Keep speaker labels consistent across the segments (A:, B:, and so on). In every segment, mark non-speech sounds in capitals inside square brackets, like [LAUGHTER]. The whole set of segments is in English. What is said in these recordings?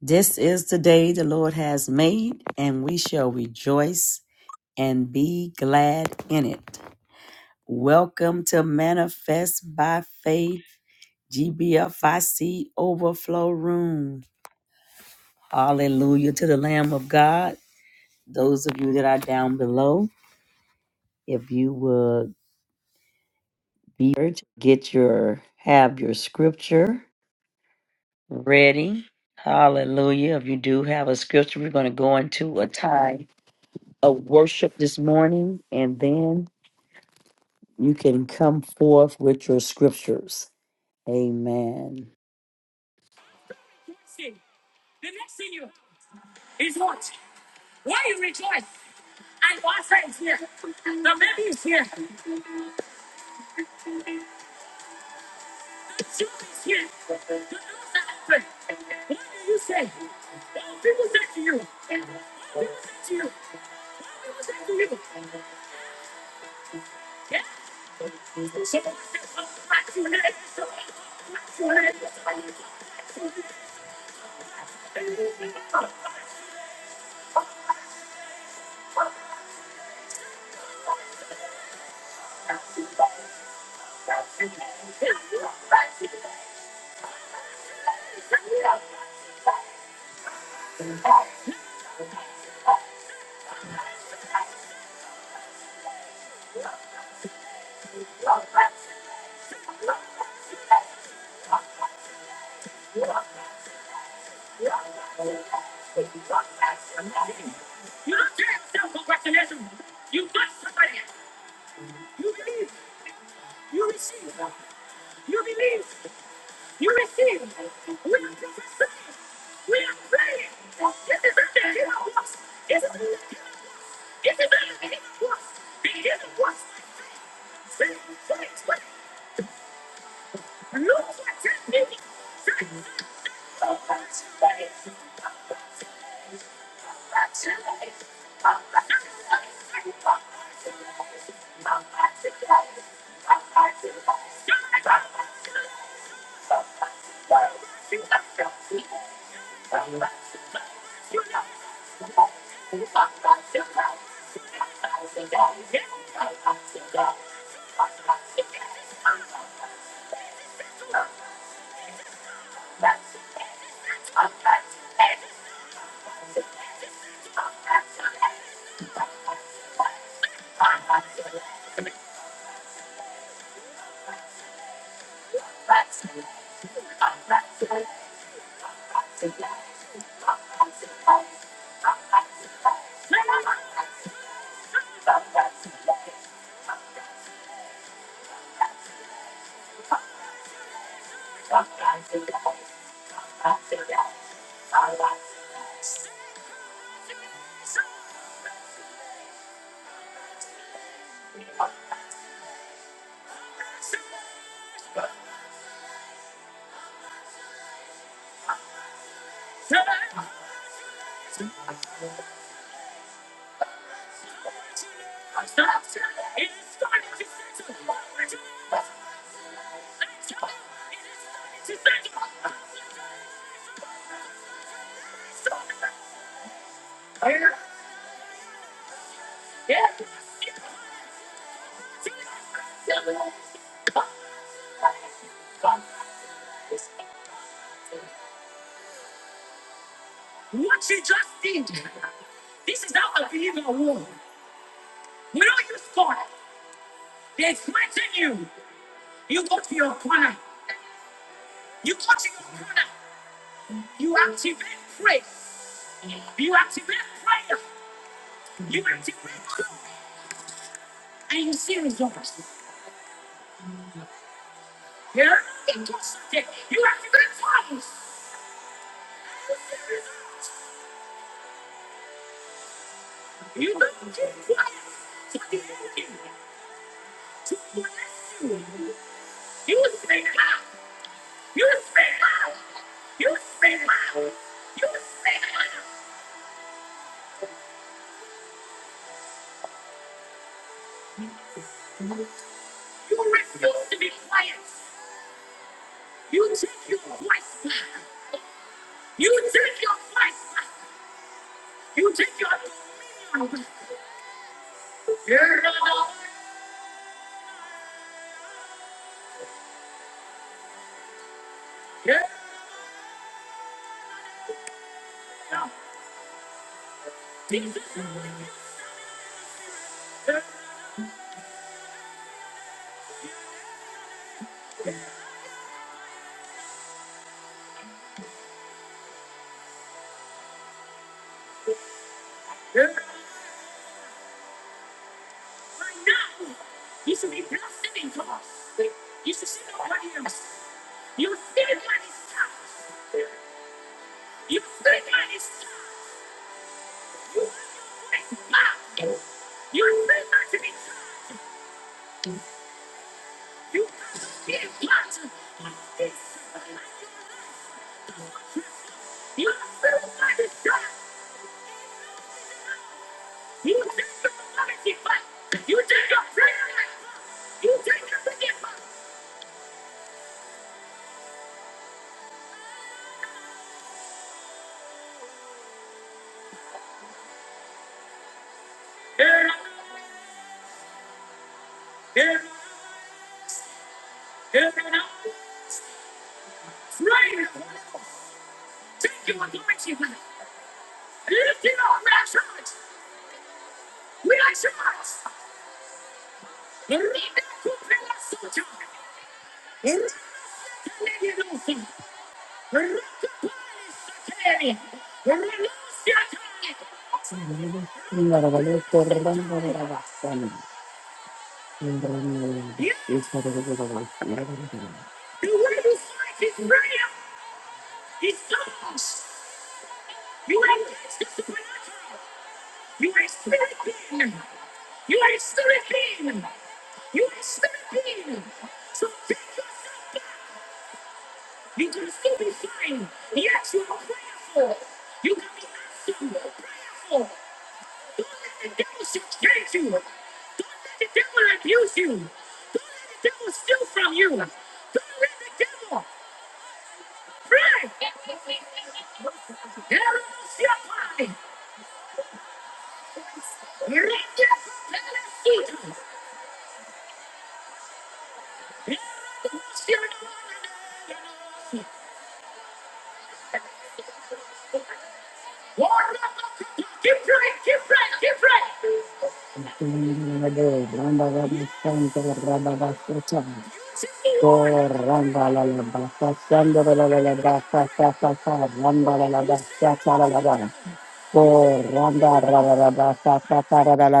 A: This is the day the Lord has made, and we shall rejoice and be glad in it. Welcome to Manifest by Faith, GBFIC Overflow Room. Hallelujah to the Lamb of God. Those of you that are down below, if you would be here to get your have your scripture ready. Hallelujah. If you do have a scripture, we're going to go into a time. a worship this morning, and then you can come forth with your scriptures. Amen.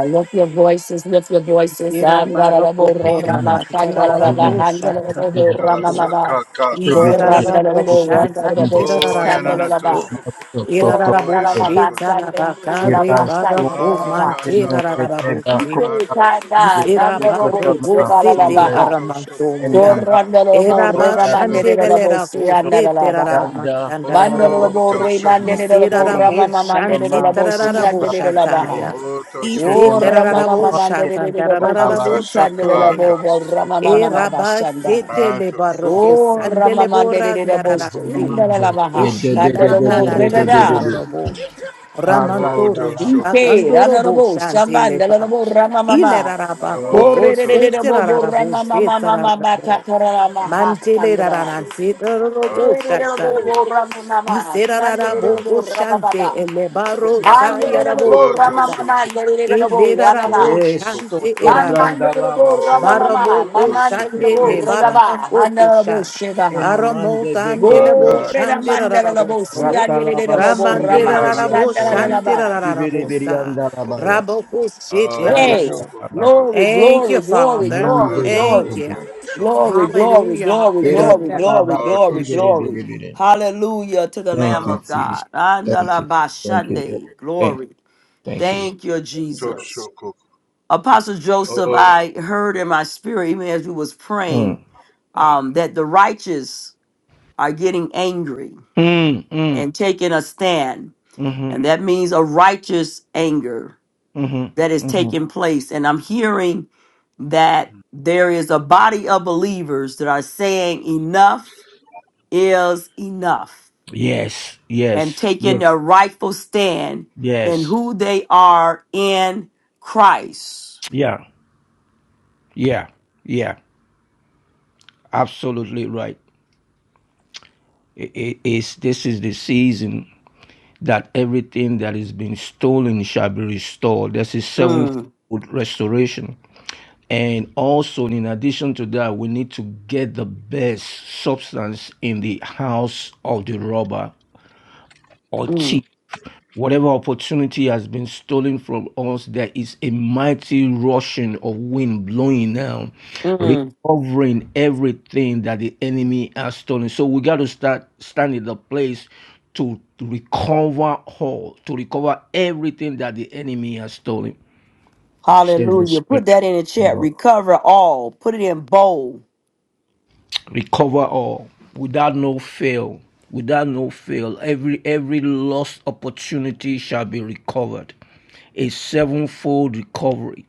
A: Lift your voices, lift your voices.
B: Ira bara pokora
A: Andarabaramarama,
C: Kurema,
B: mantarara
A: sandarabara,
C: kurema,
B: bosha
C: sibetia,
B: tarabapo.
A: handarabaramamama.
D: Shaka ka ka
C: sibetia,
D: tosho.
B: Iserara
A: Gorandarabo,
B: bosha
C: ibibitenge
A: randarabo,
D: Oh
C: toko,
B: tantirara
D: yana na
A: sandarabara.
D: tosho
B: baso.
C: moto,
D: koko
C: toto,
B: Irara
D: koko yana na
C: bebebe,
B: boshi
A: Gorandarabara,
D: tosho.
B: tarabaka re
A: sandarabara,
C: irasu,
B: bara ko
D: Ah
A: sandarabara.
D: tasha
C: anteno,
D: ka
B: mantirara
D: ka
C: geteba,
D: ka
B: boshi.
D: ka
C: kota,
D: tosho.
A: Ikirikanda,
C: bebe,
B: Isera
A: nandarabo,
B: bara
C: sukatama,
B: posete
C: sumbre,
D: Oh
A: sebalalabaha.
D: tosho ko
B: aramantoria.
D: yana
C: enamba,
D: na ta ka
A: Gorandarabo,
B: Era ba
D: ka
C: toda,
D: yana na
C: dosu,
A: renamanderelabo,
D: tosho.
B: shandelera
C: kutu,
B: posete rara
A: seandarabaha.
C: yanga,
B: mantandarara
D: Oh
C: isto,
A: Bandalabo,
D: tosho
C: koma,
D: ko
A: remanderelabo,
C: leish,
B: Iserarabo shanti
A: ramamamamderelabo,
C: tamasu,
D: tosho
B: tarararabo
D: ko.
C: prapete,
A: siandarabaha.
B: shataya.
D: Oh tosho
B: Ise
D: ko
A: Oh,
C: chenemando,
D: ko
A: Rama
B: tarararabo
A: Mama Manda
C: mande,
A: de de
B: shatan
A: de de
D: ko
A: Boko
C: karaba,
B: tarararabo
D: tasha
A: Suta de
C: sumbre,
A: la
D: ka
B: shatoria.
A: Bobo,
D: tasho.
A: Rama Mama
C: getaba,
B: Eraba
A: bashanda.
B: sete
D: Ah
B: le
C: sumbre,
D: tosho
B: barroco
A: Oh,
C: ejoma,
D: ko.
A: Rama
B: sandele
A: Manda de
B: bora
A: de de Bosto,
C: Original
B: ndararasi.
A: Yanda de la
C: mandate.
D: Oh
A: Baha,
C: Eh, de-
D: tosho.
C: de- de-
B: Eshita
C: de-
A: Candalobo,
C: de-
B: nana
C: de- de- de- de-
A: Rebeda,
C: de.
B: tandororobo.
D: Oh
C: Aranda
B: Ramantore
D: tosho
C: lama.
D: ko
A: Ipe,
D: ko.
B: rakandorobo
A: Ranalobo,
B: shanti
A: Shaman, de la
B: leba.
A: Lobo, Rama
B: Ile
A: Mama.
B: raraba
C: Lama.
B: koko
D: Oh
A: Corre de de de de
D: tosho
B: sete
D: ko.
A: Bobo,
B: rararabo
A: Rama Mama
B: sete
A: Mama Bata,
B: rararabo.
A: Rama
D: Shoko,
B: Mantele
A: Hasandra.
D: shoko,
B: raranante
D: ah,
B: rararabo
A: Ore de la
D: tosho, ko.
A: Bobo, Rama Mama, Shanda de
D: Ah.
A: la
B: Iserarabo
A: Bobo, Rama
B: shante
A: Baba.
B: elebaro
C: Korata
A: Andere de
C: lama.
A: la
B: sayarabo
A: Bobo,
D: Oto
A: Rama
B: tata.
A: Mama,
D: shoko
A: Andere de la Bobo, Rama
D: toko
B: Ilerarabo
C: Esto
D: toko.
B: shante eraba.
C: tombranda lama.
A: Manandelebo ramamama,
B: Barabo o
D: Oto
B: shande
A: mamandelebo
D: shoko
B: lebala
C: Ekembran.
A: regaba, handelebo
B: kokosha.
A: shebaha.
D: toko.
B: Aramo
C: Enamande
B: tande lebo
A: Go
C: bekotumba.
D: Akata
B: shande
D: shakara
B: rarabo
A: redamandelebo
B: so.
D: to
C: Rata
D: shoko.
C: lama
A: siandelebo
B: Ramande
C: sundere
A: rama,
D: Ato
C: beria.
B: rarabo
C: Oh.
D: shoko.
B: shante
A: shandalalaba.
C: Sibere
B: rarabo sa.
C: berianda lama ya.
B: Rabo o shete
D: Ato
C: Aya
A: Praise,
B: rarabo.
D: shoko.
C: lama.
A: glory,
D: Ato
B: Thank you,
A: glory,
D: shoko.
A: glory,
B: Father.
A: glory,
C: Mande de
D: Ashoko
B: Thank
A: glory.
C: de de.
D: ko
B: you.
D: shoko
A: Glory,
D: ko.
A: glory,
B: Hallelujah.
A: glory,
C: Era
A: glory,
B: Hallelujah.
A: glory,
C: talaba
D: Ato
A: glory,
C: sundere
D: shoko.
A: glory.
C: bere bere.
A: Hallelujah to the
C: Thank
A: Lamb
C: you,
A: of
D: Ato
C: Jesus.
A: God.
C: Thank you.
A: Andalaba
C: Thank you, Lord.
A: shande,
C: Thank you.
A: glory.
C: Thank you, Lord.
A: Thank you, Jesus.
D: shoko.
A: Apostle Joseph,
D: Oh.
A: I heard in my spirit, even as we was
C: Mm.
A: praying, um, that the righteous are getting angry
C: Mm, mm,
A: and taking a stand.
C: mm-hmm,
A: And that means a righteous anger that is
C: mm-hmm, mm-hmm.
A: taking place. And I'm hearing that there is a body of believers that are saying enough is enough
C: Yes,
A: and
C: yes,
A: in a
C: yes,
A: rightful stand. And
C: yes.
A: they are in
C: Yeah, yeah, yeah. Absolutely right. I- i- it's, this is the season that everything that has been stolen shall be restored. There's a sevenfold
A: Mm,
C: restoration. And also, in addition to that, we need to get the best substance in the house of the robber or thief.
A: mm,
C: Whatever opportunity has been stolen from us, there is a mighty rushing of wind blowing now,
A: mm.
C: recovering everything that the enemy has stolen. So we got to start stand in the place to to recover all, to recover everything that the enemy has stolen. Says the
A: Hallelujah. Put
C: Spirit
A: that in the
C: of
A: chat.
C: God.
A: Recover all. Put it in bold.
C: recover all without no fail without no fail every every lost opportunity shall be recovered a sevenfold recovery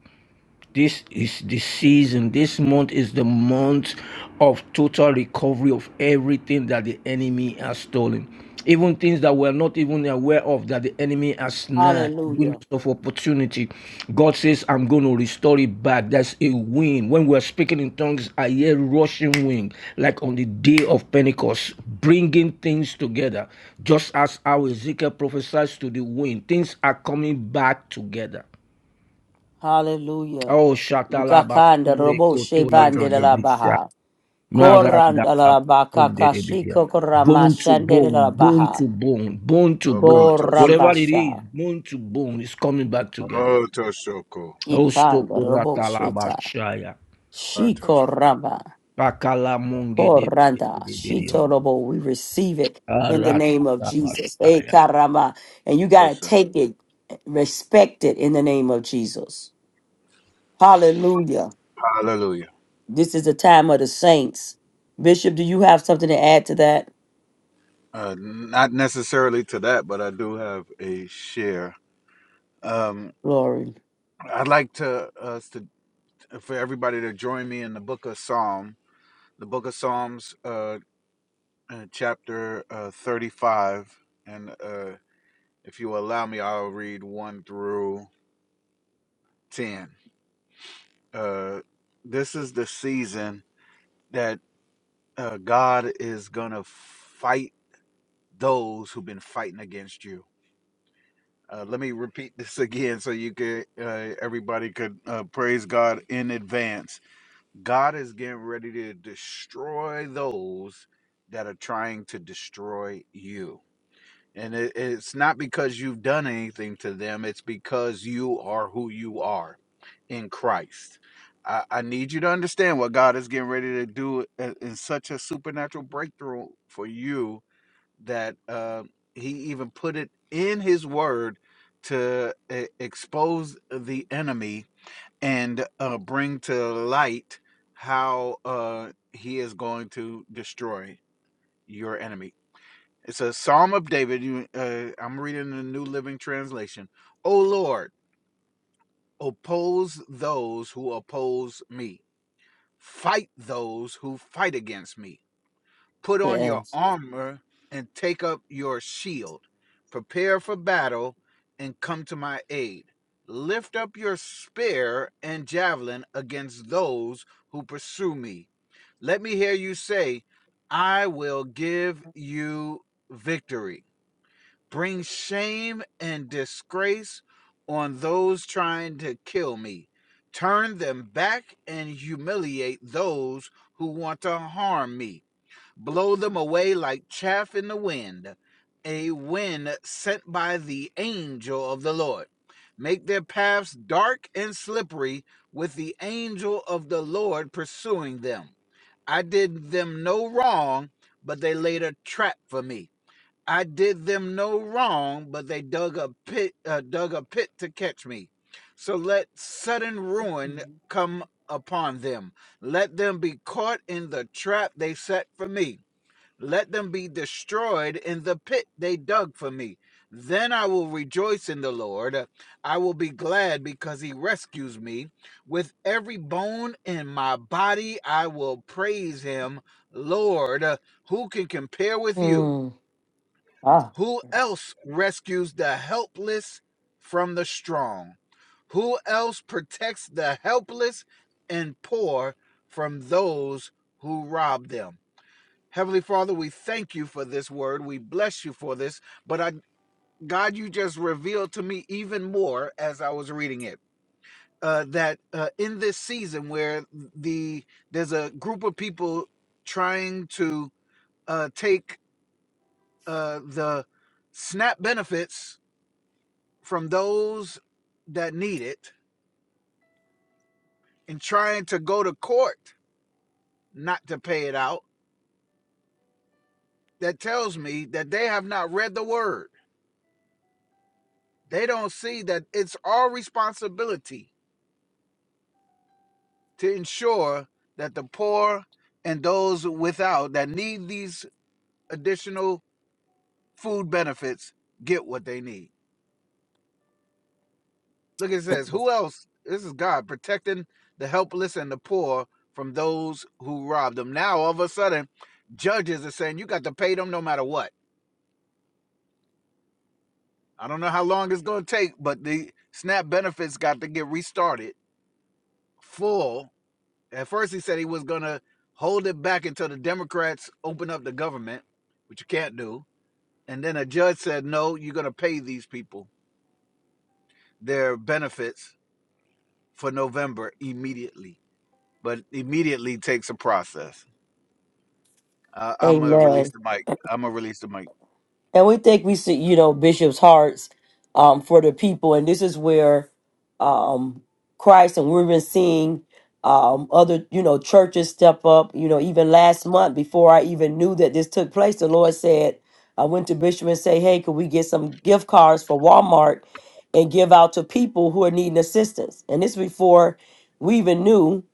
C: this is the season. This month is the month of total recovery of everything that the enemy has stolen. Even things that we're not even aware of that the enemy has snatched,
A: Hallelujah.
C: windows of opportunity. God says, I'm going to restore it back. That's a wind. When we're speaking in tongues, I hear rushing wind, like on the day of Pentecost, bringing things together. Just as how Ezekiel prophesies to the wind, things are coming back together.
A: Hallelujah.
C: Oh, Shatalaba
A: Ukakanda
C: Sumbre
A: robo
C: Kotoye
D: Ato
C: de
A: shevande la la
D: shoko.
C: Debisha.
A: baha.
D: Oh.
C: Maranda
A: Koranda la baka
C: Sunde Debisha.
A: kashiko korama
C: Bone to
A: shande la la
C: bone, bone
A: baha.
C: to bone, bone to bone.
D: Okoto
C: Whatever it
D: shoko.
C: is,
A: Korambasha.
C: bone to bone is coming back together.
D: Oto shoko.
C: Oh,
A: Itanda robo
C: Sokoratalaba
A: sheta.
C: Shaya.
D: Ato
A: Shiko
D: shoko.
A: ramba.
C: pakala Munge de
A: Koranda.
C: Debidium.
A: Shito robo. We receive it in the name of
C: Aratalaba
A: Jesus. Eh,
C: Shaya.
A: karama. And you got
D: Yes,
A: to
D: sir.
A: take it, respect it in the name of Jesus. Hallelujah.
D: Hallelujah.
A: This is the time of the saints. Bishop, do you have something to add to that?
D: Uh, not necessarily to that, but I do have a share Um,
A: Glory.
D: I'd like to us to for everybody to join me in the Book of Psalm, the Book of Psalms, uh, uh, chapter uh, thirty-five, and uh, if you allow me, I'll read one through ten. Uh, this is the season that uh, God is gonna fight those who've been fighting against you. Uh, let me repeat this [LAUGHS] again so you could uh, everybody could uh, praise God in advance God is getting ready to destroy those that are trying to destroy you. And it, it's not because you've done anything to them, it's because you are who you are in Christ. I, I need you to understand what God is getting ready to do in, in such a supernatural breakthrough for you that uh, He even put it in His Word to uh, expose the enemy and uh, bring to light how uh, he is going to destroy your enemy. It's a Psalm of David. You, uh, I'm reading the New Living Translation. O Lord, oppose those who oppose me, fight those who fight against me. Put on your
A: Yes.
D: armor and take up your shield. Prepare for battle and come to my aid. Lift up your spear and javelin against those who pursue me. Let me hear you say, I will give you victory. Bring shame and disgrace on those trying to kill me. Turn them back and humiliate those who want to harm me blow them away like chaff in the wind, a wind sent by the angel of the Lord. Make their paths dark and slippery with the angel of the Lord pursuing them. I did them no wrong, but they laid a trap for me. I did them no wrong, but they dug a pit, uh, dug a pit to catch me. So let sudden ruin come upon them. Let them be caught in the trap they set for me. Let them be destroyed in the pit they dug for me. Then I will rejoice in the Lord. I will be glad because he rescues me. With every bone in my body, I will praise him. Lord, who can compare with you?
A: Hmm. Ah,
D: Who else rescues the helpless from the strong? Who else protects the helpless and poor from those who rob them? Heavenly Father, we thank you for this word. We bless you for this. But I, God, you just revealed to me even more as I was reading it uh, that uh, in this season where the there's a group of people trying to uh, take uh, the SNAP benefits from those that need it and trying to go to court not to pay it out, that tells me that they have not read the word. They don't see that it's our responsibility to ensure that the poor and those without that need these additional food benefits get what they need. Look, it says, who else? This is God protecting the helpless and the poor from those who rob them. Now, all of a sudden, judges are saying you got to pay them no matter what. I don't know how long it's going to take, but the SNAP benefits got to get restarted full. At first, he said he was going to hold it back until the Democrats open up the government, which you can't do And then a judge said, no, you're going to pay these people their benefits for November immediately. But immediately takes a process. Uh, I'm going to
A: amen.
D: release the mic. I'm going to release the mic.
A: And we think we see, you know, bishops' hearts um, for the people. And this is where um, Christ, and we've been seeing um, other, you know, churches step up. You know, even last month, before I even knew that this took place, the Lord said, I went to Bishop and say, hey, could we get some gift cards for Walmart and give out to people who are needing assistance? And this before we even knew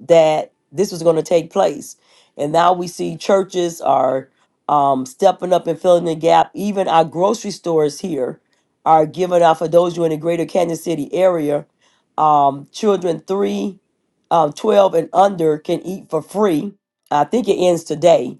A: that this was going to take place. And now we see churches are um, stepping up and filling the gap. Even our grocery stores here are giving out for those who are in the greater Kansas City area. Um, children three, um, 12 and under can eat for free. I think it ends today.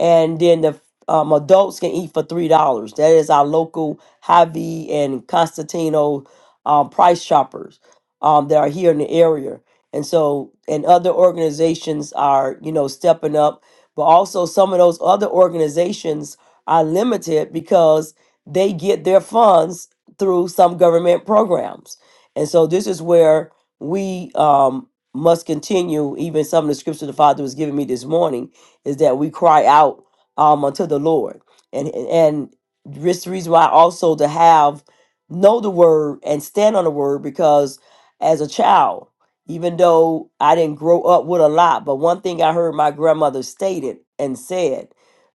A: And then the um, adults can eat for $3. That is our local Hy-Vee and Constantino um, price shoppers um, that are here in the area. And so, and other organizations are, you know, stepping up but also, some of those other organizations are limited because they get their funds through some government programs. And so, this is where we um, must continue, even some of the scripture the Father was giving me this morning, is that we cry out um, unto the Lord. And, and this reason why also to have know the word and stand on the word because as a child even though I didn't grow up with a lot, but one thing I heard my grandmother stated and said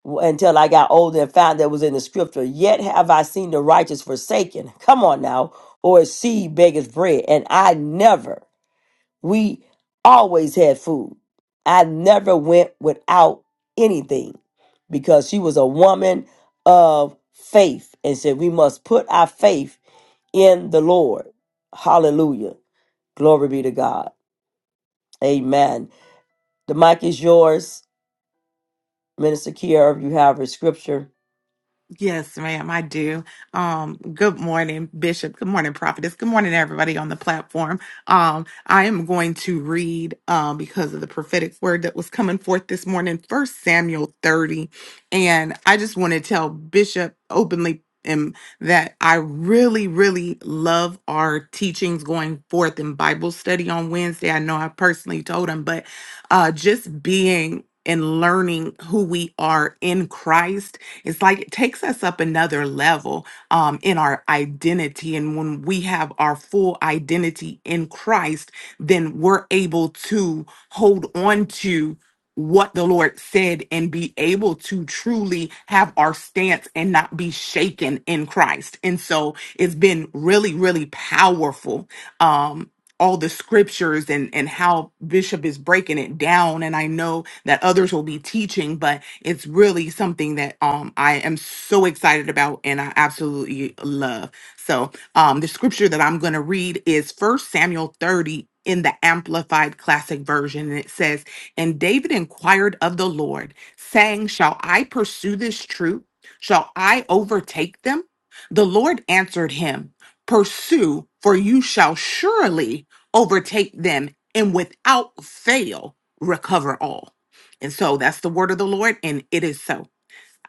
A: w- until I got older and found that was in the scripture, yet have I seen the righteous forsaken. Come on now, or his seed beggars bread. And I never, we always had food. I never went without anything because she was a woman of faith and said, We must put our faith in the Lord. Hallelujah. Glory be to God. Amen. The mic is yours, Minister Kier, if you have a scripture.
B: Yes, ma'am, I do. Um, good morning, Bishop. Good morning, Prophetess. Good morning, everybody on the platform. Um, I am going to read, um, because of the prophetic word that was coming forth this morning, First Samuel 30. And I just want to tell Bishop openly um, that I really, really love our teachings going forth in Bible study on Wednesday. I know I personally told him, but uh, just being and learning who we are in Christ it's like it takes us up another level um, in our identity. And when we have our full identity in Christ, then we're able to hold on to what the Lord said and be able to truly have our stance and not be shaken in Christ. And so it's been really, really powerful. Um, all the scriptures and and how bishop is breaking it down and i know that others will be teaching but it's really something that um i am so excited about and i absolutely love so um the scripture that i'm going to read is first samuel 30 in the amplified classic version and it says and david inquired of the lord saying shall i pursue this troop shall i overtake them the lord answered him pursue, for you shall surely overtake them, and without fail recover all. And so that's the word of the Lord, and it is so.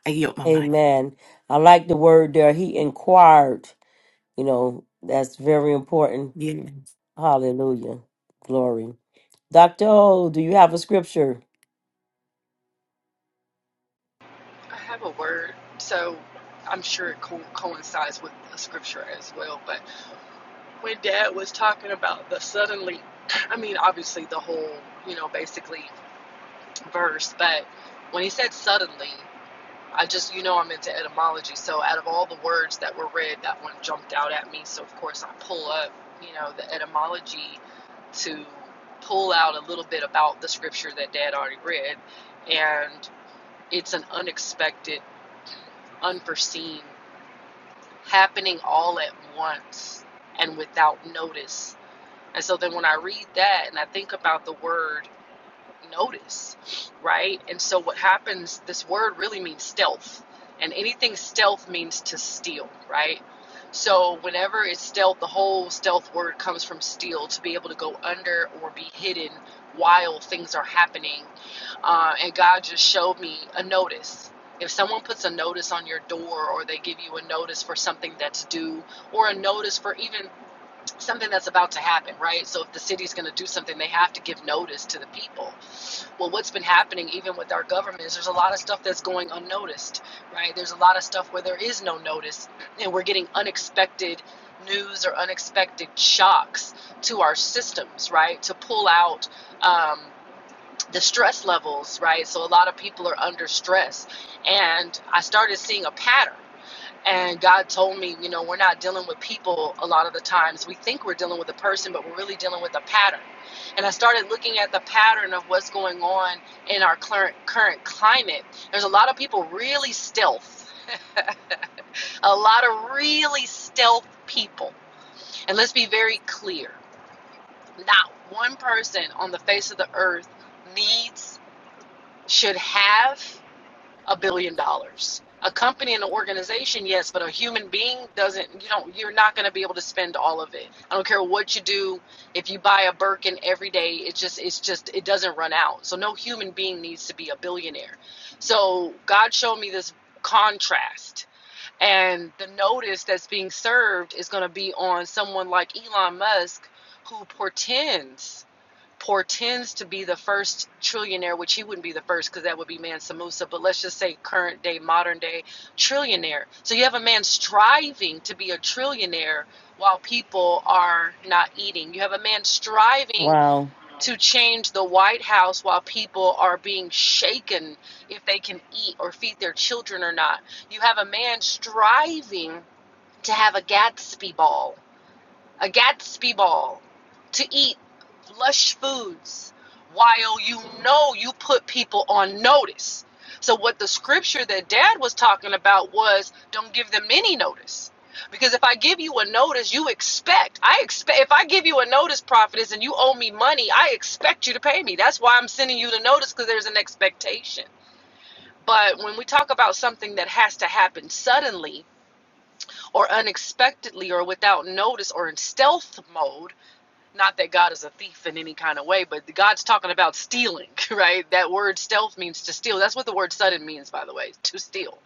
B: I yield my mind.
A: Amen. I like the word there. He inquired. You know, that's very important.
B: Yeah.
A: Hallelujah. Glory. Dr. O, do you have a scripture?
E: I have a word, so I'm sure it co- coincides with the scripture as well. But when Dad was talking about the suddenly, I mean, obviously the whole, you know, basically verse, but when he said suddenly, I just, you know, I'm into etymology. So out of all the words that were read, that one jumped out at me. So, of course, I pull up, you know, the etymology to pull out a little bit about the scripture that Dad already read. And it's an unexpected, unforeseen happening all at once and without notice. And so then when I read that and I think about the word notice, right? And so what happens, this word really means stealth. And anything stealth means to steal, right? So whenever it's stealth, the whole stealth word comes from steal, to be able to go under or be hidden while things are happening. Uh, and God just showed me a notice. If someone puts a notice on your door or they give you a notice for something that's due or a notice for even something that's about to happen, right? So if the city's going to do something, they have to give notice to the people well, what's been happening even with our government is there's a lot of stuff that's going unnoticed, right? There's a lot of stuff where there is no notice, and we're getting unexpected news or unexpected shocks to our systems, right? To pull out um, the stress levels, right? So a lot of people are under stress, and I started seeing a pattern. And God told me, you know, we're not dealing with people a lot of the times. We think we're dealing with a person, but we're really dealing with a pattern. And I started looking at the pattern of what's going on in our current current climate. There's a lot of people really stealth. A lot of really stealth people. And let's be very clear. Not one person on the face of the earth needs should have a billion dollars. A company and an organization, yes, but a human being doesn't. You know, You're not going to be able to spend all of it. I don't care what you do. If you buy a Birkin every day, it's just. It's just. It doesn't run out. So no human being needs to be a billionaire. So God showed me this contrast, and the notice that's being served is going to be on someone like Elon Musk, who portends portends to be the first trillionaire, which he wouldn't be the first because that would be Mansa Musa, but let's just say current day, modern day trillionaire. So you have a man striving to be a trillionaire while people are not eating. You have a man striving
A: Oh,
E: to change the White House while people are being shaken if they can eat or feed their children or not. You have a man striving to have a Gatsby ball a Gatsby ball, to eat lush foods while you know you put people on notice. So, what the scripture that dad was talking about was don't give them any notice. Because if I give you a notice, you expect. I expect if I give you a notice, prophetess, and you owe me money, I expect you to pay me. That's why I'm sending you the notice because there's an expectation. But when we talk about something that has to happen suddenly or unexpectedly or without notice or in stealth mode, not that God is a thief in any kind of way, but God's talking about stealing, [LAUGHS] right? That word stealth means to steal. That's what the word sudden means, by the way, to steal.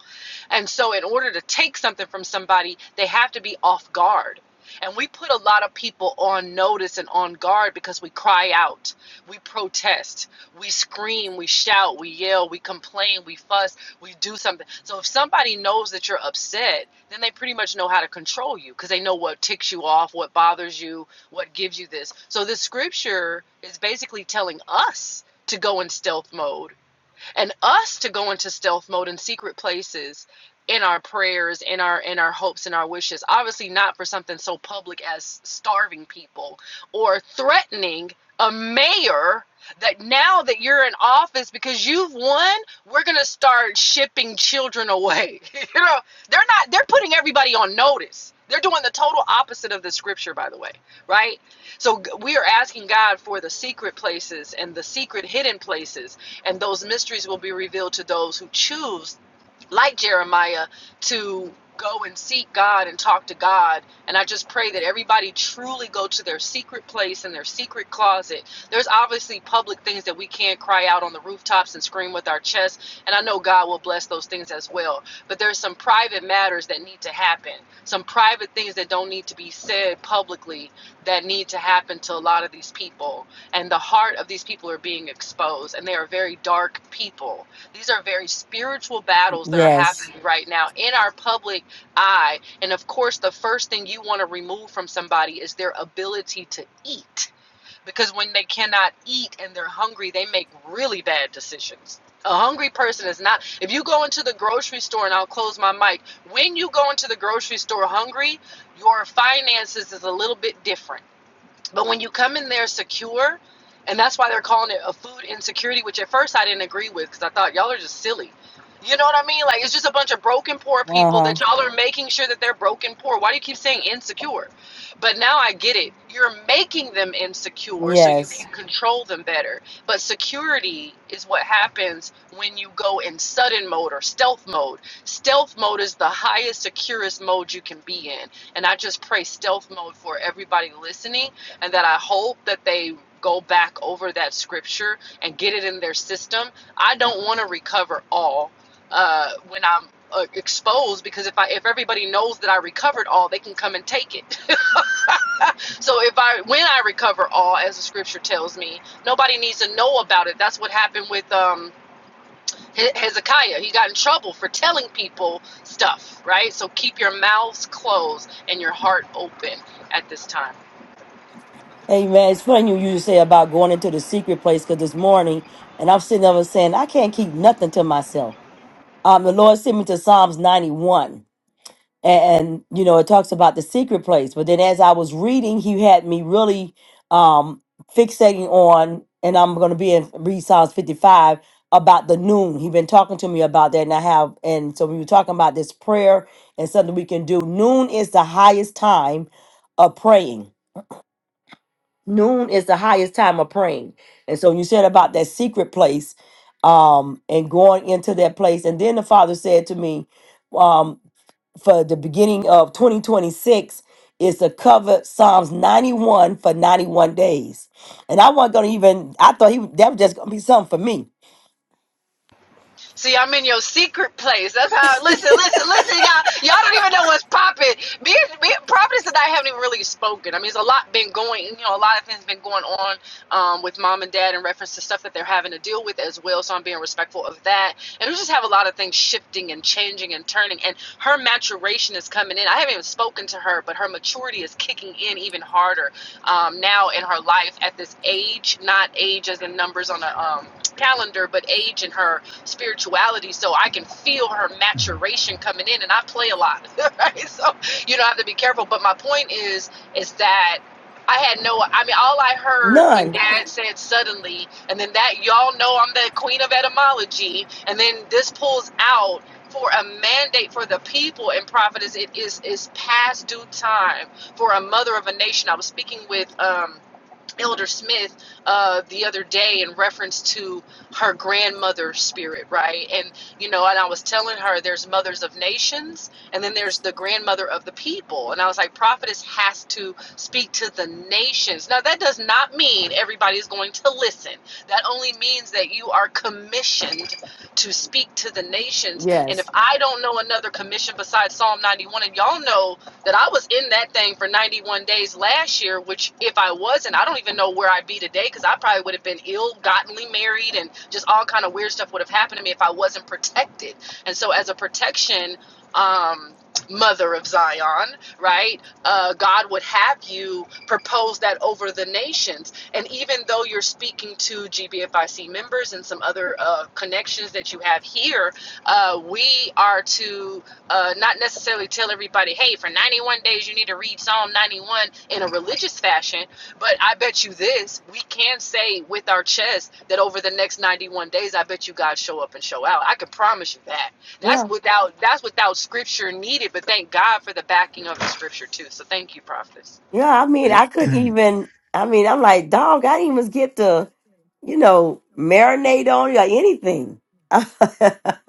E: And so, in order to take something from somebody, they have to be off guard. And we put a lot of people on notice and on guard because we cry out, we protest, we scream, we shout, we yell, we complain, we fuss, we do something. So if somebody knows that you're upset, then they pretty much know how to control you because they know what ticks you off, what bothers you, what gives you this. So this scripture is basically telling us to go in stealth mode and us to go into stealth mode in secret places in our prayers in our in our hopes and our wishes obviously not for something so public as starving people or threatening a mayor that now that you're in office because you've won we're going to start shipping children away [LAUGHS] you know they're not they're putting everybody on notice they're doing the total opposite of the scripture by the way right so we are asking god for the secret places and the secret hidden places and those mysteries will be revealed to those who choose, like Jeremiah, to go and seek God and talk to God. And I just pray that everybody truly go to their secret place and their secret closet. There's obviously public things that we can't cry out on the rooftops and scream with our chest, and I know God will bless those things as well. But there's some private matters that need to happen. Some private things that don't need to be said publicly that need to happen to a lot of these people and the heart of these people are being exposed and they are very dark people these are very spiritual battles that are
A: yes.
E: happening right now in our public eye and of course the first thing you want to remove from somebody is their ability to eat because when they cannot eat and they're hungry they make really bad decisions a hungry person is not if you go into the grocery store and i'll close my mic when you go into the grocery store hungry your finances is a little bit different but when you come in there secure, and that's why they're calling it a food insecurity, which at first I didn't agree with because I thought y'all are just silly. You know what I mean? Like it's just a bunch of broken poor
A: Uh
E: people
A: huh.
E: that y'all are making sure that they're broken poor. Why do you keep saying insecure? But now I get it. You're making them insecure so you
A: Yes.
E: can control them better. But security is what happens when you go in sudden mode or stealth mode. Stealth mode is the highest, securest mode you can be in. And I just pray stealth mode for everybody listening and that I hope that they go back over that scripture and get it in their system. I don't want to recover all uh, when I'm uh, exposed because if I if everybody knows that I recovered all, they can come and take it. [LAUGHS] so if I when I recover all, as the scripture tells me, nobody needs to know about it. That's what happened with um, He- Hezekiah. He got in trouble for telling people stuff, right? So keep your mouths closed and your heart open at this time.
A: Amen. It's funny you you say about going into the secret place because this morning, and I'm sitting over saying, I can't keep nothing to myself. Um, the Lord sent me to Psalms 91. and you know it talks about the secret place but then as i was reading he had me really um fixating on and i'm going to be in read psalms 55 about the noon he been talking to me about that and i have and so we were talking about this prayer and something we can do noon is the highest time of praying noon is the highest time of praying and so you said about that secret place um and going into that place and then the father said to me um, for the beginning of 2026 is to cover Psalms 91 for 91 days. And I wasn't going to even, I thought he that was just going to be something for me.
E: See, I'm in your secret place. That's how. Listen, listen, listen, y'all. Y'all don't even know what's popping. Me, me, and Providence and I haven't even really spoken. I mean, there's a lot been going. You know, a lot of things been going on um, with mom and dad in reference to stuff that they're having to deal with as well. So I'm being respectful of that. And we just have a lot of things shifting and changing and turning. And her maturation is coming in. I haven't even spoken to her, but her maturity is kicking in even harder um, now in her life at this age. Not age as in numbers on a um, calendar, but age in her spirituality so I can feel her maturation coming in and I play a lot. [LAUGHS] right? So you don't have to be careful. But my point is is that I had no I mean all I heard when
A: None.
E: dad said suddenly and then that y'all know I'm the queen of etymology and then this pulls out for a mandate for the people in prophetess it is is past due time for a mother of a nation. I was speaking with um Elder Smith uh, the other day in reference to her grandmother's spirit, right? And you know, and I was telling her there's mothers of nations, and then there's the grandmother of the people. And I was like, prophetess has to speak to the nations. Now that does not mean everybody's going to listen. That only means that you are commissioned to speak to the nations. And
A: Yes.
E: if I don't know another commission besides Psalm 91, and y'all know that I was in that thing for 91 days last year, which if I wasn't, I don't even know where I'd be today because I probably would have been ill, gottenly married, and just all kind of weird stuff would have happened to me if I wasn't protected. And so, as a protection um, mother of Zion, right? Uh, God would have you propose that over the nations. And even though you're speaking to GBFIC members and some other uh, connections that you have here, uh, we are to uh, not necessarily tell everybody, hey, for 91 days you need to read Psalm 91 in a religious fashion, but I bet you this, we can say with our chest that over the next 91 days, I bet you God show up and show out. I can promise you that that's
A: Yeah.
E: without that's without scripture needed, but thank God for the backing of the scripture too. So thank you, prophets.
A: Yeah. I mean, I could
D: [CLEARS THROAT]
A: even, I mean, I'm like, dog, I didn't even get to, you know, marinate on you or anything. [LAUGHS]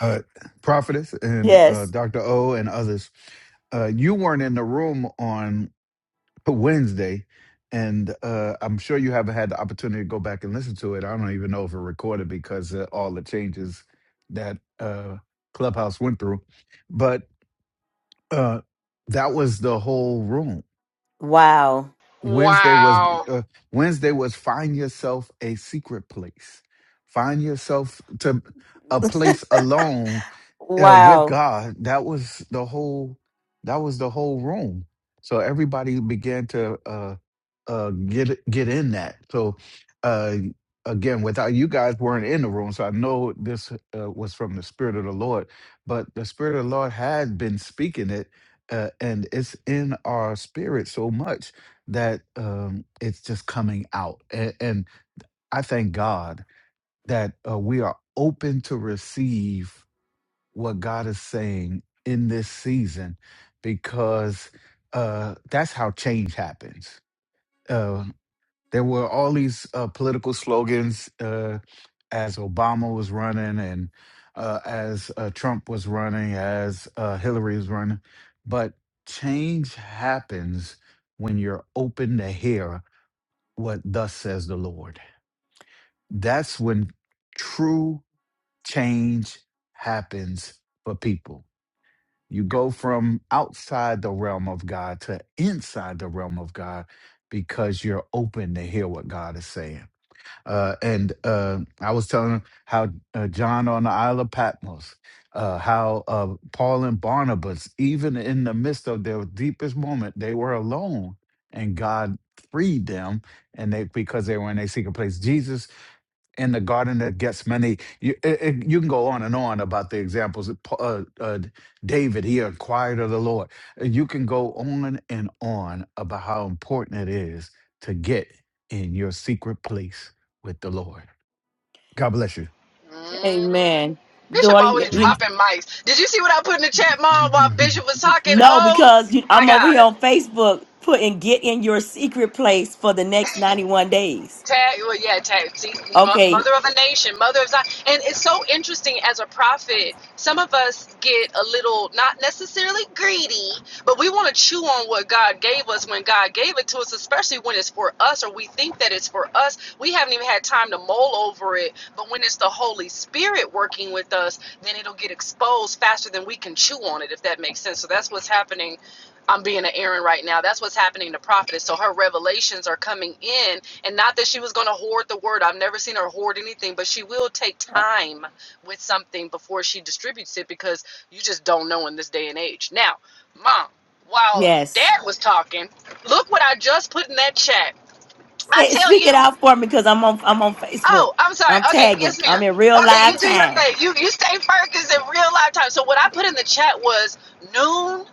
D: uh, prophetess and uh,
A: yes.
D: Dr. O and others, uh, you weren't in the room on Wednesday, and uh, I'm sure you haven't had the opportunity to go back and listen to it. I don't even know if it recorded because of all the changes that uh, Clubhouse went through. but. uh that was the whole room
A: Wow.
D: wednesday was
E: Wow.
D: uh, wednesday was find yourself a secret place find yourself to a place alone uh, with
A: Wow.
D: god that was the whole that was the whole room so everybody began to uh uh get get in that so uh again without you guys weren't in the room so i know this uh, was from the spirit of the lord but the spirit of the lord had been speaking it uh, and it's in our spirit so much that um it's just coming out and, and i thank god that uh, we are open to receive what god is saying in this season because uh that's how change happens Uh, there were all these uh, political slogans uh, as Obama was running and uh, as uh, Trump was running, as uh, Hillary was running. But change happens when you're open to hear what thus says the Lord. That's when true change happens for people. You go from outside the realm of God to inside the realm of God because you're open to hear what God is saying. Uh, and uh, I was telling him how uh, John on the Isle of Patmos, uh, how uh, Paul and Barnabas, even in the midst of their deepest moment, they were alone, and God freed them, and they because they were in a secret place. Jesus in the garden of Gethsemane. You, it, it- you can go on and on about the examples. of Pa- Uh, uh, David, he inquired of the Lord. Uh, You can go on and on about how important it is to get in your secret place with the Lord. God bless you.
E: Mm.
A: Amen.
E: Bishop
A: Daughter,
E: always
A: you,
E: dropping mics. Did you see what I put in the chat, Mom, while
D: [LAUGHS]
E: Bishop was talking?
A: No,
E: Oh
A: because you,
E: my
A: I'm over
E: God.
A: here on Facebook putting get in your secret place for the next 91 days.
E: Tag, well, yeah, tag. See, mo-
A: Okay.
E: mother of a nation, mother of Zion, and it's so interesting as a prophet. Some of us get a little, not necessarily greedy, but we want to chew on what God gave us when God gave it to us, especially when it's for us or we think that it's for us. We haven't even had time to mull over it. But when it's the Holy Spirit working with us, then it'll get exposed faster than we can chew on it, if that makes sense. So that's what's happening I'm being an Aaron right now. That's what's happening to prophetess. So her revelations are coming in, and not that she was going to hoard the word. I've never seen her hoard anything, but she will take
A: Uh,
E: time with something before she distributes it because you just don't know in this day and age. Now, mom, while
A: yes.
E: dad was talking, look what I just put in that chat. I
A: Say,
E: tell
A: speak it
E: you.
A: out for me because I'm on I'm on Facebook.
E: Oh, I'm sorry.
A: I'm
E: Okay,
A: tagging.
E: yes,
A: I'm
E: ma'am.
A: in real
E: Okay,
A: live
E: you do your
A: time.
E: thing. You you stay focused in real life time. So what I put in the chat was noon,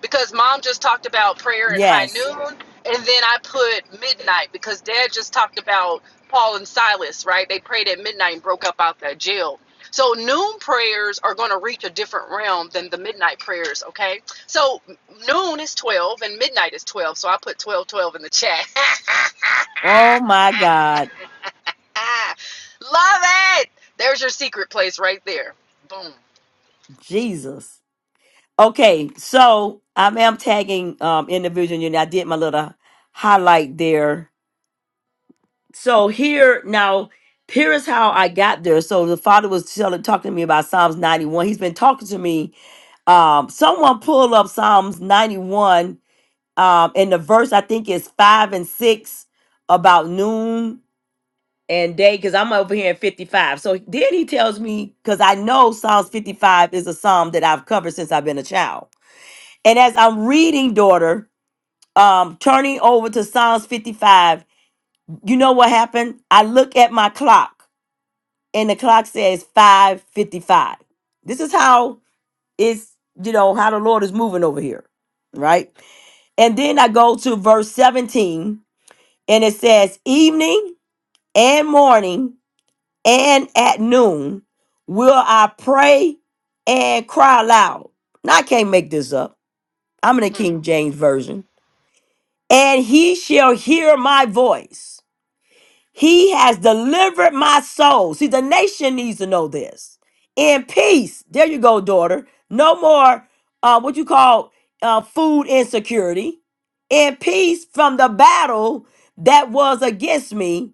E: because mom just talked about prayer and high
A: Yes.
E: noon, and then I put midnight because dad just talked about Paul and Silas, right? They prayed at midnight and broke up out that jail. So noon prayers are going to reach a different realm than the midnight prayers, okay? So noon is 12 and midnight is 12. So I put 12 12 in the chat. [LAUGHS]
A: Oh my God.
E: Ah, love it. There's your secret place right there. Boom.
A: Jesus. Okay, so I am tagging um individual unit. I did my little highlight there so here now here is how i got there so the father was telling talking to me about psalms 91 he's been talking to me um someone pull up psalms 91 um and the verse i think is five and six about noon and day because i'm over here in 55 so then he tells me because i know psalms 55 is a psalm that i've covered since i've been a child and as i'm reading daughter um turning over to psalms 55 you know what happened i look at my clock and the clock says 5:55. This is how it's you know how the Lord is moving over here, right? And then I go to verse 17 and it says evening and morning and at noon will I pray and cry aloud. Now I can't make this up. I'm in the
E: Mm,
A: King James version. And he shall hear my voice. He has delivered my soul. See, the nation needs to know this. In peace. There you go, daughter. No more uh, what you call uh, food insecurity. In peace from the battle that was against me,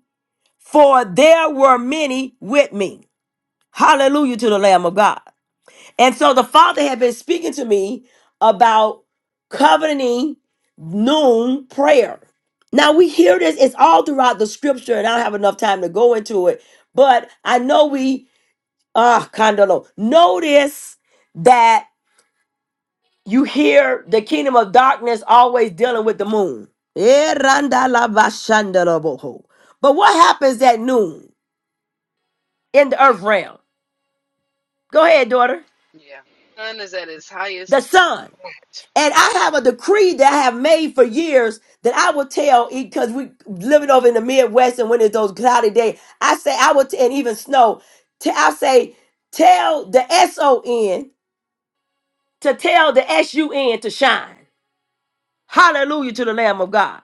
A: for there were many with me. Hallelujah to the Lamb of God. And so the Father had been speaking to me about covenanting noon prayer. Now we hear this, it's all throughout the scripture, and I don't have enough time to go into it, but I know we, ah, Condolo, notice that you hear the kingdom of darkness always dealing with the moon. Eh, randa la ba shanda la bo ho. But what happens at noon in the earth realm? Go ahead, daughter.
E: yeah. Sun is at its
A: The
E: highest
A: sun.
E: point.
A: And I have
E: Oh.
A: a decree that I have made for years that I will tell because we living over in the Midwest and when it's those cloudy days, I say I will, t- and even snow, t- I say tell the S O N to tell the S U N to shine. Hallelujah to the Lamb of God.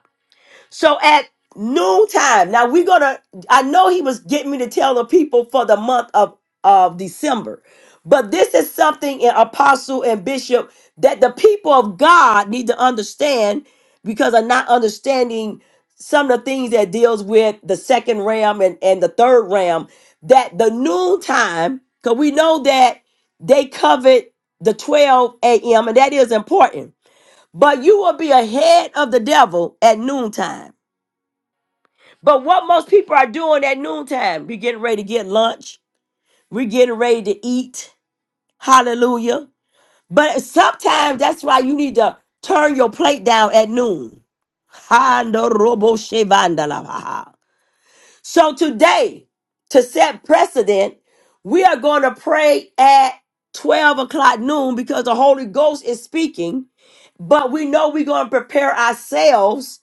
A: So at noontime, now we're gonna. I know he was getting me to tell the people for the month of of December, but this is something in apostle and bishop that the people of God need to understand because of not understanding some of the things that deals with the second ram and and the third ram. That the noontime, because we know that they covered the 12 a.m. and that is important. But you will be ahead of the devil at noontime but what most people are doing at noontime, we are getting ready to get lunch. we are getting ready to eat. Hallelujah. But sometimes that's why you need to turn your plate down at noon. Handoroboshevandalabaha. So today, to set precedent, we are going to pray at 12 o'clock noon because the Holy Ghost is speaking. But we know we're going to prepare ourselves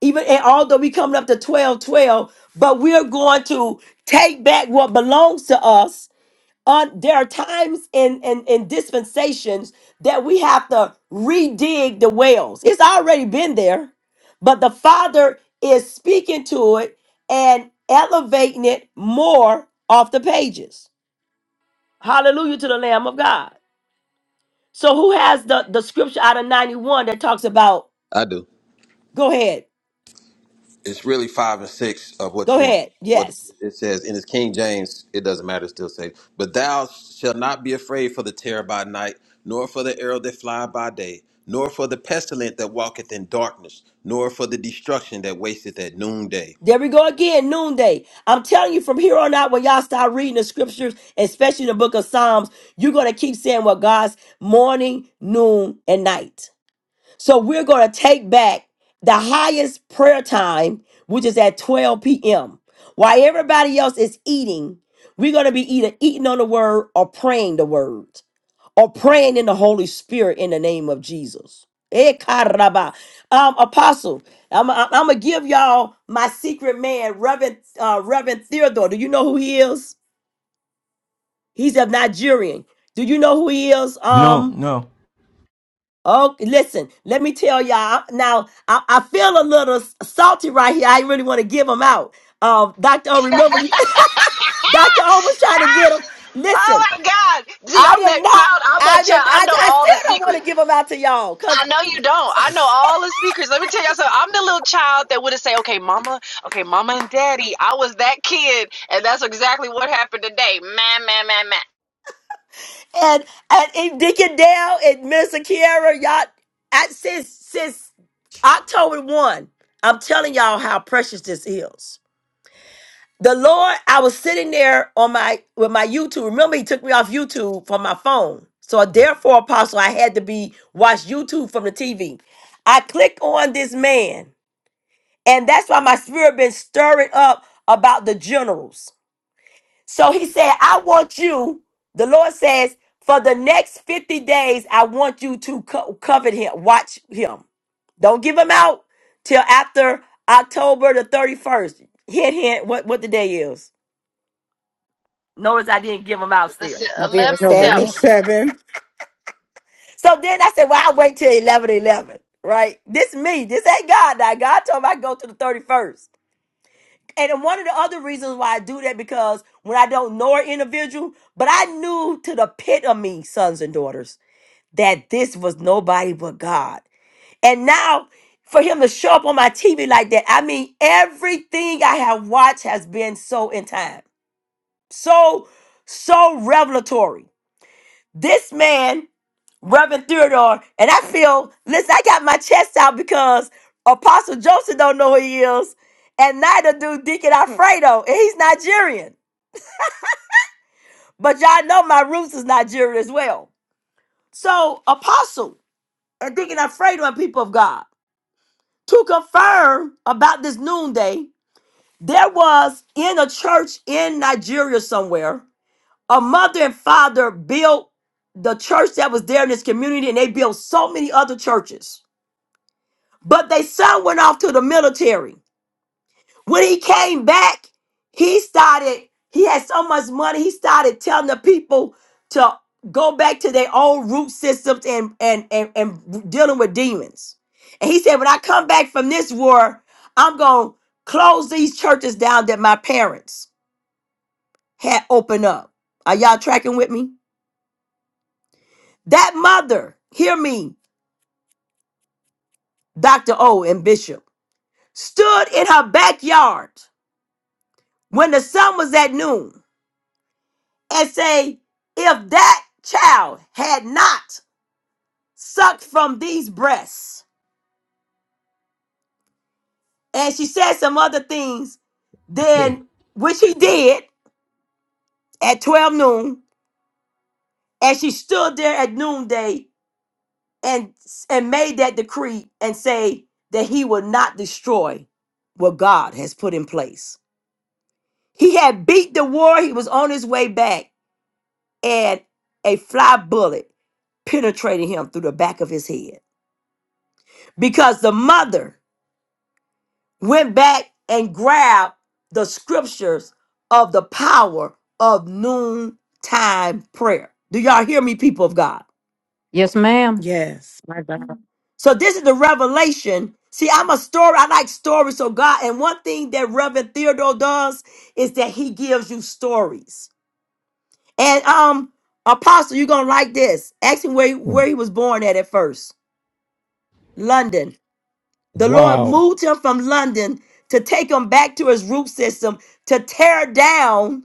A: even and although we coming up to 12, 12, but we're going to take back what belongs to us Uh, there are times in, in in dispensations that we have to redig the wells it's already been there but the father is speaking to it and elevating it more off the pages hallelujah to the lamb of god so who has the the scripture out of 91 that talks about
F: I do.
A: go ahead
F: It's really five and six of what
A: go
F: you want.
A: ahead
F: What
A: yes
F: it says in his King James, it doesn't matter. It still says, "But thou shalt not be afraid for the terror by night, nor for the arrow that fly by day, nor for the pestilent that walketh in darkness, nor for the destruction that wasteth at noonday."
A: There we go again, noonday. I'm telling you from here on out, when y'all start reading the scriptures, especially the book of Psalms, you're going to keep saying what God's morning, noon, and night. So we're going to take back the highest prayer time, which is at 12 p.m. While everybody else is eating, we're going to be either eating on the word or praying the word or praying in the Holy Spirit in the name of Jesus. Eh, caraba. Um, Apostle, I'm, I'm, I'm gonna give y'all my secret man, Reverend uh, Reverend Theodore. Do you know who he is? He's a Nigerian. Do you know who he is?
C: No,
A: Um,
C: no.
A: oh, listen, let me tell y'all. Now, I, I feel a little salty right here. I really want to give him out. Um, Doctor, O, remember you? [LAUGHS]
E: [LAUGHS]
A: Doctor O was trying to get him.
E: Ah! Oh
A: Listen,
E: my God. Gee,
A: I
E: I'm
A: did
E: that
A: not.
E: child. I'm
A: I
E: that
A: did.
E: child. I
A: I,
E: know
A: I
E: all
A: still
E: the
A: don't want to
E: secrets.
A: give them out to y'all
E: I know you don't. I know all the secrets. Let me tell y'all something. I'm the little child that would have said, okay, mama, okay, mama and daddy. I was that kid. And that's exactly what happened today. Man, man, man, man.
A: and and, and Deacon Dale and Minister Kiara, y'all at since since October one, I'm telling y'all how precious this is. The Lord, I was sitting there on my with my YouTube. Remember, He took me off YouTube from my phone. So therefore, Apostle, I had to be watch YouTube from the TV. I clicked on this man, and that's why my spirit been stirring up about the generals so he said, I want you, the Lord says, for the next 50 days, I want you to co- covet him, watch him. Don't give him out till after October the 31st. Hint, hint, what, what the day is. Notice I didn't give him out
E: Listen,
A: still.
E: 11
G: November
B: November
G: 7th.
E: 7.
B: 7th.
A: So then I said, well, I'll wait till 11 11, right? This me. This ain't God now. God told me I go to the 31st. And then one of the other reasons why I do that because when I don't know an individual, but I knew to the pit of me, sons and daughters. that this was nobody but God. And now for him to show up on my TV like that, I mean, everything I have watched has been so in time, so, so revelatory. This man, Reverend Theodore, and I feel, listen, I got my chest out because Apostle Joseph don't know who he is, and neither do Deacon Alfredo, and he's Nigerian. But y'all know my roots is Nigerian as well. So, Apostle and Deacon Alfredo and people of God. to confirm about this noonday, there was in a church in Nigeria somewhere, a mother and father built the church that was there in this community, and they built so many other churches. But they son went off to the military. When he came back, he started, he had so much money, he started telling the people to go back to their old root systems and and and, and dealing with demons. And he said, When I come back from this war, I'm gonna close these churches down that my parents had opened up. Are y'all tracking with me? That mother, hear me, Dr. O and Bishop, stood in her backyard when the sun was at noon and say, If that child had not sucked from these breasts, and she said some other things, then which he did at 12 noon, and she stood there at noonday and and made that decree and say that he would not destroy what God has put in place. He had beat the war, he was on his way back, and a fly bullet penetrated him through the back of his head. Because the mother went back and grabbed the scriptures of the power of noontime prayer. Do y'all hear me, people of God?
H: Yes, ma'am.
B: Yes, my God.
A: So this is the revelation. See, I'm a story. I like stories. So God, and one thing that Reverend Theodore does is that he gives you stories. And um, Apostle, you're gonna like this. Ask him where
C: Hmm.
A: where he was born at at first. London. The Lord
C: Wow.
A: moved him from London to take him back to his root system to tear down.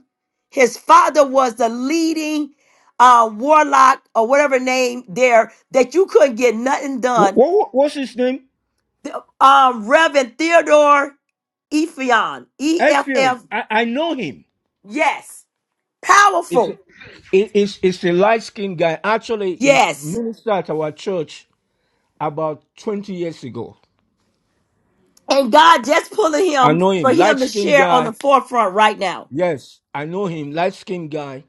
A: His father was the leading uh, warlock or whatever name there that you couldn't get nothing
C: What,
A: done.
C: what, what's his name?
A: The, um, Reverend Theodore Ephion, E F
C: Ephraim.
A: F,
C: I, I know him.
A: yes,
C: It's a,
A: powerful,
C: it- it's it's a light skinned guy. Actually, he
A: yes.
C: ministered at our church about twenty years ago.
A: And God just pulling
C: I
A: him
C: know him,
A: for him
C: light
A: to
C: skinned
A: share on the
C: guy.
A: forefront right now.
C: Yes, I know him, light skinned guy.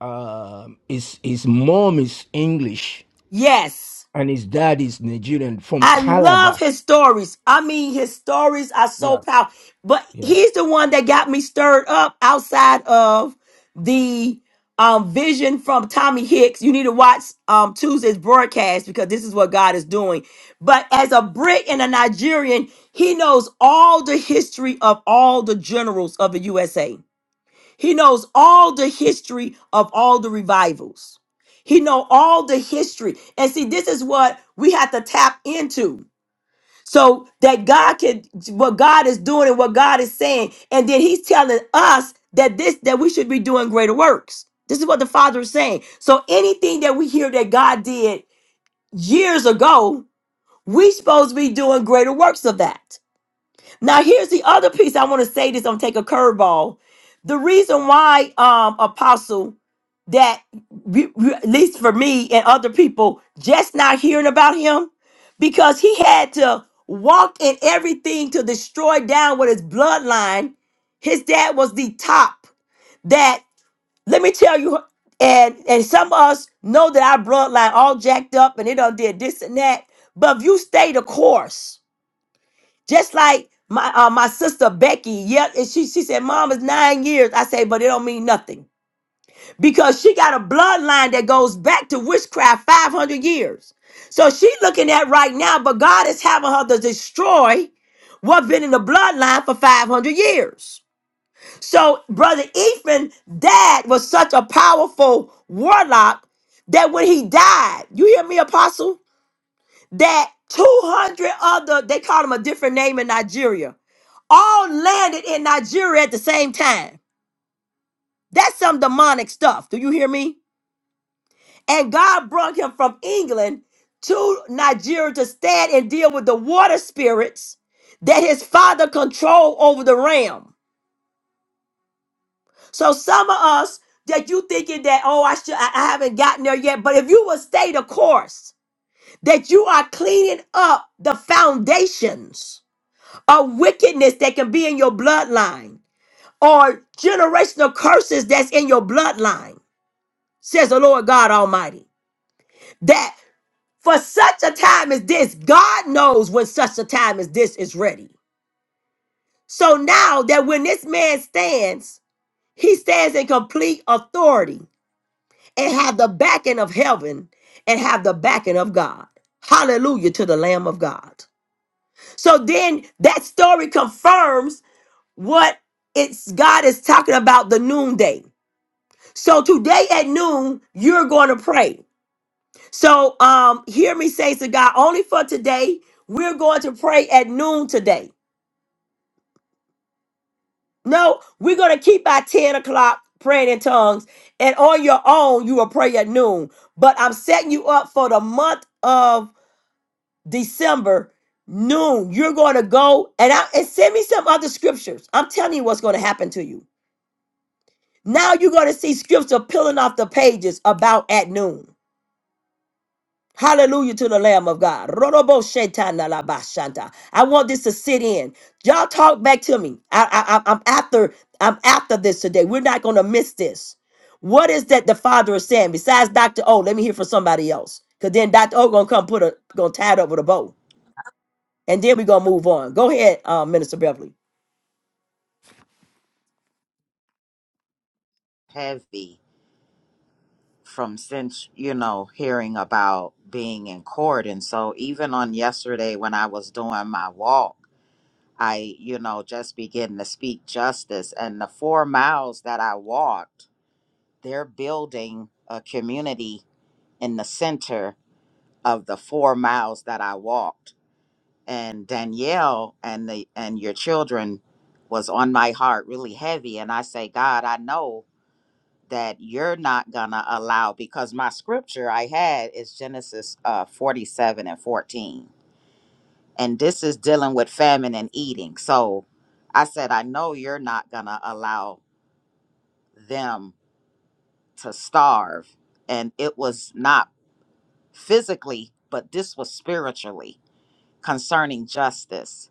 C: Um, his his mom is English
A: Yes.
C: and his dad is Nigerian from
A: I love
C: Calabar.
A: his stories. I mean, his stories are so
C: Yeah,
A: powerful. But
C: yeah,
A: he's the one that got me stirred up outside of the um, vision from Tommy Hicks. You need to watch um, Tuesday's broadcast because this is what God is doing. But as a Brit and a Nigerian, he knows all the history of all the generals of the USA. He knows all the history of all the revivals. He know all the history. And see, this is what we have to tap into so that God can what God is doing and what God is saying, and then He's telling us that this that we should be doing greater works. This is what the Father is saying. So anything that we hear that God did years ago, we supposed to be doing greater works of that. Now, here's the other piece I want to say this. I'm gonna take a curveball. The reason why, um, Apostle, that you- you- at least for me and other people, just not hearing about him, because he had to walk in everything to destroy down with his bloodline. His dad was the top. That let me tell you, and and some of us know that our bloodline all jacked up and it done did this and that. But if you stay the course. Just like my uh, my sister Becky, yeah, and she she said, "Mom is nine years." I say, but it don't mean nothing because she got a bloodline that goes back to witchcraft five hundred years. So she looking at right now, but God is having her to destroy what's been in the bloodline for five hundred years. So brother Ephraim, dad was such a powerful warlock that when he died, you hear me, Apostle? that 200 other, they call them a different name in Nigeria, all landed in Nigeria at the same time. That's some demonic stuff. Do you hear me? And God brought him from England to Nigeria to stand and deal with the water spirits that his father controlled over the realm. So some of us that you thinking that, oh, I should I I haven't gotten there yet. But if you will stay the course, that you are cleaning up the foundations of wickedness that can be in your bloodline or generational curses that's in your bloodline, says the Lord God Almighty. That for such a time as this, God knows when such a time as this is ready. So now that when this man stands, he stands in complete authority and have the backing of heaven and have the backing of God. Hallelujah to the Lamb of God. So then that story confirms what it's God is talking about the noonday. So today at noon, you're going to pray. So um hear me say to God, only for today, we're going to pray at noon today. No, we're going to keep our 10 o'clock praying in tongues. And on your own, you will pray at noon. But I'm setting you up for the month of December noon, you're going to go and, I, and send me some other scriptures. I'm telling you what's going to happen to you. Now you're going to see scripture peeling off the pages about at noon. Hallelujah to the Lamb of God. Rodobo shetana la bashanta. I want this to sit in. Y'all talk back to me. I, I, I- I'm after. I'm after this today. We're not going to miss this. What is that the Father is saying? Besides Doctor O, let me hear from somebody else. Cause then Doctor O gonna come put a gonna tie it up with a bow. and then we're gonna move on. Go ahead, uh, Minister Beverly.
I: heavy from since you know hearing about being in court and so even on yesterday when i was doing my walk i you know just began to speak justice and the four miles that i walked they're building a community in the center of the four miles that i walked and danielle and the and your children was on my heart really heavy and i say god i know that you're not gonna allow because my scripture I had is Genesis uh 47 and 14. And this is dealing with famine and eating. So I said, I know you're not gonna allow them to starve. And it was not physically, but this was spiritually concerning justice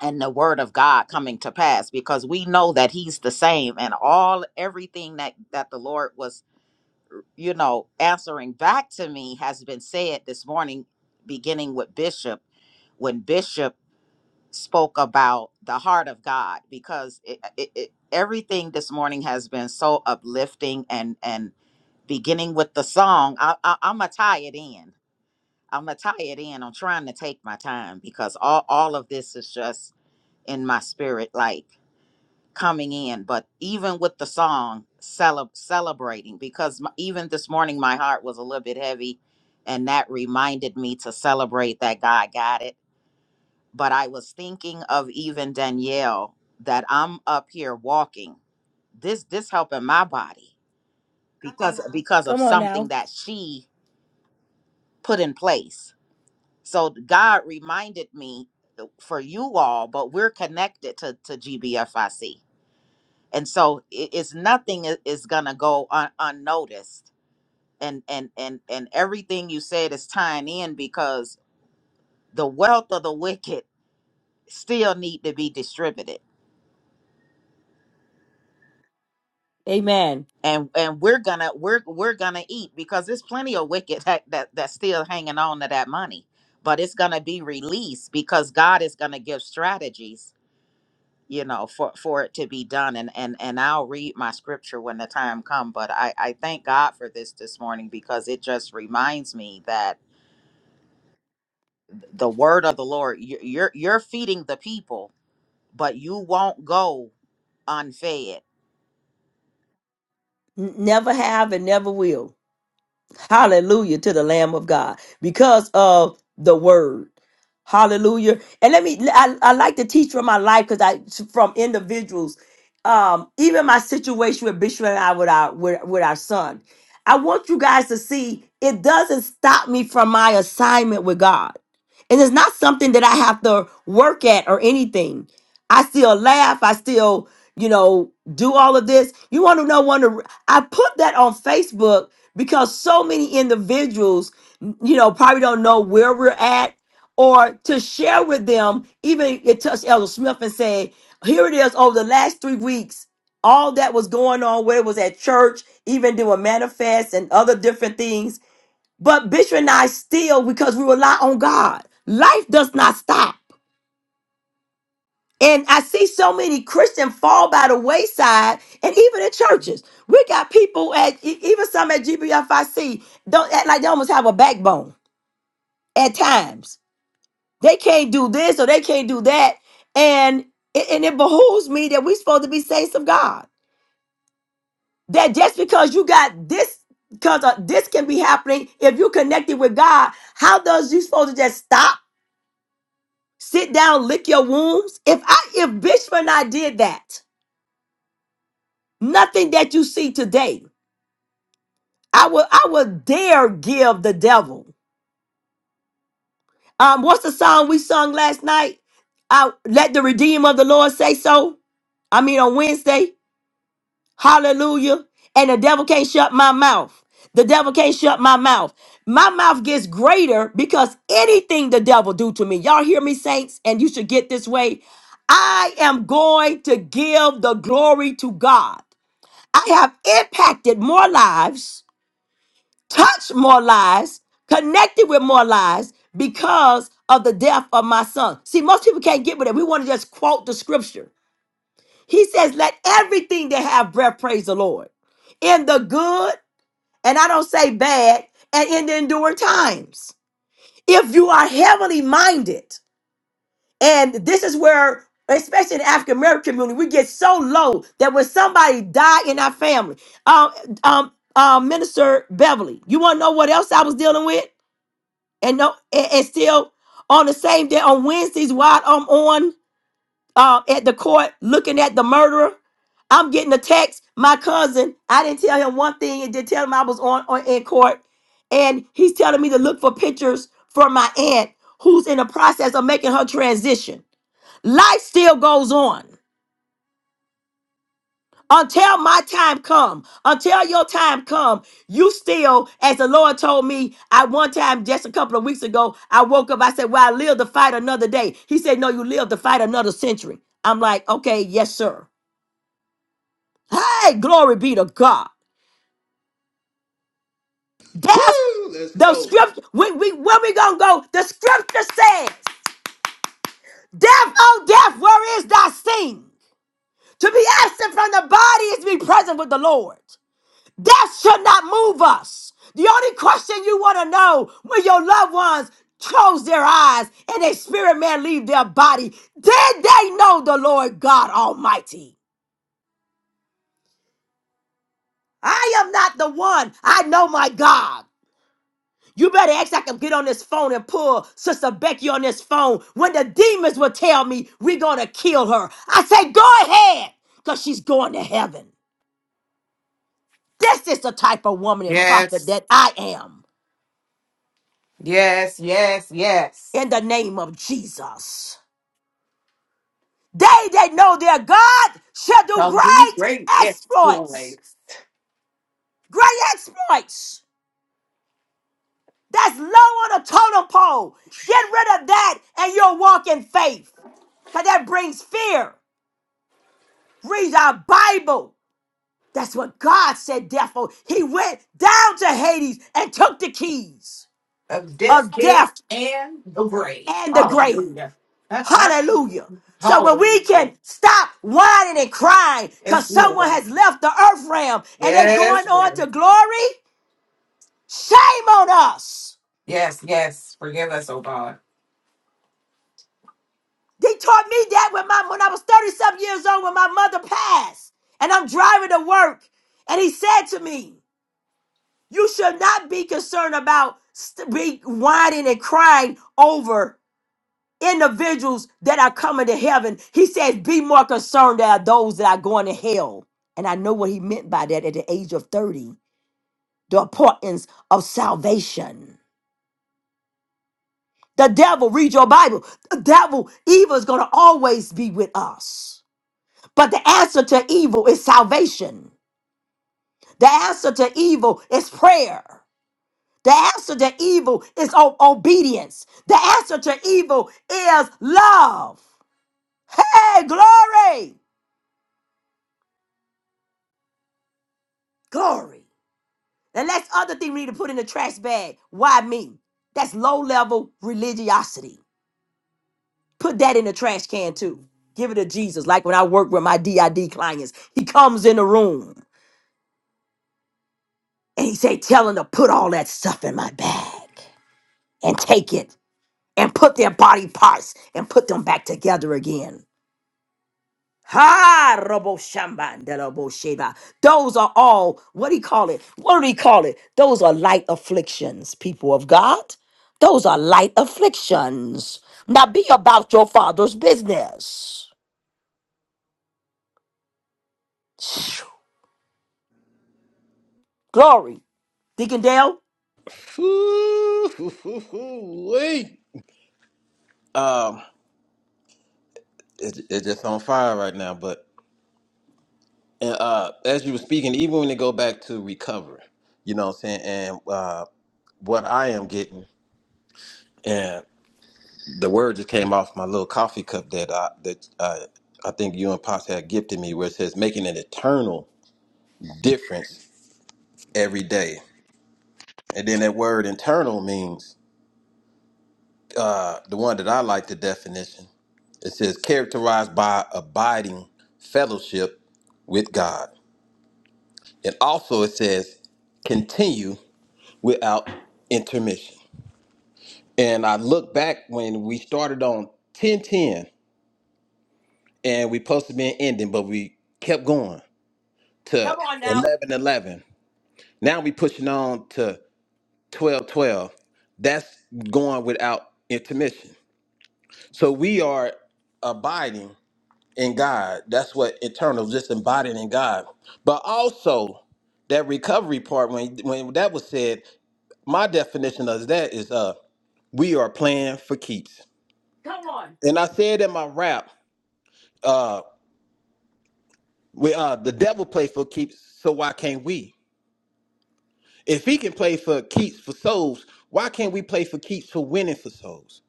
I: and the word of God coming to pass because we know that he's the same and all everything that that the Lord was you know, answering back to me has been said this morning, beginning with Bishop, when Bishop spoke about the heart of God, because it, uh, it, it, everything this morning has been so uplifting and and beginning with the song, I, I, I'm gonna tie it in. I'm gonna tie it in. I'm trying to take my time because all all of this is just in my spirit, like coming in but even with the song cele- celebrating because m- even this morning my heart was a little bit heavy and that reminded me to celebrate that god got it but i was thinking of even danielle that i'm up here walking this this helping my body because uh because of something that she put in place so god reminded me uh, for you all but we're connected to to gbfic and so it, it's nothing i- is gonna go un, unnoticed and and and and everything you said is tying in because the wealth of the wicked still need to be distributed
A: Amen.
I: and and we're gonna we're we're gonna eat because there's plenty of wicked [LAUGHS] that, that that's still hanging on to that money but it's gonna be released because god is gonna give strategies you know for for it to be done and and and i'll read my scripture when the time comes. but i i thank god for this this morning because it just reminds me that the word of the lord you- you're you're feeding the people but you won't go unfed
A: N- never have and never will. Hallelujah to the Lamb of God because of the word. Hallelujah. And let me I, I like to teach from my life because I from individuals. Um, even my situation with Bishop and I with our with, with our son. I want you guys to see it doesn't stop me from my assignment with God. And it's not something that I have to work at or anything. I still laugh. I still, you know, do all of this. You want to know one? of- I put that on Facebook because so many individuals you know probably don't know where we're at or to share with them even it touched elder smith and say here it is over the last three weeks all that was going on where it was at church even doing manifests and other different things but bishop and i still because we rely on god life does not stop and I see so many Christians fall by the wayside, and even in churches, we got people at e- even some at GBFIC don't act like they almost have a backbone at times. They can't do this or they can't do that, and it- and it behooves me that we're supposed to be saints of God. That just because you got this, because this can be happening if you're connected with God, how does you supposed to just stop, sit down, lick your wounds? If I if Bishop and I did that. Nothing that you see today. I will I will dare give the devil. Um, what's the song we sung last night? I let the redeemer of the Lord say so. I mean on Wednesday. Hallelujah. And the devil can't shut my mouth. The devil can't shut my mouth. My mouth gets greater because anything the devil do to me. Y'all hear me, saints? And you should get this way. I am going to give the glory to God. I have impacted more lives touched more lives, connected with more lives because of the death of my son. See, most people can't get with it. We want to just quote the scripture. He says, Let everything that have breath praise the Lord in the good, and I don't say bad, and in the enduring times. If you are heavenly minded, and this is where, especially in the African American community, we get so low that when somebody die in our family, uh, um, um, uh, Minister Beverly, you want to know what else I was dealing with? and no, and, and still on the same day on Wednesdays while I'm on uh, at the court looking at the murderer, I'm getting a text. My cousin, I didn't tell him one thing and did tell him I was on, on in court, and he's telling me to look for pictures for my aunt who's in the process of making her transition. Life still goes on. until my time come until your time come you still as the lord told me at one time just a couple of weeks ago i woke up i said well i live to fight another day he said no you live to fight another century i'm like okay yes sir hey glory be to god
F: Woo!
A: death
F: Let's
A: the
F: go.
A: scripture we, we, where we gonna go the scripture says death oh death where is thy sting to be absent from the body is to be present with the lord Death should not move us. The only question you want to know when your loved ones close their eyes and their spirit man leave their body, did they know the Lord God Almighty? I am not the one. I know my God. You better act like I can get on this phone and pull Sister Becky on this phone when the demons will tell me we're going to kill her. I say, go ahead, because she's going to heaven. This is the type of woman and prophet
B: Yes,
A: that I am
B: yes, yes, yes.
A: in the name of Jesus. They that know their God shall do
B: Shall do
A: great
B: great
A: exploits.
B: exploits
A: Great exploits. That's low on the totem pole. Get rid of that and you'll walk in faith. Because that brings fear. Read our Bible. That's what God said, therefore. He went down to Hades and took the keys
B: of death,
A: of death
B: guilt, and the grave.
A: and the grave.
B: Hallelujah.
A: Hallelujah.
B: [LAUGHS]
A: So when we
B: Hallelujah.
A: can stop whining and crying
B: Yes,
A: because someone
B: Lord.
A: has left the earth realm and they're going
B: Yes,
A: on to
B: Lord.
A: glory, shame on us.
B: Yes, yes. Forgive us, oh God.
A: They taught me that when my when I was thirty-seven years old when my mother passed and I'm driving to work. And he said to me, You should not be concerned about st- be whining and crying over. individuals that are coming to heaven. He says, Be more concerned there are those that are going to hell. And I know what he meant by that at the age of 30 the importance of salvation. The devil, read your Bible, the devil, evil is going to always be with us. But the answer to evil is salvation, the answer to evil is prayer. The answer to evil is o- obedience. The answer to evil is love. Hey, glory, glory. The last other thing we need to put in the trash bag. Why me? That's low level religiosity. Put that in the trash can too. Give it to Jesus. Like when I work with my DID clients, he comes in the room and he say, tell them to put all that stuff in my bag and take it and put their body parts and put them back together again. Ha robo shamba de robo sheba. Those are all what do you call it? What do you call it? Those are light afflictions, people of God. Those are light afflictions. Now be about your father's business. Glory. Deacon Dale.
F: Woo-hoo-hoo-hoo-wee. Um, it's, it's just on fire right now. But and, uh, as you were speaking, even when they go back to recover, you know what I'm saying? And uh, what I am getting, and the word just came off my little coffee cup that I that I, I think you and Pops had gifted me, where it says making an eternal difference every day. And then that word internal means uh, the one that I like the definition. It says characterized by abiding fellowship with God, and also it says continue without intermission. And I look back when we started on 1010 and we supposed to be an ending, but we kept going to
A: Come on now.
F: eleven eleven. Now we pushing on to twelve twelve. That's going without intermission. So we are abiding in God. That's what eternal, just abiding in God. But also that recovery part, when when that was said, my definition of that is uh we are playing for keeps.
A: Come on.
F: And I said in my rap, uh, we uh the devil play for keeps, so why can't we? If he can play for keeps for souls, why can't we play for keeps for winning for souls?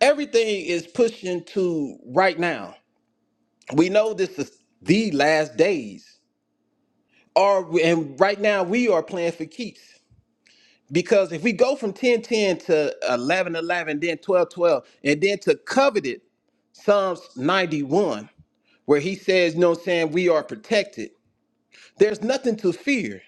F: Everything is pushing to right now. We know this is the last days. Or and right now we are playing for keeps. Because if we go from 10 10 to 11 11, then 12 12, and then to coveted Psalms 91, where he says, you know what I'm saying, we are protected, there's nothing to fear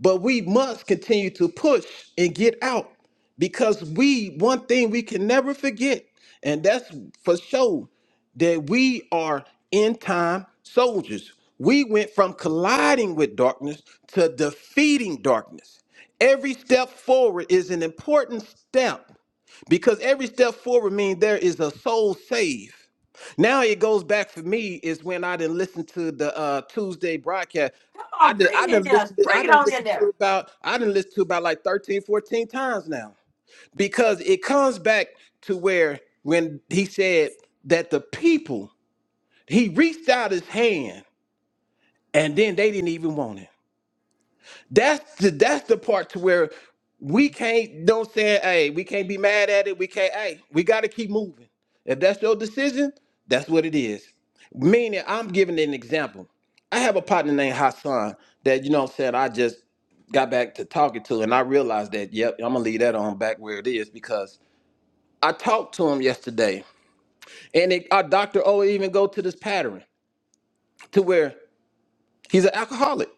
F: But we must continue to push and get out because we, one thing we can never forget, and that's for sure, that we are end time soldiers. We went from colliding with darkness to defeating darkness. Every step forward is an important step because every step forward means there is a soul saved. Now it goes back for me is when I didn't listen to the uh, Tuesday broadcast.
A: Come
F: I
A: on.
F: did I
A: Bring it in
F: didn't
A: there.
F: listen to I
A: Bring it
F: didn't
A: on in
F: listen to
A: there.
F: about I didn't listen to about like 13, 14 times now. Because it comes back to where when he said that the people, he reached out his hand and then they didn't even want it. That's the that's the part to where we can't don't say, hey, we can't be mad at it. We can't, hey, we gotta keep moving. If that's your decision, that's what it is. Meaning, I'm giving an example. I have a partner named Hassan that you know what I'm saying I just got back to talking to, and I realized that, yep, I'm gonna leave that on back where it is because I talked to him yesterday, and it, our doctor oh even go to this pattern to where he's an alcoholic.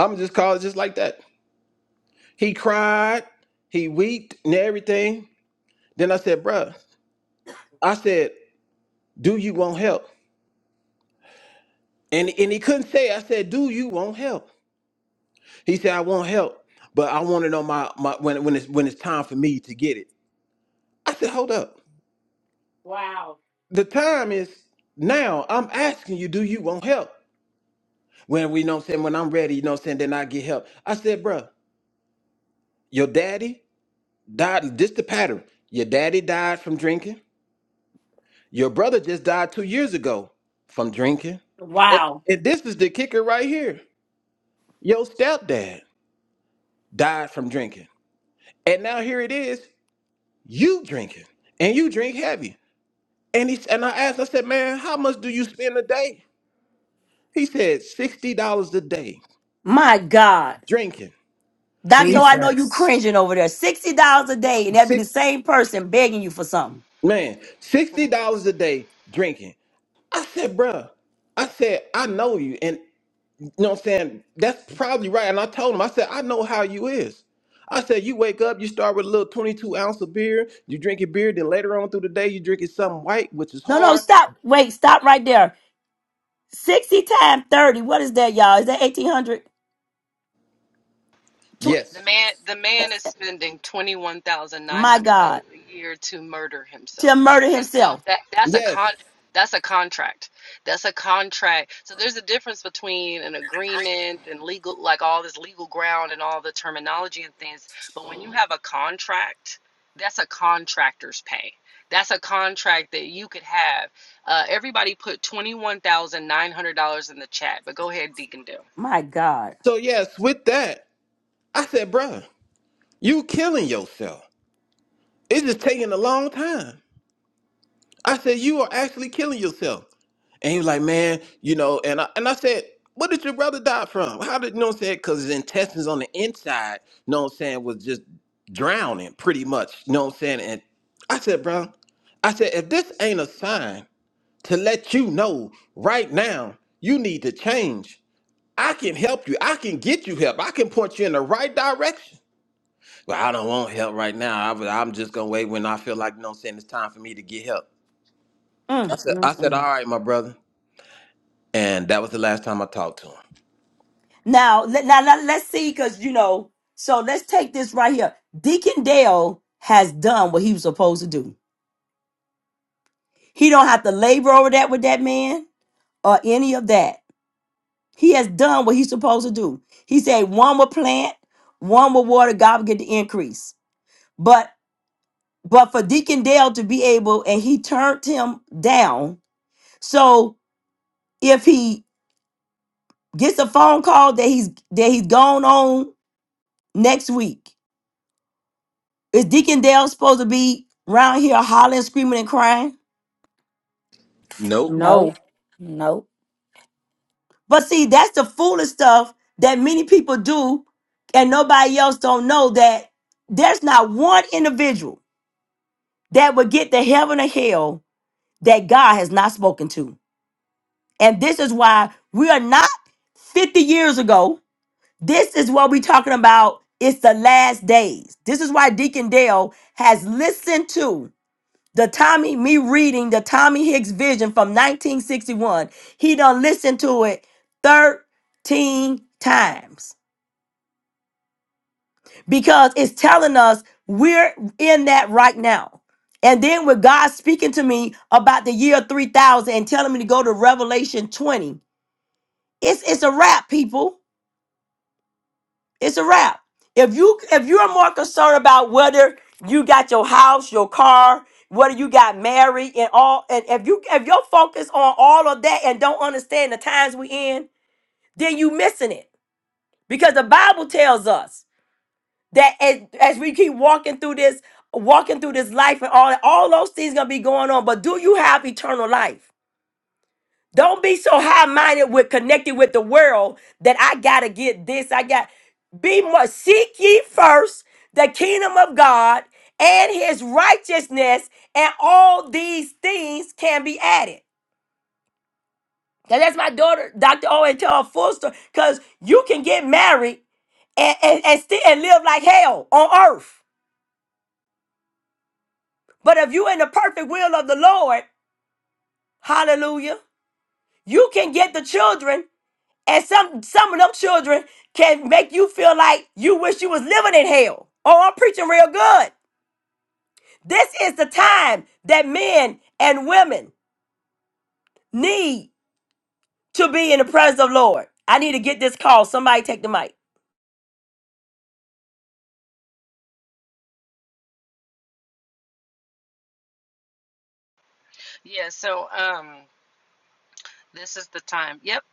F: I'm just call it just like that. He cried, he weeped and everything. Then I said, bruh, I said, do you want help? And and he couldn't say, it. I said, do you want help? He said, I want help, but I want to know my, my when when it's when it's time for me to get it. I said, hold up.
A: Wow.
F: The time is now. I'm asking you, do you want help? When we you know what I'm saying, when I'm ready, you know what I'm saying, then I get help. I said, bruh, your daddy died. This the pattern. Your daddy died from drinking. Your brother just died two years ago from drinking. And,
A: Wow.
F: and this is the kicker right here. Your stepdad died from drinking. And now here it is, you drinking. And you drink heavy. And he and I asked, I said, man, how much do you spend a day? He said, $60 a day
A: My God.
F: drinking.
A: Doctor,
F: He's
A: I know you
B: Jesus.
A: cringing over there. $60 a day, and that'd be the
F: six
A: same person begging you for something.
F: man, $60 a day drinking. I said, bruh, I said, I know you. and." You know what I'm saying? That's probably right. And I told him, I said, I know how you is. I said, you wake up, you start with a little 22 ounce of beer, you drink your beer, then later on through the day, you drinking something white, which is
A: No, no,
F: hard.
A: stop. Wait, stop right there. 60 times 30. What is that, y'all? Is that 1800?
F: Yes.
E: The man, the man is spending twenty one thousand nine
A: My
E: hundred
A: God.
E: dollars a year to murder
A: To
E: himself,
A: murder
E: and so
A: himself.
E: that that's a
F: Yes.
E: con that's a contract. That's a contract. So there's a difference between an agreement and legal, like all this legal ground and all the terminology and things. But when you have a contract, that's a contractor's pay. That's a contract that you could have. Uh, everybody put twenty one thousand nine hundred dollars in the chat, but go ahead, Deacon Dale.
A: My God.
F: So, yes, with that, I said, bruh, you killing yourself. It's just taking a long time. I said, you are actually killing yourself. And he was like, man, you know, and I and I said, what did your brother die from? How did you know what I'm saying? Cause his intestines on the inside, you know what I'm saying, was just drowning pretty much. You know what I'm saying? And I said, bro, I said, if this ain't a sign to let you know right now, you need to change. I can help you. I can get you help. I can point you in the right direction. Well, I don't want help right now. I, was- I'm just gonna wait when I feel like, you know what I'm saying, it's time for me to get help. I
A: Mm.
F: said, I said, all right, my brother. And that was the last time I talked to him.
A: Now, let, now, now, let's see, because, you know, so let's take this right here. Deacon Dale has done what he was supposed to do. He don't have to labor over that with that man or any of that. He has done what he's supposed to do. He said one will plant, one will water, God will get the increase. But. but for Deacon Dale to be able, and he turned him down. So if he gets a phone call that he's that he's gone on next week, is Deacon Dale supposed to be around here hollering, screaming, and crying?
F: Nope.
G: Nope.
H: No.
G: Nope.
A: But see, that's the foolish stuff that many people do, and nobody else don't know that there's not one individual that would get to heaven or hell that God has not spoken to. And this is why we are not 50 years ago This is what we're talking about. It's the last days. This is why Deacon Dale has listened to the Tommy, me reading the Tommy Hicks vision from 1961. He done listened to it 13 times because it's telling us we're in that right now. And then with God speaking to me about the year 3000 and telling me to go to Revelation 20, it's, it's a wrap, people. It's a wrap. If you if you're more concerned about whether you got your house, your car, whether you got married and all, and if you if you're focused on all of that and don't understand the times we in, then you missing it. Because the Bible tells us that as, as we keep walking through this, walking through this life and all all those things gonna be going on. But do you have eternal life? Don't be so high minded with connected with the world that I gotta get this. I got be more seek ye first the kingdom of God and his righteousness, and all these things can be added. Now, that's my daughter, Dr. Owen tell her full story. Cause you can get married and, and, and still and live like hell on earth. But if you in the perfect will of the Lord, hallelujah, you can get the children And some some of them children can make you feel like you wish you was living in hell. Oh, I'm preaching real good. This is the time that men and women need to be in the presence of Lord. I need to get this call. Somebody take the mic.
E: Yeah. So um. This is the time. Yep.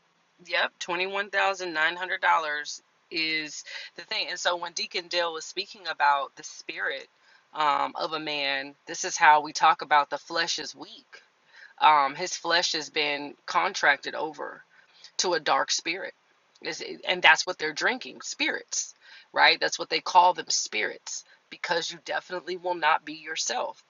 E: Yep. $21,900 is the thing. And so when Deacon Dale was speaking about the spirit um, of a man, this is how we talk about the flesh is weak. Um, his flesh has been contracted over to a dark spirit. Is And that's what they're drinking spirits, right? That's what they call them spirits because you definitely will not be yourself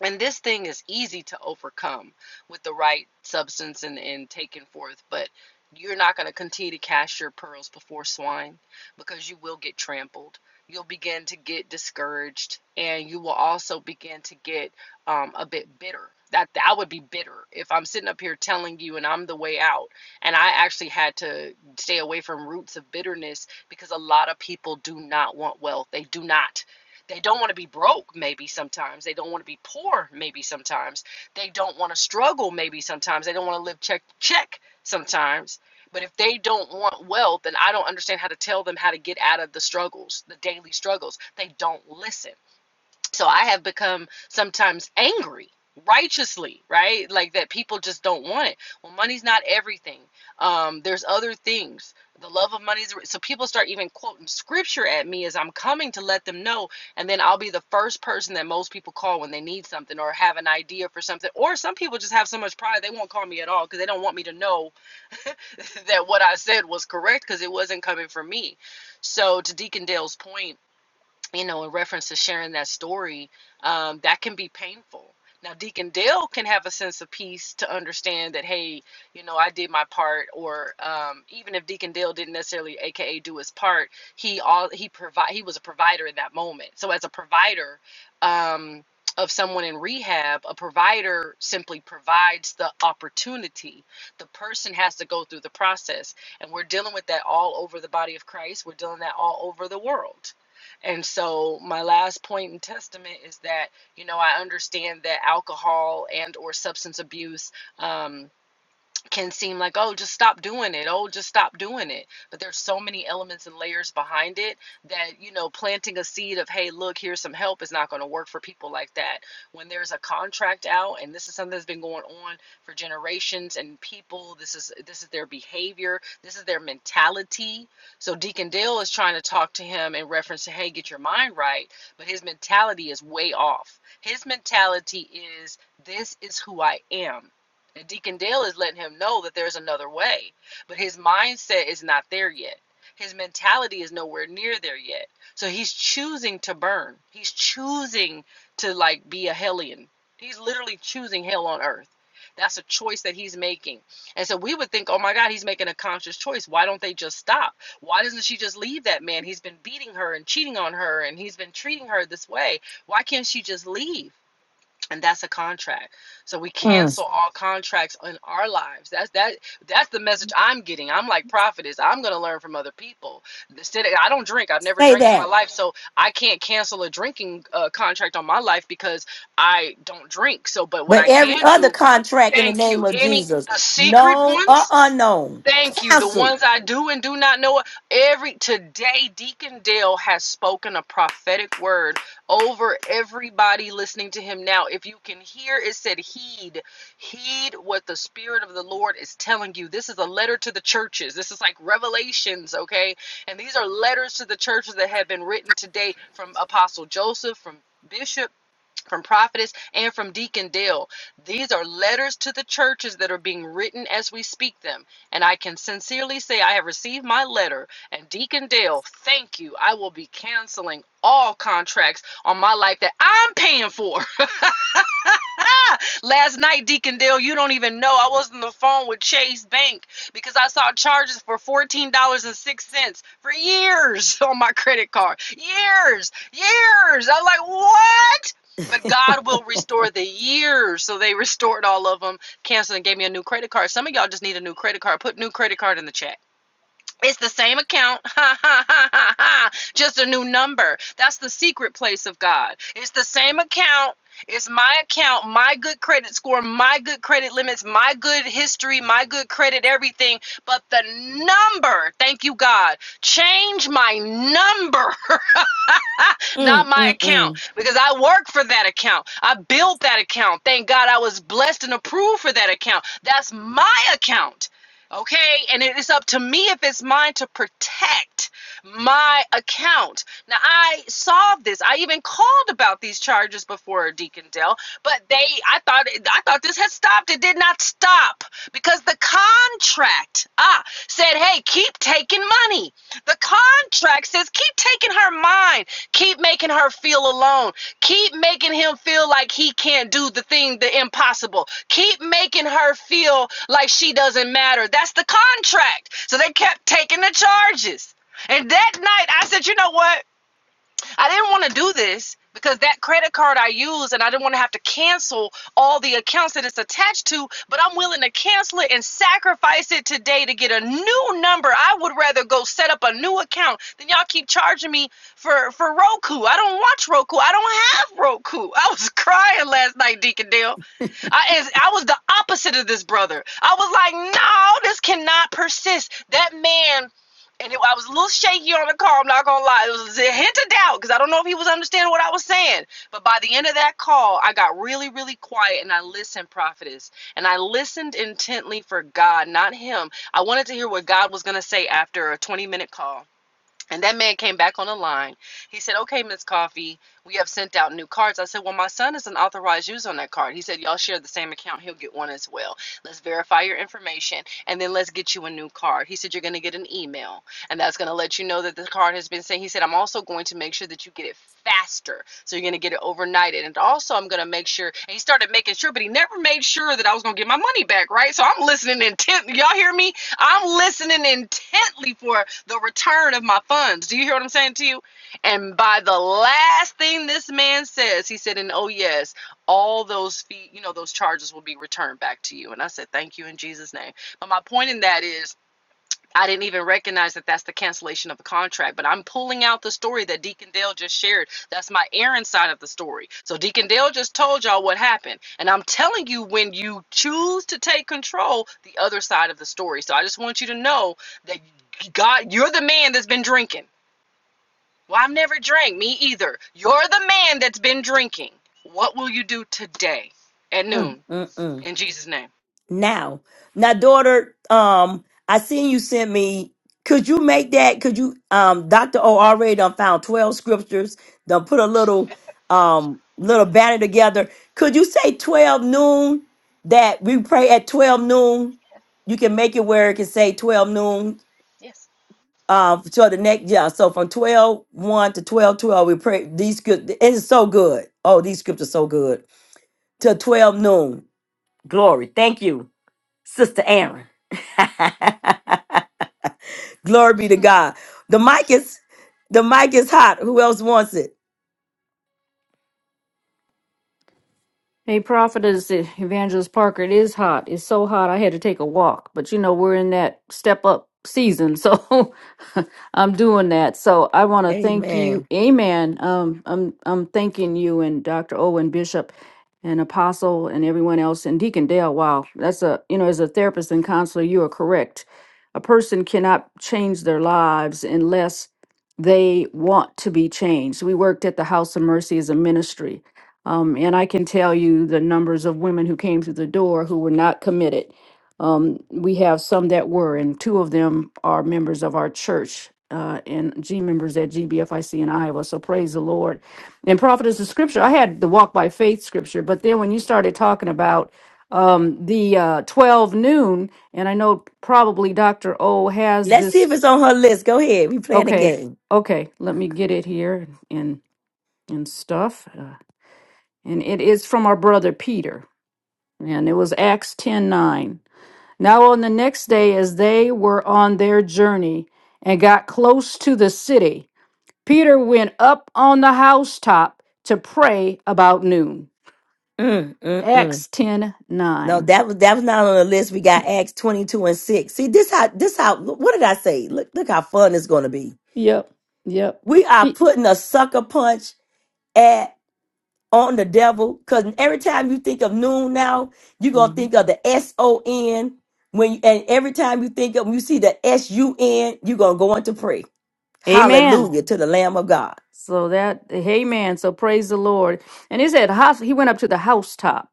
E: and this thing is easy to overcome with the right substance and, and taken forth but you're not going to continue to cast your pearls before swine because you will get trampled you'll begin to get discouraged and you will also begin to get um, a bit bitter that i would be bitter if i'm sitting up here telling you and i'm the way out and i actually had to stay away from roots of bitterness because a lot of people do not want wealth they do not they don't want to be broke, maybe sometimes. They don't want to be poor, maybe sometimes. They don't want to struggle, maybe sometimes. They don't want to live check to check sometimes. But if they don't want wealth, then I don't understand how to tell them how to get out of the struggles, the daily struggles. They don't listen. So I have become sometimes angry righteously, right? Like that people just don't want it. Well, money's not everything. Um, there's other things. The love of money is so people start even quoting scripture at me as I'm coming to let them know, and then I'll be the first person that most people call when they need something or have an idea for something. Or some people just have so much pride they won't call me at all because they don't want me to know [LAUGHS] that what I said was correct because it wasn't coming from me. So to Deacon Dale's point, you know, in reference to sharing that story, um, that can be painful. Now, Deacon Dale can have a sense of peace to understand that, hey, you know, I did my part, or um, even if Deacon Dale didn't necessarily, AKA, do his part, he all he provide he was a provider in that moment. So, as a provider um, of someone in rehab, a provider simply provides the opportunity. The person has to go through the process, and we're dealing with that all over the body of Christ. We're dealing with that all over the world and so my last point in testament is that you know I understand that alcohol and or substance abuse. Um, can seem like oh just stop doing it oh just stop doing it but there's so many elements and layers behind it that you know planting a seed of hey look here's some help is not going to work for people like that when there's a contract out and this is something that's been going on for generations and people this is this is their behavior this is their mentality so deacon dale is trying to talk to him in reference to hey get your mind right but his mentality is way off his mentality is this is who i am and Deacon Dale is letting him know that there's another way. But his mindset is not there yet. His mentality is nowhere near there yet. So he's choosing to burn. He's choosing to like be a hellion. He's literally choosing hell on earth. That's a choice that he's making. And so we would think, oh my God, he's making a conscious choice. Why don't they just stop? Why doesn't she just leave that man? He's been beating her and cheating on her and he's been treating her this way. Why can't she just leave? and that's a contract so we
A: Mm,
E: cancel all contracts in our lives that's that that's the message i'm getting i'm like prophetess i'm going to learn from other people instead of- i don't drink i've never
A: say
E: drank in my
A: that.
E: life so i can't cancel a drinking uh, contract on my life because i don't drink so but what
A: But
E: i
A: every
E: can
A: other
E: do
A: contract in the
E: thank
A: name
E: you
A: of
E: any
A: Jesus,
E: the secret
A: known or
E: ones
A: unknown,
E: Thank you. The
A: cancel.
E: ones I do and do not know. Every today, Deacon Dale has spoken a prophetic word over everybody listening to him now. If you can hear, it said, Heed, heed what the Spirit of the Lord is telling you. This is a letter to the churches. This is like revelations, okay? And these are letters to the churches that have been written today from Apostle Joseph, from Bishop from prophetess and from deacon dale these are letters to the churches that are being written as we speak them and i can sincerely say i have received my letter and deacon dale thank you i will be canceling all contracts on my life that i'm paying for [LAUGHS] Last night, Deacon Dale, you don't even know. I was on the phone with Chase Bank because I saw charges for $14.06 for years [LAUGHS] on my credit card. Years, years. I'm like, what? But God will restore the years. So they restored all of them, canceled and gave me a new credit card. Some of y'all just need a new credit card. Put new credit card in the chat. It's the same account, [LAUGHS] ha ha ha ha ha, just a new number. That's the secret place of God. It's the same account. It's my account, my good credit score, my good credit limits, my good history, my good credit, everything. But the number, thank you, God, change my number, [LAUGHS] not my account, because I work for that account. I built that account. Thank God I was blessed and approved for that account. That's my account. Okay, and it is up to me if it's mine to protect my account. Now, I saw this. I even called about these charges before Deacon Dale, but they, I thought, I thought this had stopped. It did not stop because the contract, ah, said, hey, keep taking money. The contract says keep taking her mind, keep making her feel alone, keep making him feel like he can't do the thing, the impossible, keep making her feel like she doesn't matter. That's the contract. So they kept taking the charges. And that night, I said, you know what? I didn't want to do this because that credit card I use and I didn't want to have to cancel all the accounts that it's attached to, but I'm willing to cancel it and sacrifice it today to get a new number. I would rather go set up a new account than y'all keep charging me for for Roku. I don't watch Roku. I don't have Roku. I was [LAUGHS] crying last night, Deacon Dale. I, as, I was the opposite of this brother. I was like, no, this cannot persist. That man, and it, I was a little shaky on the call, I'm not going to lie. It was a hint of doubt because I don't know if he was understanding what I was saying. But by the end of that call, I got really, really quiet and I listened, prophetess. And I listened intently for God, not him. I wanted to hear what God was going to say after a 20 minute call. And that man came back on the line. He said, Okay, Miss Coffee, we have sent out new cards. I said, Well, my son is an authorized user on that card. He said, Y'all share the same account. He'll get one as well. Let's verify your information and then let's get you a new card. He said, You're going to get an email and that's going to let you know that the card has been sent. He said, I'm also going to make sure that you get it faster. So you're going to get it overnighted. And also, I'm going to make sure. And he started making sure, but he never made sure that I was going to get my money back, right? So I'm listening intent. Y'all hear me? I'm listening intently for the return of my funds. Do you hear what I'm saying to you? And by the last thing this man says, he said, and oh, yes, all those fees, you know, those charges will be returned back to you. And I said, thank you in Jesus' name. But my point in that is I didn't even recognize that that's the cancellation of the contract, but I'm pulling out the story that Deacon Dale just shared. That's my Aaron side of the story. So Deacon Dale just told y'all what happened, and I'm telling you when you choose to take control, the other side of the story. So I just want you to know that God, you're the man that's been drinking. Well, I've never drank, me either. You're the man that's been drinking. What will you do today at noon in Jesus' name?
A: now. Now, daughter, um, I seen you sent me. Could you make that? Could you, um, Doctor O already done found twelve scriptures. Done put a little, um, little banner together. Could you say twelve noon that we pray at twelve noon? You can make it where it can say twelve noon.
E: Yes.
A: Uh, so the next, yeah. So from twelve one to 12 12, we pray these good. It is so good. Oh, these scriptures so good. To 12 noon. Glory. Thank you. Sister Aaron. [LAUGHS] Glory be to God. The mic is the mic is hot. Who else wants it?
H: Hey, prophetess, eh, evangelist Parker, it is hot. It's so hot, I had to take a walk. But you know, we're in that step up season, so [LAUGHS] I'm doing that. So I want to thank you,
A: Amen.
H: Amen. Um, I'm I'm thanking you and Dr. Owen Bishop, and Apostle, and everyone else, and Deacon Dale. Wow, that's a you know, as a therapist and counselor, you are correct. A person cannot change their lives unless they want to be changed. We worked at the House of Mercy as a ministry um, and I can tell you the numbers of women who came through the door who were not committed. Um, we have some that were, and two of them are members of our church uh, and G members at GBFIC in Iowa. So praise the Lord. And prophetess of scripture, I had the walk by faith scripture, but then when you started talking about um, the uh, 12 noon, and I know probably Dr. O has
A: Let's
H: this.
A: see if it's on her list. Go ahead. We playing a
H: Okay,
A: game.
H: okay, let me get it here and, and stuff. Uh, and it is from our brother Peter. And it was Acts ten nine. Now, on the next day, as they were on their journey and got close to the city, Peter went up on the housetop to pray about noon.
A: Mm, mm, mm.
H: Acts ten
A: No,
H: nine.
A: that was that was not on the list. We got Acts twenty two and six. See this how this how what did I say? Look look how fun it's gonna be.
H: Yep. Yep.
A: We are
H: He-
A: putting a sucker punch at. on the devil. Because every time you think of noon now, you're gonna think
H: Mhm.
A: of the S O N. When and every time you think of you see the S U N, you're gonna go on to pray.
H: Amen.
A: Hallelujah to the Lamb of God.
H: So that, amen. So praise the Lord. And he said, house, he went up to the housetop.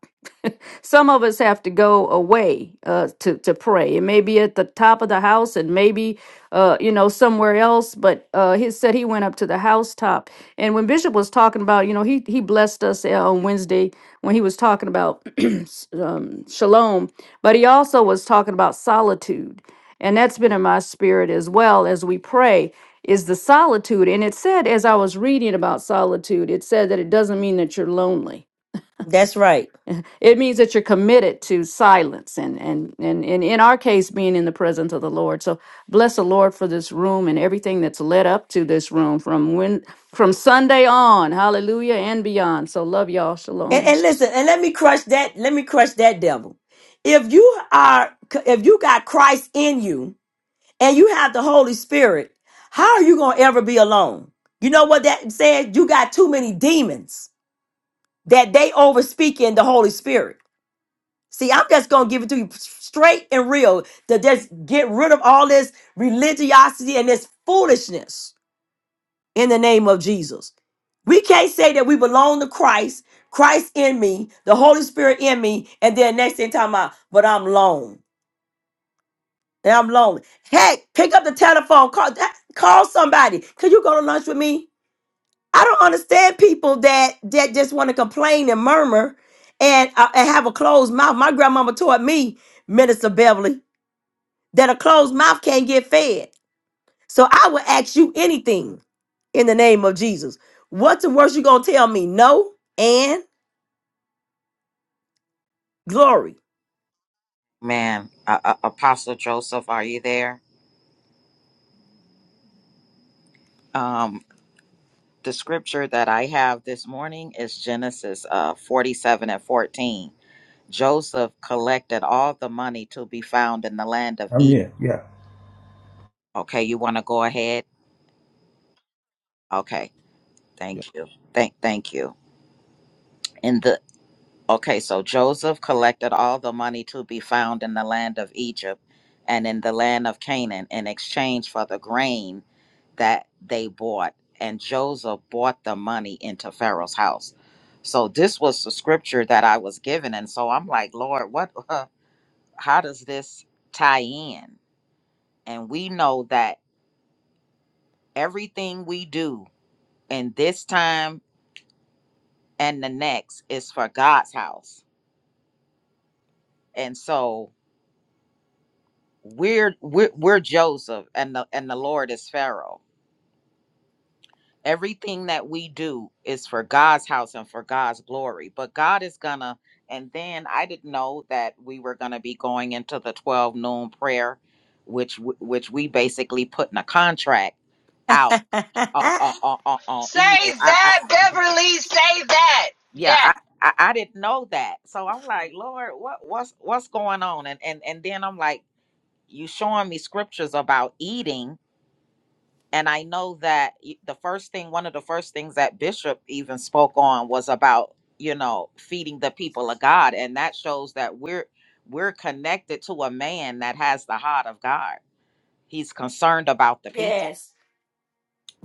H: Some of us have to go away uh, to to pray. It may be at the top of the house, and maybe uh, you know somewhere else. But uh, he said he went up to the housetop. And when Bishop was talking about, you know, he he blessed us uh, on Wednesday when he was talking about [CLEARS THROAT] s- um, shalom. But he also was talking about solitude, and that's been in my spirit as well as we pray is the solitude. And it said, as I was reading about solitude, it said that it doesn't mean that you're lonely
A: That's right.
H: it means that you're committed to silence and, and and and in our case being in the presence of the Lord. So bless the Lord for this room and everything that's led up to this room from when from Sunday on, hallelujah and beyond. So love y'all.
A: And,
H: Shalom.
A: and listen, and let me crush that. Let me crush that devil. If you are, if you got Christ in you, and you have the Holy Spirit, how are you gonna ever be alone? You know what that says? You got too many demons that they overspeak in the Holy Spirit. See, I'm just gonna give it to you straight and real to just get rid of all this religiosity and this foolishness in the name of Jesus. We can't say that we belong to Christ, Christ in me, the Holy Spirit in me, and then next thing talking about, but I'm lone. And I'm lonely. Heck, pick up the telephone, call that- call somebody. Could you go to lunch with me? I don't understand people that that just want to complain and murmur and, uh, and have a closed mouth. My grandmama taught me, Minister Beverly. that a closed mouth can't get fed. So I will ask you anything in the name of Jesus. What's the worst you gonna tell me? No and glory.
I: man uh, uh, apostle joseph are you there um the scripture that i have this morning is genesis uh 47 and 14 joseph collected all the money to be found in the land of
C: I'm
I: egypt
C: here. Yeah.
I: okay you want to go ahead Okay,
C: yeah.
I: thank you. Thank thank you. In the okay, so Joseph collected all the money to be found in the land of Egypt and in the land of Canaan in exchange for the grain that they bought. And Joseph bought the money into Pharaoh's house. So this was the scripture that I was given. And so I'm like, Lord, what [LAUGHS] how does this tie in? And we know that everything we do in this time and the next is for God's house and so we're we're, we're joseph and the and the lord is pharaoh everything that we do is for god's house and for god's glory but god is gonna and then i didn't know that we were gonna be going into the 12 noon prayer which w- which we basically putting a contract out
A: [LAUGHS]
I: on on on, on, on
E: Say
I: evil I, I
E: that, Beverly. Say that.
I: yeah
E: Yes.
I: I, I i didn't know that so i'm like lord what what's what's going on and and and then i'm like you showing me scriptures about eating And I know that y- the first thing, one of the first things that Bishop even spoke on was about, you know, feeding the people of God. And that shows that we're we're connected to a man that has the heart of God. He's concerned about the people.
A: yes.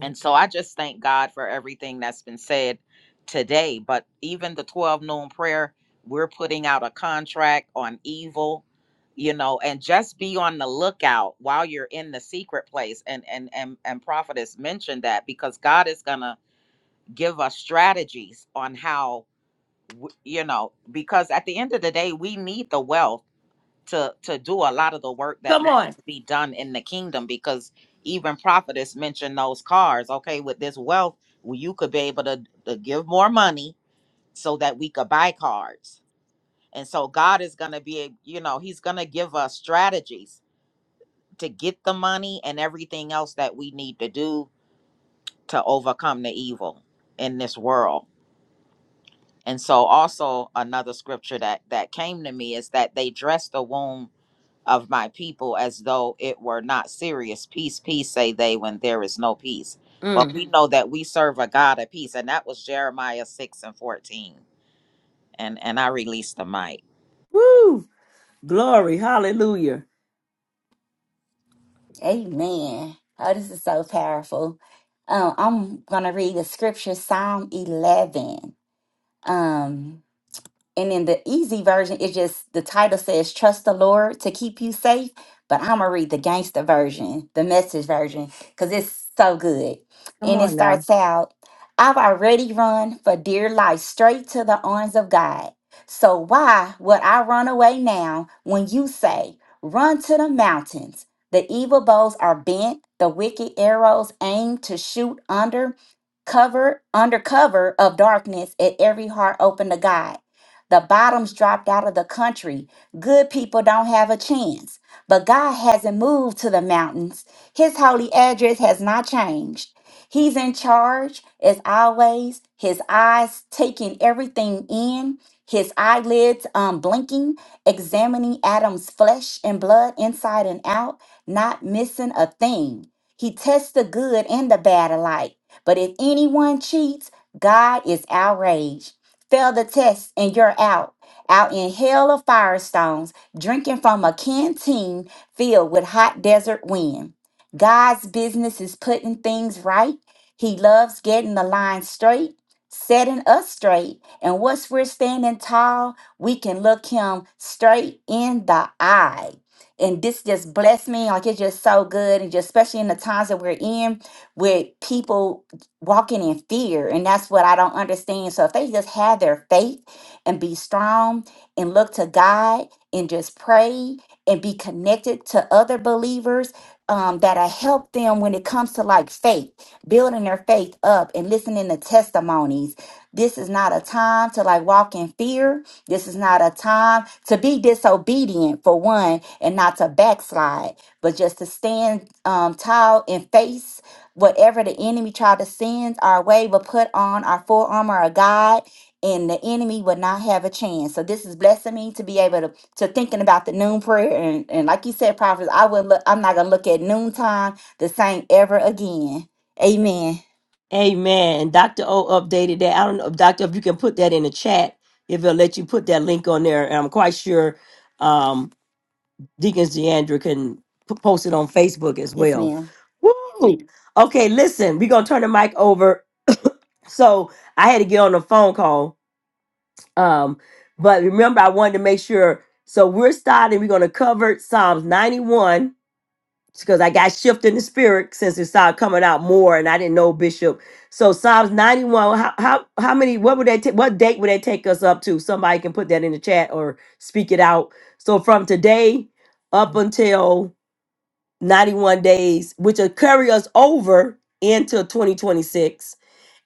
I: And so I just thank God for everything that's been said today. But even the 12 noon prayer, we're putting out a contract on evil, you know, and just be on the lookout while you're in the secret place. And and and and prophetess mentioned that because God is gonna give us strategies on how w- you know, because at the end of the day, we need the wealth to to do a lot of the work that
A: Come
I: needs
A: on.
I: to be done in the kingdom because even prophetess mentioned those cars okay with this wealth well, you could be able to, to give more money so that we could buy cars and so god is going to be you know he's going to give us strategies to get the money and everything else that we need to do to overcome the evil in this world and so also another scripture that that came to me is that they dress the womb. of my people as though it were not serious. Peace, peace, say they, when there is no peace. But we know that we serve a God of peace. And that was Jeremiah 6 and 14. And and I released the mic.
A: Woo! Glory. Hallelujah.
G: Amen. Oh, this is so powerful. Um, I'm going to read the scripture, Psalm 11. Um, And in the easy version, it's just the title says Trust the Lord to keep you safe. But I'm gonna read the gangster version, the message version, because it's so good. And it starts out, I've already run for dear life straight to the arms of God. So why would I run away now when you say, Run to the mountains? The evil bows are bent, the wicked arrows aim to shoot under cover, under cover of darkness at every heart open to God. The bottom's dropped out of the country. Good people don't have a chance. But God hasn't moved to the mountains. His holy address has not changed. He's in charge as always, his eyes taking everything in, his eyelids um, blinking, examining Adam's flesh and blood inside and out, not missing a thing. He tests the good and the bad alike. But if anyone cheats, God is outraged. Fail the test and you're out, out in hell of firestones, drinking from a canteen filled with hot desert wind. God's business is putting things right. He loves getting the line straight, setting us straight. And once we're standing tall, we can look him straight in the eye. And this just blessed me. Like it's just so good. And just especially in the times that we're in with people walking in fear and that's what i don't understand so if they just had their faith and be strong and look to god and just pray and be connected to other believers um, that I help them when it comes to like faith building their faith up and listening to testimonies this is not a time to like walk in fear this is not a time to be disobedient for one and not to backslide but just to stand um, tall in faith whatever the enemy tried to send our way will put on our full armor of God and the enemy will not have a chance. So this is blessing me to be able to, to thinking about the noon prayer and, and like you said, prophets, I will look I'm not gonna look at noontime the same ever again. Amen.
A: Amen. Dr. O updated that. I don't know, Doctor, if you can put that in the chat, if it'll let you put that link on there. And I'm quite sure um Deacons DeAndre can p- post it on Facebook as
G: Yes,
A: well.
G: ma'am.
A: Woo! Okay, listen, we're gonna turn the mic over So I had to get on a phone call. Um, but remember, I wanted to make sure. So we're starting, we're going to cover Psalms 91 because I got shifted in the spirit since it started coming out more and I didn't know Bishop. So Psalms 91, how, how, how many, what would that, ta- what date would that take us up to? Somebody can put that in the chat or speak it out. So from today up until 91 days, which will carry us over into 2026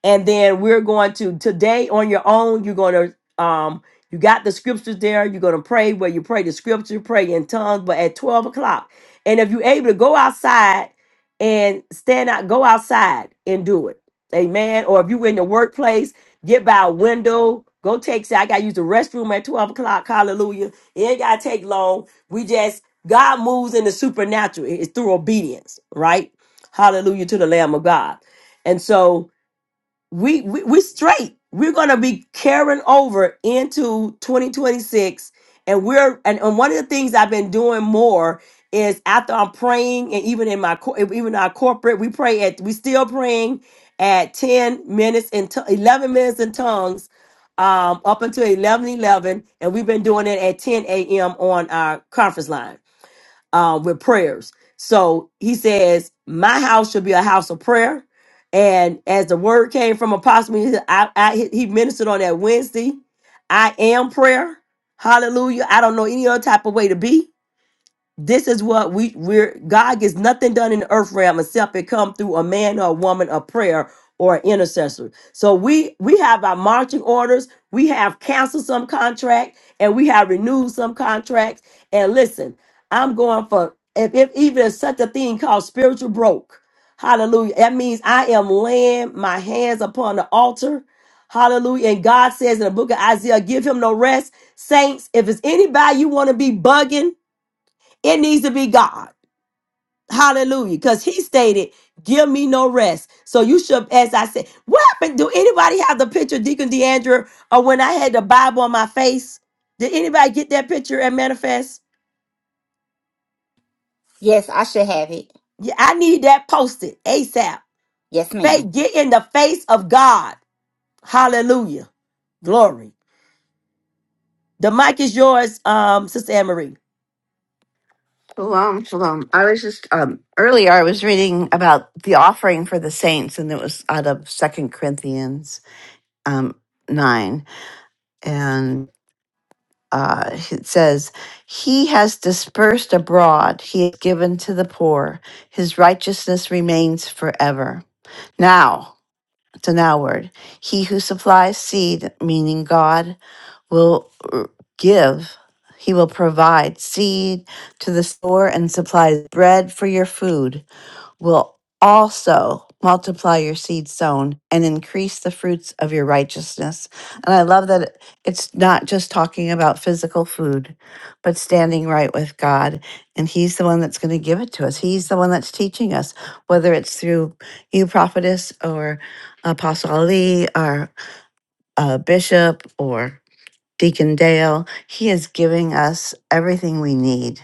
A: and then we're going to today on your own you're going to um you got the scriptures there you're going to pray where you pray the scripture pray in tongues but at 12 o'clock and if you're able to go outside and stand out go outside and do it amen or if you're in the workplace get by a window go take say i gotta use the restroom at 12 o'clock hallelujah it ain't gotta take long we just god moves in the supernatural it's through obedience right hallelujah to the lamb of god and so we, we we straight. We're gonna be carrying over into 2026, and we're and, and one of the things I've been doing more is after I'm praying, and even in my cor- even our corporate, we pray at we still praying at 10 minutes and t- 11 minutes in tongues, um, up until 11:11, and we've been doing it at 10 a.m. on our conference line uh, with prayers. So he says, My house should be a house of prayer. And as the word came from Apostle, he, I, I, he ministered on that Wednesday. I am prayer. Hallelujah. I don't know any other type of way to be this is what we we're God gets nothing done in the earth realm except it come through a man or a woman of prayer or an intercessor. So we we have our marching orders, we have canceled some contract, and we have renewed some contracts. And listen, I'm going for if, if even if such a thing called spiritual broke. Hallelujah. That means I am laying my hands upon the altar. Hallelujah. And God says in the book of Isaiah, give him no rest. Saints, if it's anybody you want to be bugging, it needs to be God. Hallelujah. Because he stated, Give me no rest. So you should, as I said, what happened? Do anybody have the picture, Deacon DeAndre, or when I had the Bible on my face? Did anybody get that picture and manifest?
G: Yes, I should have it.
A: Yeah, I need that posted ASAP.
G: Yes, ma'am.
A: Faith, get in the face of God. Hallelujah. Glory. The mic is yours, um, Sister Anne Marie.
J: Shalom, shalom. I was just um earlier I was reading about the offering for the saints and it was out of Second Corinthians um nine and uh it says he has dispersed abroad, he has given to the poor, his righteousness remains forever. Now it's a now word. He who supplies seed, meaning God, will uh, give, he will provide seed to the sower and supplies bread for your food. will also multiply your seed sown and increase the fruits of your righteousness. And I love that it's not just talking about physical food, but standing right with God. And He's the one that's going to give it to us. He's the one that's teaching us, whether it's through you, prophetess, or Apostle Ali, or uh, Bishop, or Deacon Dale. He is giving us everything we need.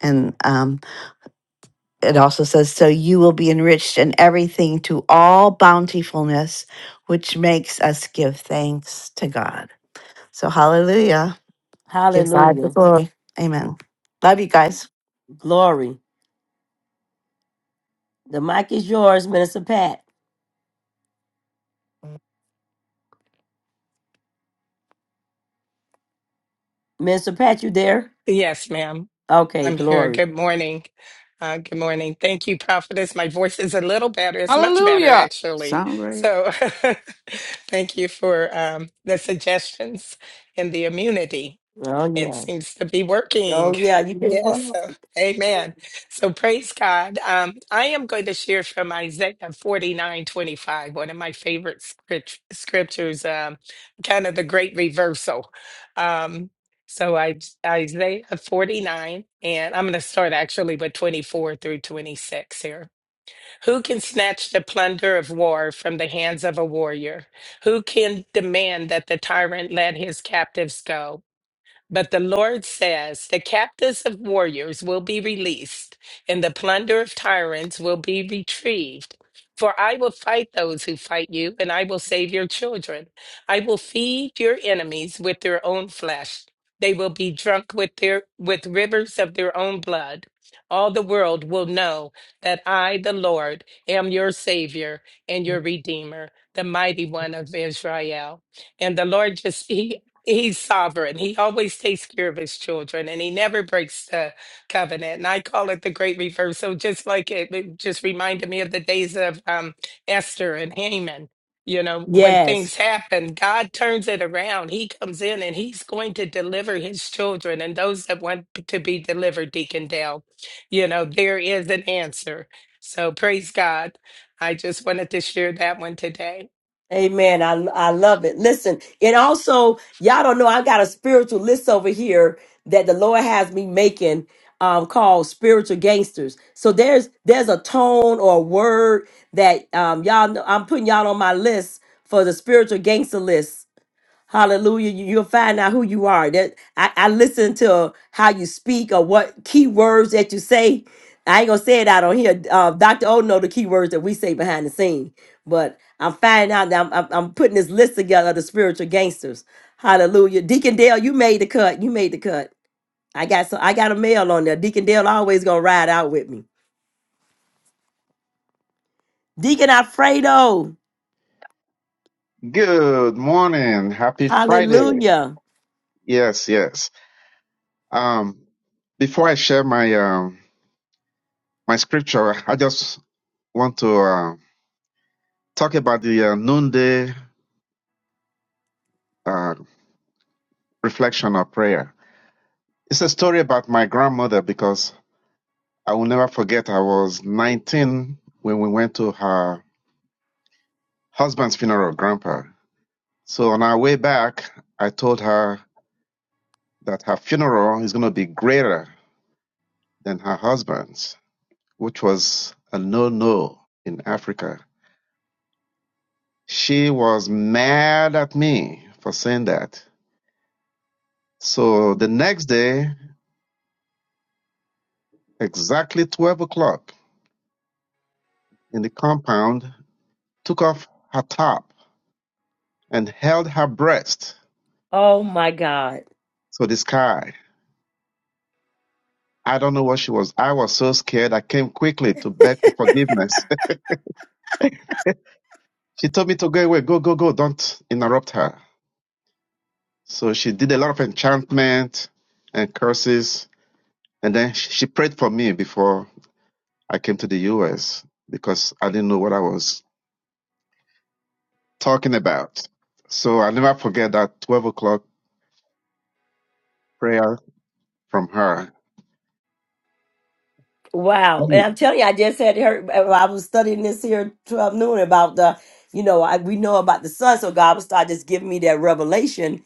J: And um, it also says, So you will be enriched in everything to all bountifulness, which makes us give thanks to God. So, hallelujah. Give God the glory. Amen. Love you guys.
A: Glory. The mic is yours, Minister Pat. Minister Pat, you there?
K: Yes, ma'am.
A: Okay,
K: I'm here.
A: glory.
K: Good morning. Uh, good morning. Thank you, Prophetess. My voice is a little better. It's much better,
H: Hallelujah.
K: actually.
H: Sound great.
K: So [LAUGHS] thank you for um, the suggestions and the immunity.
A: Oh,
K: It
A: yeah.
K: seems to be working.
A: Oh yeah, you can.
K: Yes.
A: Mhm.
K: So, amen. So praise God. Um, I am going to share from Isaiah 49 25. one of my favorite script, scriptures, um, kind of the great reversal. Um, so I, Isaiah 49, and I'm going to start actually with 24 through 26 here. Who can snatch the plunder of war from the hands of a warrior? Who can demand that the tyrant let his captives go? But the Lord says, The captives of warriors will be released, and the plunder of tyrants will be retrieved. For I will fight those who fight you, and I will save your children. I will feed your enemies with their own flesh. They will be drunk with their with rivers of their own blood. All the world will know that I, the Lord, am your Savior and your Redeemer, the mighty one of Israel. And the Lord just [LAUGHS] he He's sovereign. He always takes care of his children and he never breaks the covenant. And I call it the great Reversal. just like it, it just reminded me of the days of um, Esther and Haman. You know, when
A: Yes.
K: things happen, God turns it around. He comes in and he's going to deliver his children and those that want to be delivered, Deacon Dale. You know, there is an answer. So praise God. I just wanted to share that one today.
A: Amen. I I love it. Listen, and also y'all don't know I got a spiritual list over here that the Lord has me making um called spiritual gangsters. So there's there's a tone or a word that um y'all know I'm putting y'all on my list for the spiritual gangster list Hallelujah. You- You'll find out who you are. That I, I listen to how you speak or what key words that you say. I ain't gonna say it out on here. Uh, Dr. O know the key words that we say behind the scene. But I'm finding out that I'm, I'm, I'm putting this list together of the spiritual gangsters. Hallelujah. Deacon Dale, you made the cut. You made the cut. I got so I got a mail on there. Deacon Dale always gonna ride out with me. Deacon Alfredo.
L: Good morning. Happy Friday.
A: Hallelujah.
L: Yes, yes. Um, before I share my um my scripture, I just want to uh, talk about the uh, noonday uh, reflection or prayer. It's a story about my grandmother because I will never forget. I was 19 when we went to her husband's funeral, grandpa. So on our way back, I told her that her funeral is going to be greater than her husband's which was a no-no in Africa. She was mad at me for saying that. So the next day, exactly 12 o'clock in the compound, took off her top and held her breast
A: Oh my God.
L: to the sky. I don't know what she was. I was so scared. I came quickly to beg for forgiveness. [LAUGHS] she told me to go away. Go, go, go. Don't interrupt her. So she did a lot of enchantment and curses. And then she she prayed for me before I came to the US because I didn't know what I was talking about. So I never forget that 12 o'clock prayer from her.
A: Wow.
L: Mm.
A: And I'm telling you, I just had heard, uh, well, I was studying this here 12 noon about the, you know, I, we know about the sun. So God would start just giving me that revelation,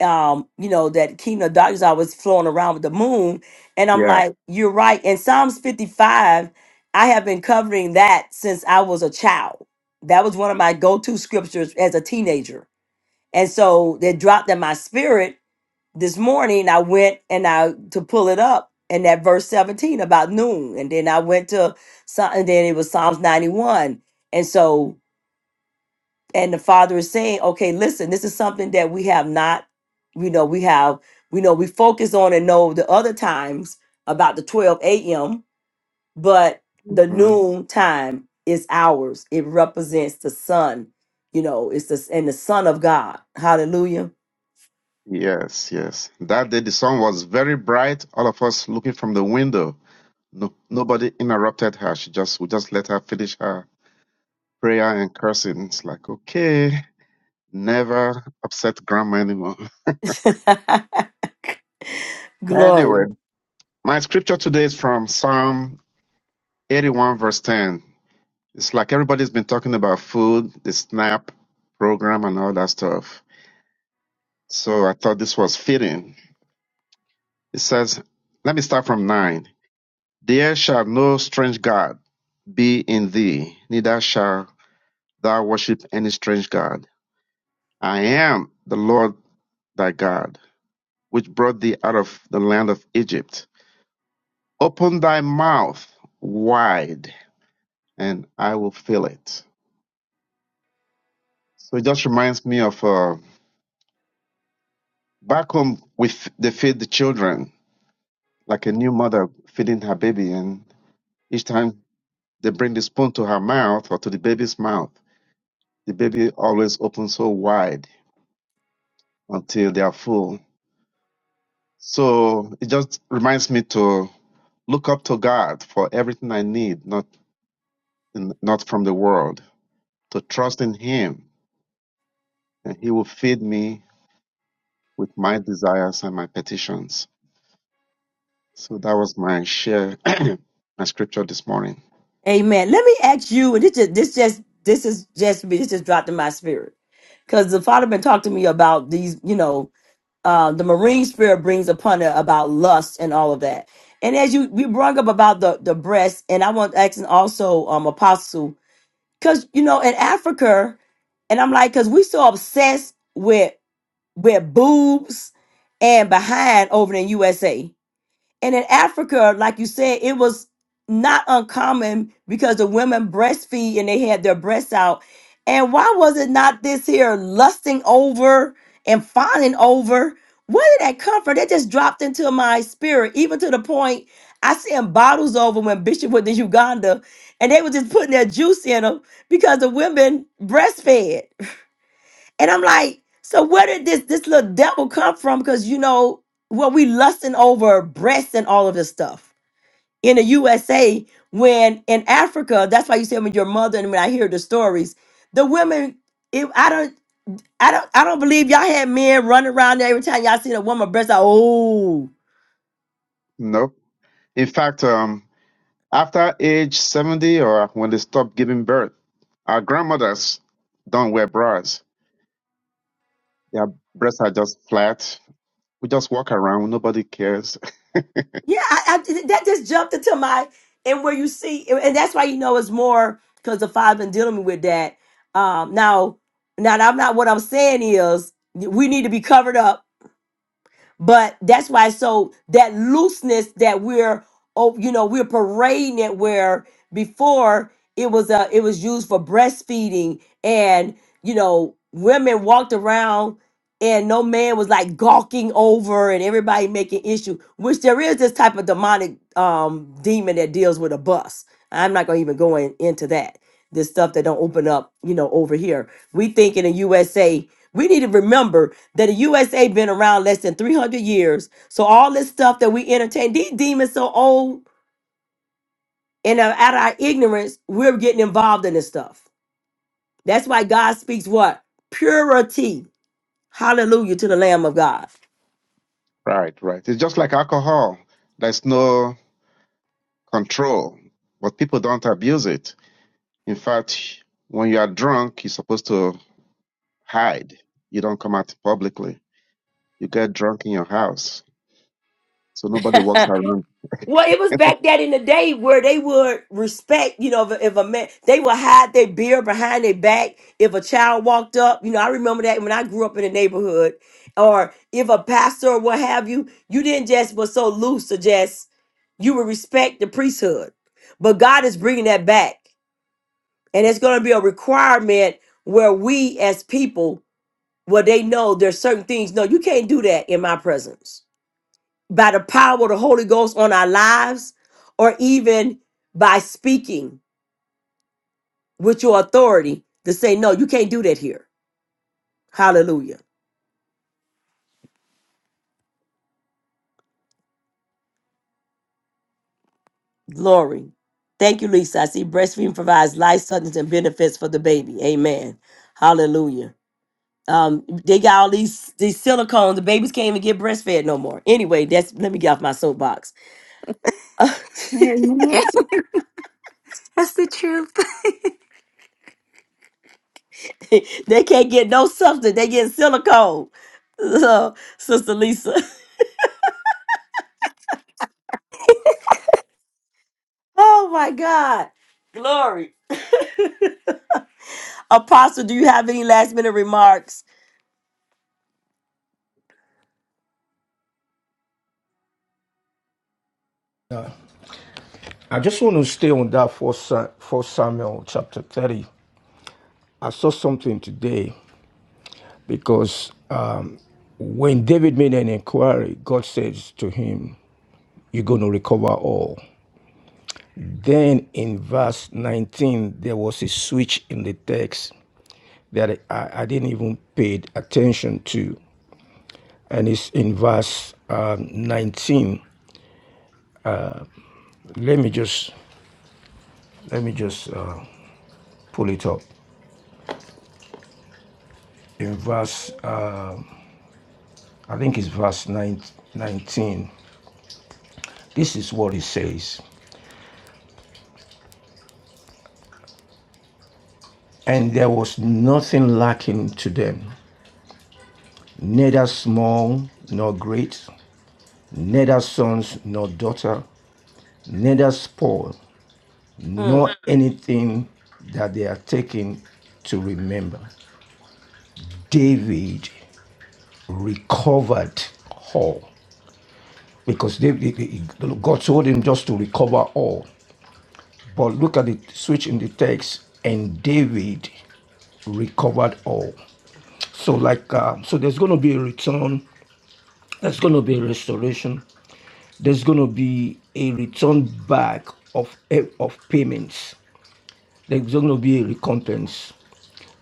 A: um, you know, that kingdom of darkness I was flowing around with the moon. And I'm
L: Yeah.
A: like, you're right. In Psalms 55, I have been covering that since I was a child. That was one of my go to scriptures as a teenager. And so they dropped in my spirit this morning I went and I to pull it up and that verse 17 about noon. And then I went to some and then it was Psalms 91. And so and the father is saying, okay, listen, this is something that we have not, you know, we have, we know we focus on and know the other times about the 12 a.m., but the
L: hmm
A: noon time is ours. It represents the sun, you know, it's the and the son of God. Hallelujah.
L: Yes, yes. That day the sun was very bright. All of us looking from the window. No, nobody interrupted her. She just, we just let her finish her prayer and cursing. It's like, okay, never upset grandma anymore.
A: [LAUGHS]
L: [LAUGHS]
A: Glory.
L: Anyway, my scripture today is from Psalm 81 verse 10. It's like everybody's been talking about food, the SNAP program, and all that stuff. So I thought this was fitting. It says, let me start from nine. There shall no strange God be in thee, neither shall thou worship any strange God. I am the Lord thy God, which brought thee out of the land of Egypt. Open thy mouth wide, and I will fill it. So it just reminds me of uh, back home, we f- they feed the children like a new mother feeding her baby, and each time they bring the spoon to her mouth or to the baby's mouth, the baby always opens so wide until they are full. So it just reminds me to look up to God for everything I need, not not from the world. To trust in Him, and He will feed me with my desires and my petitions. So that was my share, [CLEARS THROAT] my scripture this morning.
A: Amen. Let me ask you, and this just this just this is just me, this just dropped in my spirit. Cause the father been talking to me about these, you know, uh, the marine spirit brings upon it about lust and all of that. And as you we brought up about the the breast, and I want asking also um apostle, because you know, in Africa, and I'm like, cause we so obsessed with with boobs and behind over in USA. And in Africa, like you said, it was not uncommon because the women breastfeed and they had their breasts out. And why was it not this here lusting over and fawning over? Where did that come from? That just dropped into my spirit, even to the point I seen bottles over when Bishop went to Uganda and they were just putting their juice in them because the women breastfed. And I'm like, so where did this this little devil come from? Because you know, well, we lusting over breasts and all of this stuff in the USA. When in Africa, that's why you say when your mother and when I hear the stories, the women, if I don't, I don't, I don't believe y'all had men running around there every time y'all seen a woman breast. Like, oh.
L: Nope. In fact, um, After age 70 or when they stop giving birth, our grandmothers don't wear bras. Their breasts are just flat. We just walk around. Nobody cares.
A: Yeah, I, I, that just jumped into my and where you see, and that's why you know it's more because the father's been dealing with that. Um, now, now that I'm not what I'm saying is we need to be covered up but that's why. So that looseness that we're, oh, you know, we're parading it where before it was uh it was used for breastfeeding, and you know, women walked around and no man was like gawking over and everybody making issue which there is this type of demonic um demon that deals with a bus i'm not gonna even go in, into that this stuff that don't open up you know over here we think in the usa we need to remember that the USA been around less than 300 years. So all this stuff that we entertain, these demons so old and uh, out of our ignorance, we're getting involved in this stuff. That's why God speaks what? Purity. Hallelujah to the Lamb of God.
L: [LAUGHS] right, right. It's just like alcohol. There's no control, but people don't abuse it. In fact, when you are drunk, you're supposed to hide. You don't come out publicly. You get drunk in your house. So nobody walks around.
A: Well, it was back that in the day where they would respect, you know, if, if a man, they would hide their beard behind their back. If a child walked up, you know, I remember that when I grew up in the neighborhood, or if a pastor or what have you, you didn't just was so loose to just, you would respect the priesthood. But God is bringing that back. And it's going to be a requirement where we as people, where they know there's certain things, no, you can't do that in my presence by the power of the Holy Ghost on our lives, or even by speaking with your authority to say, no, you can't do that here. Hallelujah. Glory. Thank you, Lisa. I see breastfeeding provides life sustenance, and benefits for the baby. Amen. Hallelujah. Um, they got all these these silicones. The babies can't even get breastfed no more. Anyway, that's let me get off my soapbox. [LAUGHS]
G: Amen. [LAUGHS] That's the truth.
A: they can't get no substance. They get silicone. [LAUGHS] So, Sister Lisa. Oh my God. Glory. Apostle, do you have any last minute remarks?
C: I just want to stay on that First Sa- for Samuel chapter thirty. I saw something today because um, when David made an inquiry, God says to him, You're going to recover all. Then in verse 19, there was a switch in the text that I, I didn't even pay attention to. And it's in verse um, 19. Let me just let me just uh, pull it up. In verse, uh, I think it's verse 19. This is what it says. And there was nothing lacking to them, neither small nor great, neither sons nor daughter, neither spoil,
A: Mm,
C: nor anything that they are taking to remember. David recovered all because David, God told him just to recover all. But look at the switch in the text, and David recovered all. So like uh, so there's going to be a return There's going to be a restoration. There's going to be a return back of eh, of payments. There's going to be a recompense,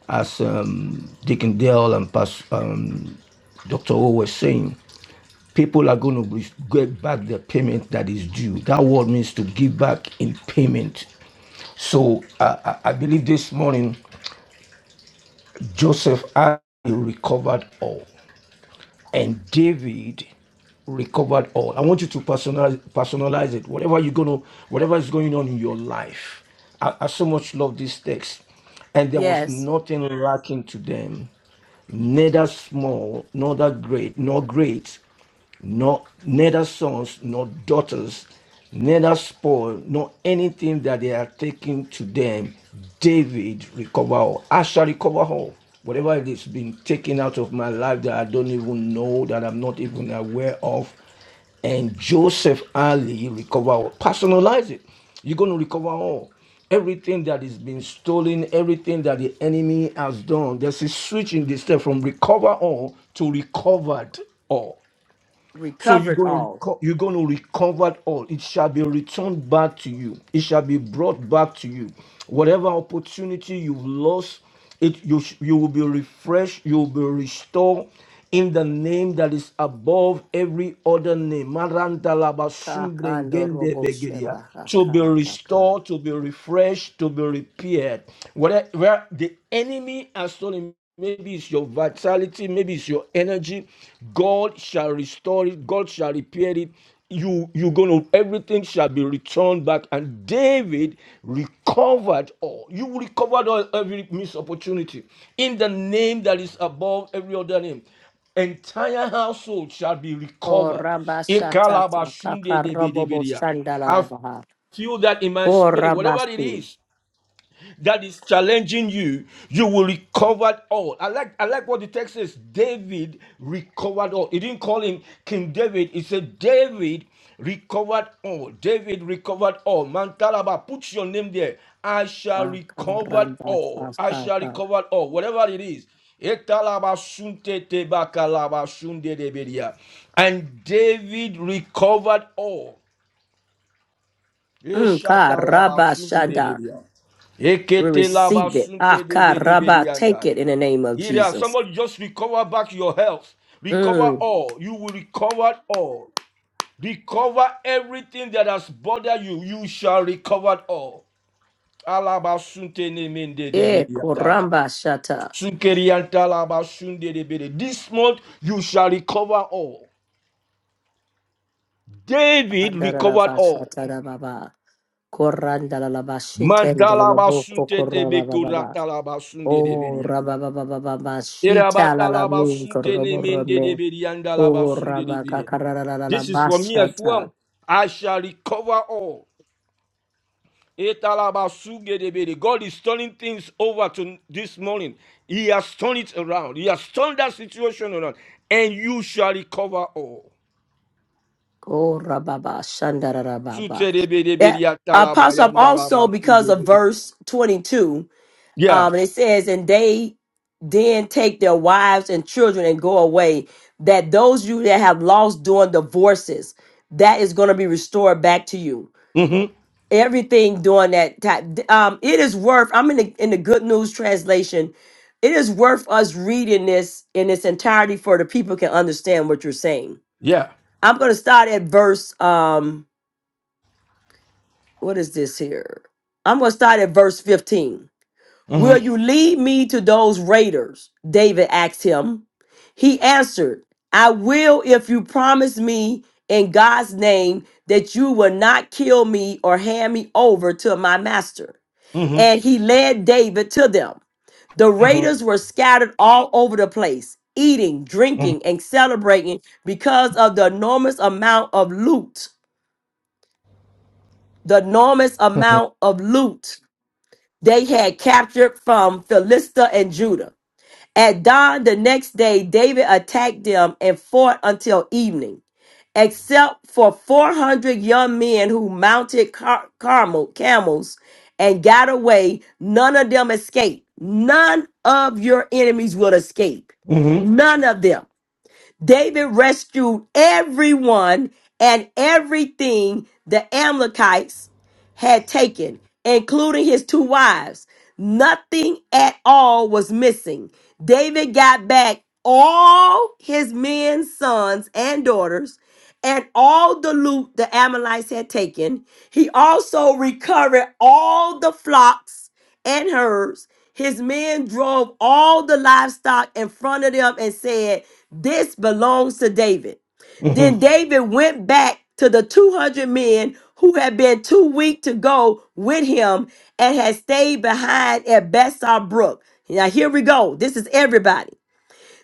C: as um, Deacon Dale and Pas- um, Dr. O was saying. People are going to get back the payment that is due. That word means to give back in payment. So I I believe this morning Joseph I recovered all. and David recovered all. I want you to personalize, personalize it. Whatever you're gonna, whatever is going on in your life. I, I so much love this text. And there was
A: yes.
C: nothing lacking to them, neither small, nor that great, nor great nor neither sons nor daughters, neither spoil, nor anything that they are taking to them, David recover all. I shall recover all. Whatever it is been taken out of my life that I don't even know, that I'm not even aware of. And Joseph Ali recover all. Personalize it. You're going to recover all. Everything that is being stolen, everything that the enemy has done, there's a switch in this step from recover all to recovered all. So you're
A: Recovered
C: going to
A: all.
C: reco- you're going to recover it all. It shall be returned back to you. It shall be brought back to you. Whatever opportunity you've lost, it you sh- you will be refreshed. You will be restored in the name that is above every other name. Maranta laba sumbre
A: Kakando
C: ngende
A: robo
C: begeria
A: sheba
C: to be
A: haka kaka.
C: restored, to be refreshed, to be repaired. Whatever where the enemy has stolen, maybe it's your vitality, maybe it's your energy. God shall restore it. God shall repair it. You you're gonna everything shall be returned back. And David recovered all. You recovered all every missed opportunity in the name that is above every other name entire household shall be recovered.
A: Koraba shatata kaka robo bo
C: Ikalabashundedebedebedea
A: shandala la baha.
C: you that in my spirit, whatever it
A: Korabasu.
C: is that is challenging you, you will recover all. I like I like what the text says. David recovered all. He didn't call him King David. He said David recovered all. David recovered all. Mantalaba, put your name there. I shall recover all. I shall
A: Akarabasakaba.
C: recover all. Whatever it is. Etalaba sunte tebakalaba sunde debedia. And David recovered all.
A: Mm,
C: Eshata la basunte de
A: karabashada.
C: bedia.
A: We
C: Ekete la
A: receive it.
C: basunte de bede
A: Akaraba. Take
C: bedianda.
A: it in the name of
C: Ida,
A: Jesus.
C: somebody just recover back your health. Recover
A: Mm.
C: all. You will recover all. Recover everything that has bothered you. You shall recover all. Alabasunte ne mende de
A: Eh,
C: bediataya.
A: koramba shata.
C: Sunkerianta la de bede. This month you shall recover all. David recovered all.
A: Andarabashata baba. Koranda la bashiten de
C: Mantala
A: la boko
C: basunte te
A: koraba baba
C: bekurata la basunte de
A: Oh
C: bedia.
A: raba baba
C: This
A: la la min korobo rome. Oh raba kakarara la la
C: is for me as
A: bashata.
C: well. I shall recover all. God is turning things over to this morning. He has turned it around. He has turned that situation around. And you shall recover all.
A: Korababa, shandarababa. That
C: Sutedebedebede,
A: uh, pops up also because of
C: atalabayandalabasungedebede.
A: verse 22.
C: Yeah.
A: Um, and it says, And they then take their wives and children and go away, that those you that have lost during divorces, that is going to be restored back to you.
C: hmm
A: Everything during that time. Um, it is worth, I'm in the, in the Good News translation. It is worth us reading this in its entirety for the people can understand what you're saying.
C: Yeah.
A: I'm going to start at verse. Um, what is this here? I'm going to start at verse 15.
C: hmm
A: Will you lead me to those raiders? David asked him. He answered, I will if you promise me in God's name that you will not kill me or hand me over to my master.
C: hmm
A: And he led David to them. The
C: hmm
A: raiders were scattered all over the place, eating,
C: hmm
A: drinking, and celebrating because of the enormous amount of loot. The enormous amount of loot they had captured from Philistia and Judah. At dawn the next day, David attacked them and fought until evening, except for 400 young men who mounted car- carmel, camels and got away. None of them escaped. None of your enemies will escape.
C: hmm
A: None of them. David rescued everyone and everything the Amalekites had taken, including his two wives. Nothing at all was missing. David got back all his men's sons and daughters and all the loot the Amalekites had taken. He also recovered all the flocks and herds. His men drove all the livestock in front of them and said, this belongs to David.
C: hmm
A: Then David went back to the 200 men who had been too weak to go with him and had stayed behind at Bessar Brook. Now, here we go. This is everybody.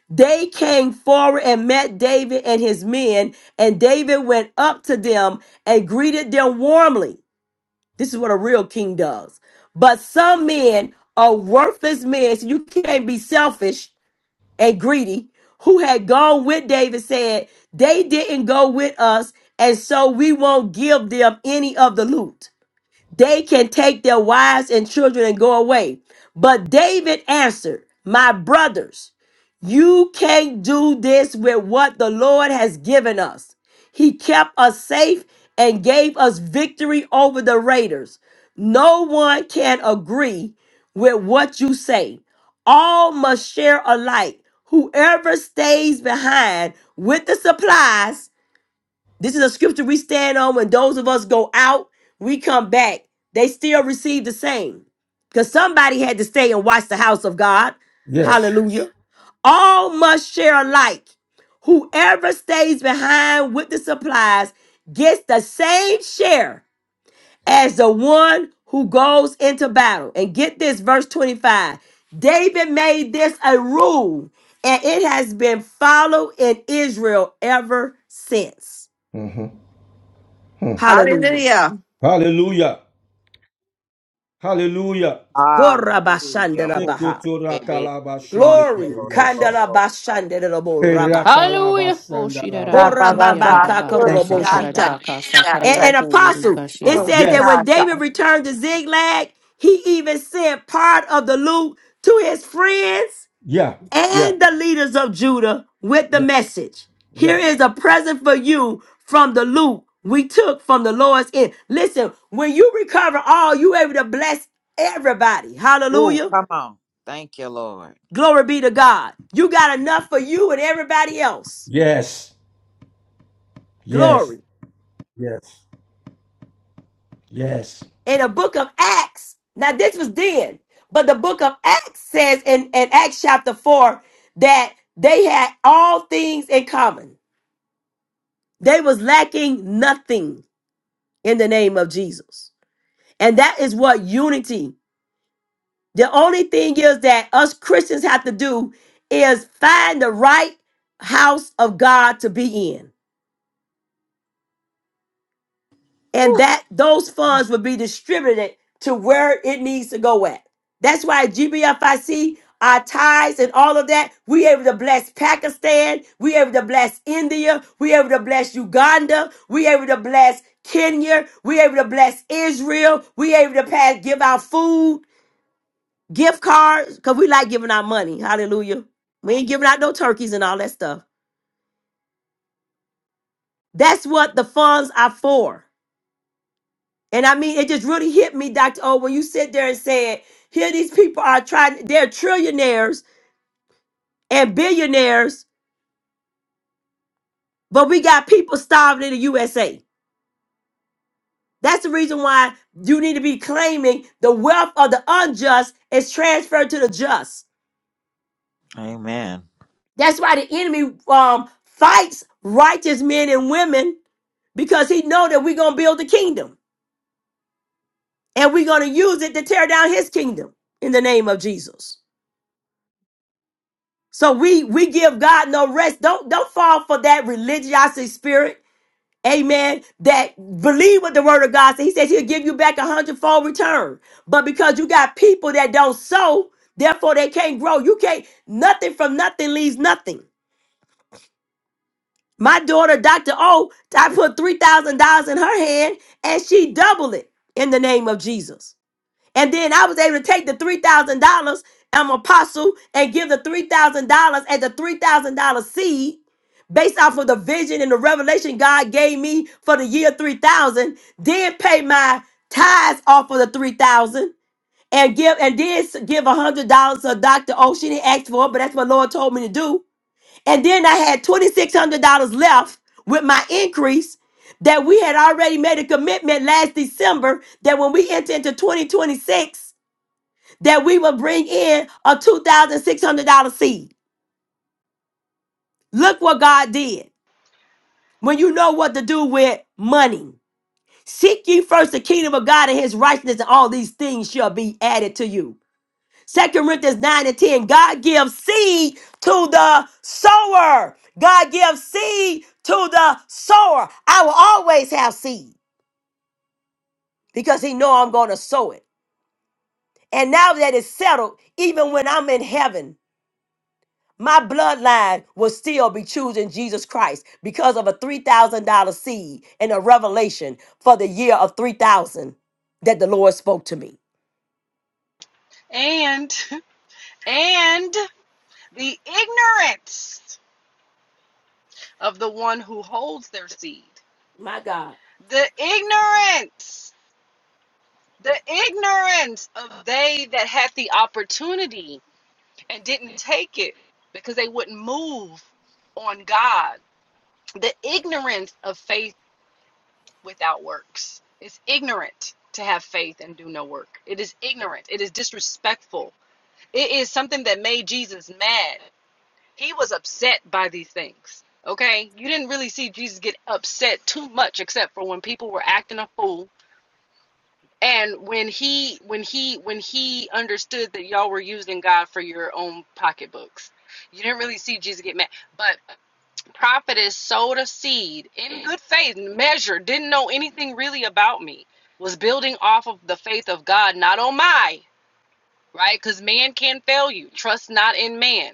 A: They came forward and met David and his men, and David went up to them and greeted them warmly. This is what a real king does. But some men are worthless men, so you can't be selfish and greedy who had gone with David said, They didn't go with us, and so we won't give them any of the loot. They can take their wives and children and go away. But David answered, My brothers, you can't do this with what the Lord has given us. He kept us safe and gave us victory over the raiders. No one can agree with what you say. All must share alike. Whoever stays behind with the supplies this is a scripture we stand on when those of us go out, we come back. They still receive the same. Because somebody had to stay and watch the house of God.
C: Yes.
A: Hallelujah. All must share alike. Whoever stays behind with the supplies gets the same share as the one who goes into battle. And get this, verse 25. David made this a rule, and it has been followed in Israel ever since.
C: Mm-hmm. hmm
A: Hallelujah.
J: Hallelujah.
C: Hallelujah. Hallelujah.
I: Hallelujah.
A: Korabashandelabaha.
I: Hooray, baby.
A: Glory.
I: Gondolo, go, go, go.
A: Kandelabashandelaboraba.
H: Hallelujah. Oh
J: Ba,
H: shiraba,
J: ba, ba, ba.
H: koshiaraba,
C: Thank you,
J: Kusi
H: kasa
C: Father.
J: hata,
H: karadaba,
A: Korambambakakaroboshita.
J: kusi
H: kasa
A: And,
H: karaya
A: and apostle, it
H: kurugashia.
A: says that
C: Yes.
A: when David returned to Ziglag, he even sent part of the loot to his friends
C: Yeah. Yeah.
A: and the leaders of Judah with the
C: Yeah.
A: message. Here
C: Yeah.
A: is a present for you from the loot we took from the Lord's end. Listen, when you recover all, you able to bless everybody.
I: Ooh,
A: Hallelujah.
I: come on. Thank you, Lord.
A: Glory be to God. You got enough for you and everybody else.
C: Yes. Yes.
A: Glory.
C: Yes. Yes.
A: In the book of Acts, now this was then, but the book of Acts says in, in Acts chapter 4 that they had all things in common. They was lacking nothing in the name of Jesus. And that is what unity. The only thing is that us Christians have to do is find the right house of God to be in and that those funds would be distributed to where it needs to go at. That's why GBFIC, our ties and all of that, we able to bless Pakistan, we able to bless India, we able to bless Uganda, we able to bless Kenya, we able to bless Israel, we able to pass, give out food, gift cards, because we like giving out money. Hallelujah. We ain't giving out no turkeys and all that stuff. That's what the funds are for. And I mean, it just really hit me, Dr. O, when you sit there and said, here these people are trying, they're trillionaires and billionaires, but we got people starving in the USA. That's the reason why you need to be claiming the wealth of the unjust is transferred to the just.
I: Amen.
A: That's why the enemy um, fights righteous men and women because he know that we're going to build the kingdom and we're going to use it to tear down his kingdom in the name of Jesus. So we we give God no rest. Don't don't fall for that religiosity spirit. Amen. That believe what the word of God says. He says he'll give you back a hundredfold return. But because you got people that don't sow, therefore they can't grow. You can't nothing from nothing leaves nothing. My daughter, Dr. O, I put three thousand dollars in her hand and she doubled it in the name of Jesus. And then I was able to take the $3,000, I'm apostle, and give the $3,000 as a $3,000 seed based off of the vision and the revelation God gave me for the year 3000, then pay my tithes off of the 3000 and give and then s- give $100 to Dr. Ocean. He asked for it, but that's what Lord told me to do. And then I had $2,600 left with my increase that we had already made a commitment last December that when we enter into 2026, that we would bring in a $2,600 seed. Look what God did when you know what to do with money. Seek ye first the kingdom of God and his righteousness, and all these things shall be added to you. Second Corinthians 9 and 10 God gives seed to the sower. God gives seed to the sower. I will always have seed because he know I'm going to sow it. And now that it's settled, even when I'm in heaven, My bloodline will still be choosing Jesus Christ because of a $3,000 seed and a revelation for the year of 3,000 that the Lord spoke to me.
E: and and the ignorance of the one who holds their seed
A: My God.
E: the ignorance the ignorance of they that had the opportunity and didn't take it because they wouldn't move on god the ignorance of faith without works it's ignorant to have faith and do no work it is ignorant it is disrespectful it is something that made jesus mad He was upset by these things. Okay? You didn't really see Jesus get upset too much except for when people were acting a fool and when he when he when he understood that y'all were using God for your own pocketbooks. You didn't really see Jesus get mad. But prophetess sowed a seed in good faith, measure, didn't know anything really about me. Was building off of the faith of God, not on my right? Because man can fail you. Trust not in man.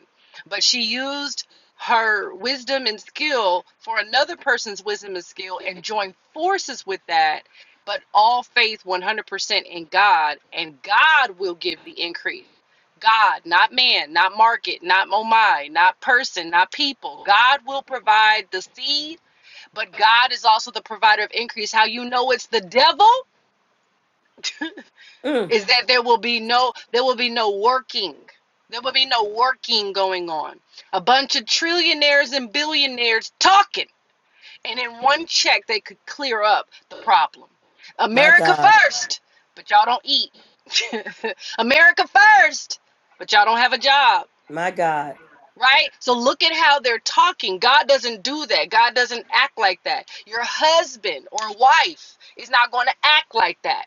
E: But she used her wisdom and skill for another person's wisdom and skill and joined forces with that. But all faith 100% in God, and God will give the increase. God, not man, not market, not Momai, not person, not people. God will provide the seed, but God is also the provider of increase. How you know it's the devil? [LAUGHS]
A: Mm,
E: is that there will be no there will be no working there will be no working going on a bunch of trillionaires and billionaires talking and in one check they could clear up the problem
A: my
E: america
A: God.
E: first but y'all don't eat [LAUGHS] america first but y'all don't have a job
A: My God.
E: Right? So look at how they're talking. God doesn't do that. God doesn't act like that. Your husband or wife is not going to act like that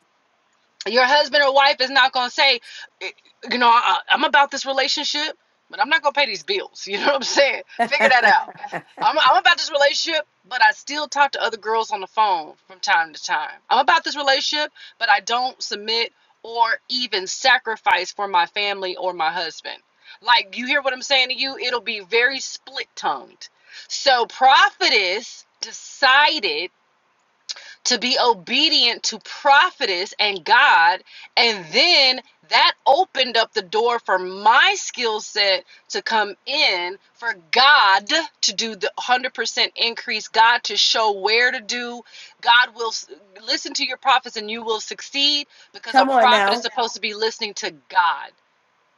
E: your husband or wife is not going to say, eh, you know, I, I'm about this relationship, but I'm not going to pay these bills. [LAUGHS] You know what I'm saying? Figure that out. I'm, I'm about this relationship, but I still talk to other girls on the phone from time to time. I'm about this relationship, but I don't submit or even sacrifice for my family or my husband. Like, you hear what I'm saying to you? It'll be very split tongued. So, Prophetess decided to be obedient to prophetess and God. And then that opened up the door for my skill set to come in, for God to do the 100% increase, God to show where to do. God will s- listen to your prophets and you will succeed because a
A: Come on
E: prophet is
A: now.
E: supposed to be listening to God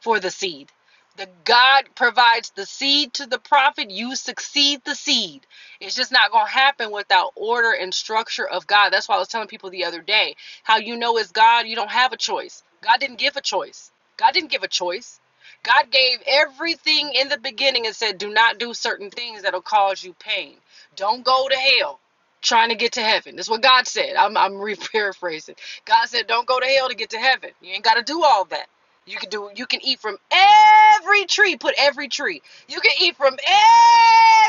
E: for the seed. The God provides the seed to the prophet, you succeed the seed. It's just not going to happen without order and structure of God. That's why I was telling people the other day how you know it's God, you don't have a choice. God didn't give a choice. God didn't give a choice. God gave everything in the beginning and said, do not do certain things that'll cause you pain. Don't go to hell trying to get to heaven. That's what God said. I'm, I'm [LAUGHS] re paraphrasing. God said, don't go to hell to get to heaven. You ain't got to do all that. You can do you can eat from every tree. Put every tree. You can eat from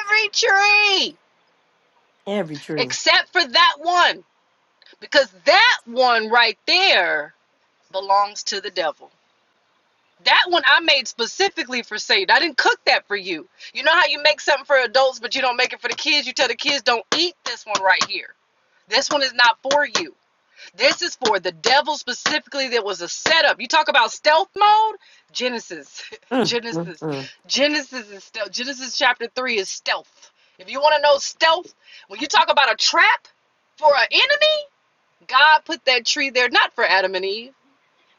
E: every tree
A: Every tree.
E: except for that one because that one right there belongs to the devil. That one I made specifically for Satan. I didn't cook that for you. You know how you make something for adults but you don't make it for the kids? You tell the kids don't eat this one right here. This one is not for you. This is for the devil specifically that was a setup. You talk about stealth mode? Genesis. [LAUGHS]
A: Mm,
E: Genesis.
A: mm,
E: Genesis is stealth. Genesis chapter 3 is stealth. If you want to know stealth, when you talk about a trap for an enemy, God put that tree there not for Adam and Eve.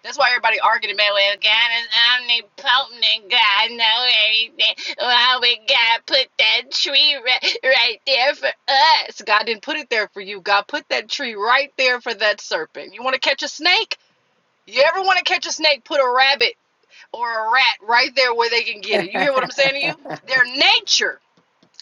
E: That's why everybody arguing about well, God is omnipotent and God knows everything. Why would God put that tree right, right there for us? God didn't put it there for you. God put that tree right there for that serpent. You want to catch a snake? You ever want to catch a snake? Put a rabbit or a rat right there where they can get it. You
A: mm.
E: hear what I'm saying to you? Their nature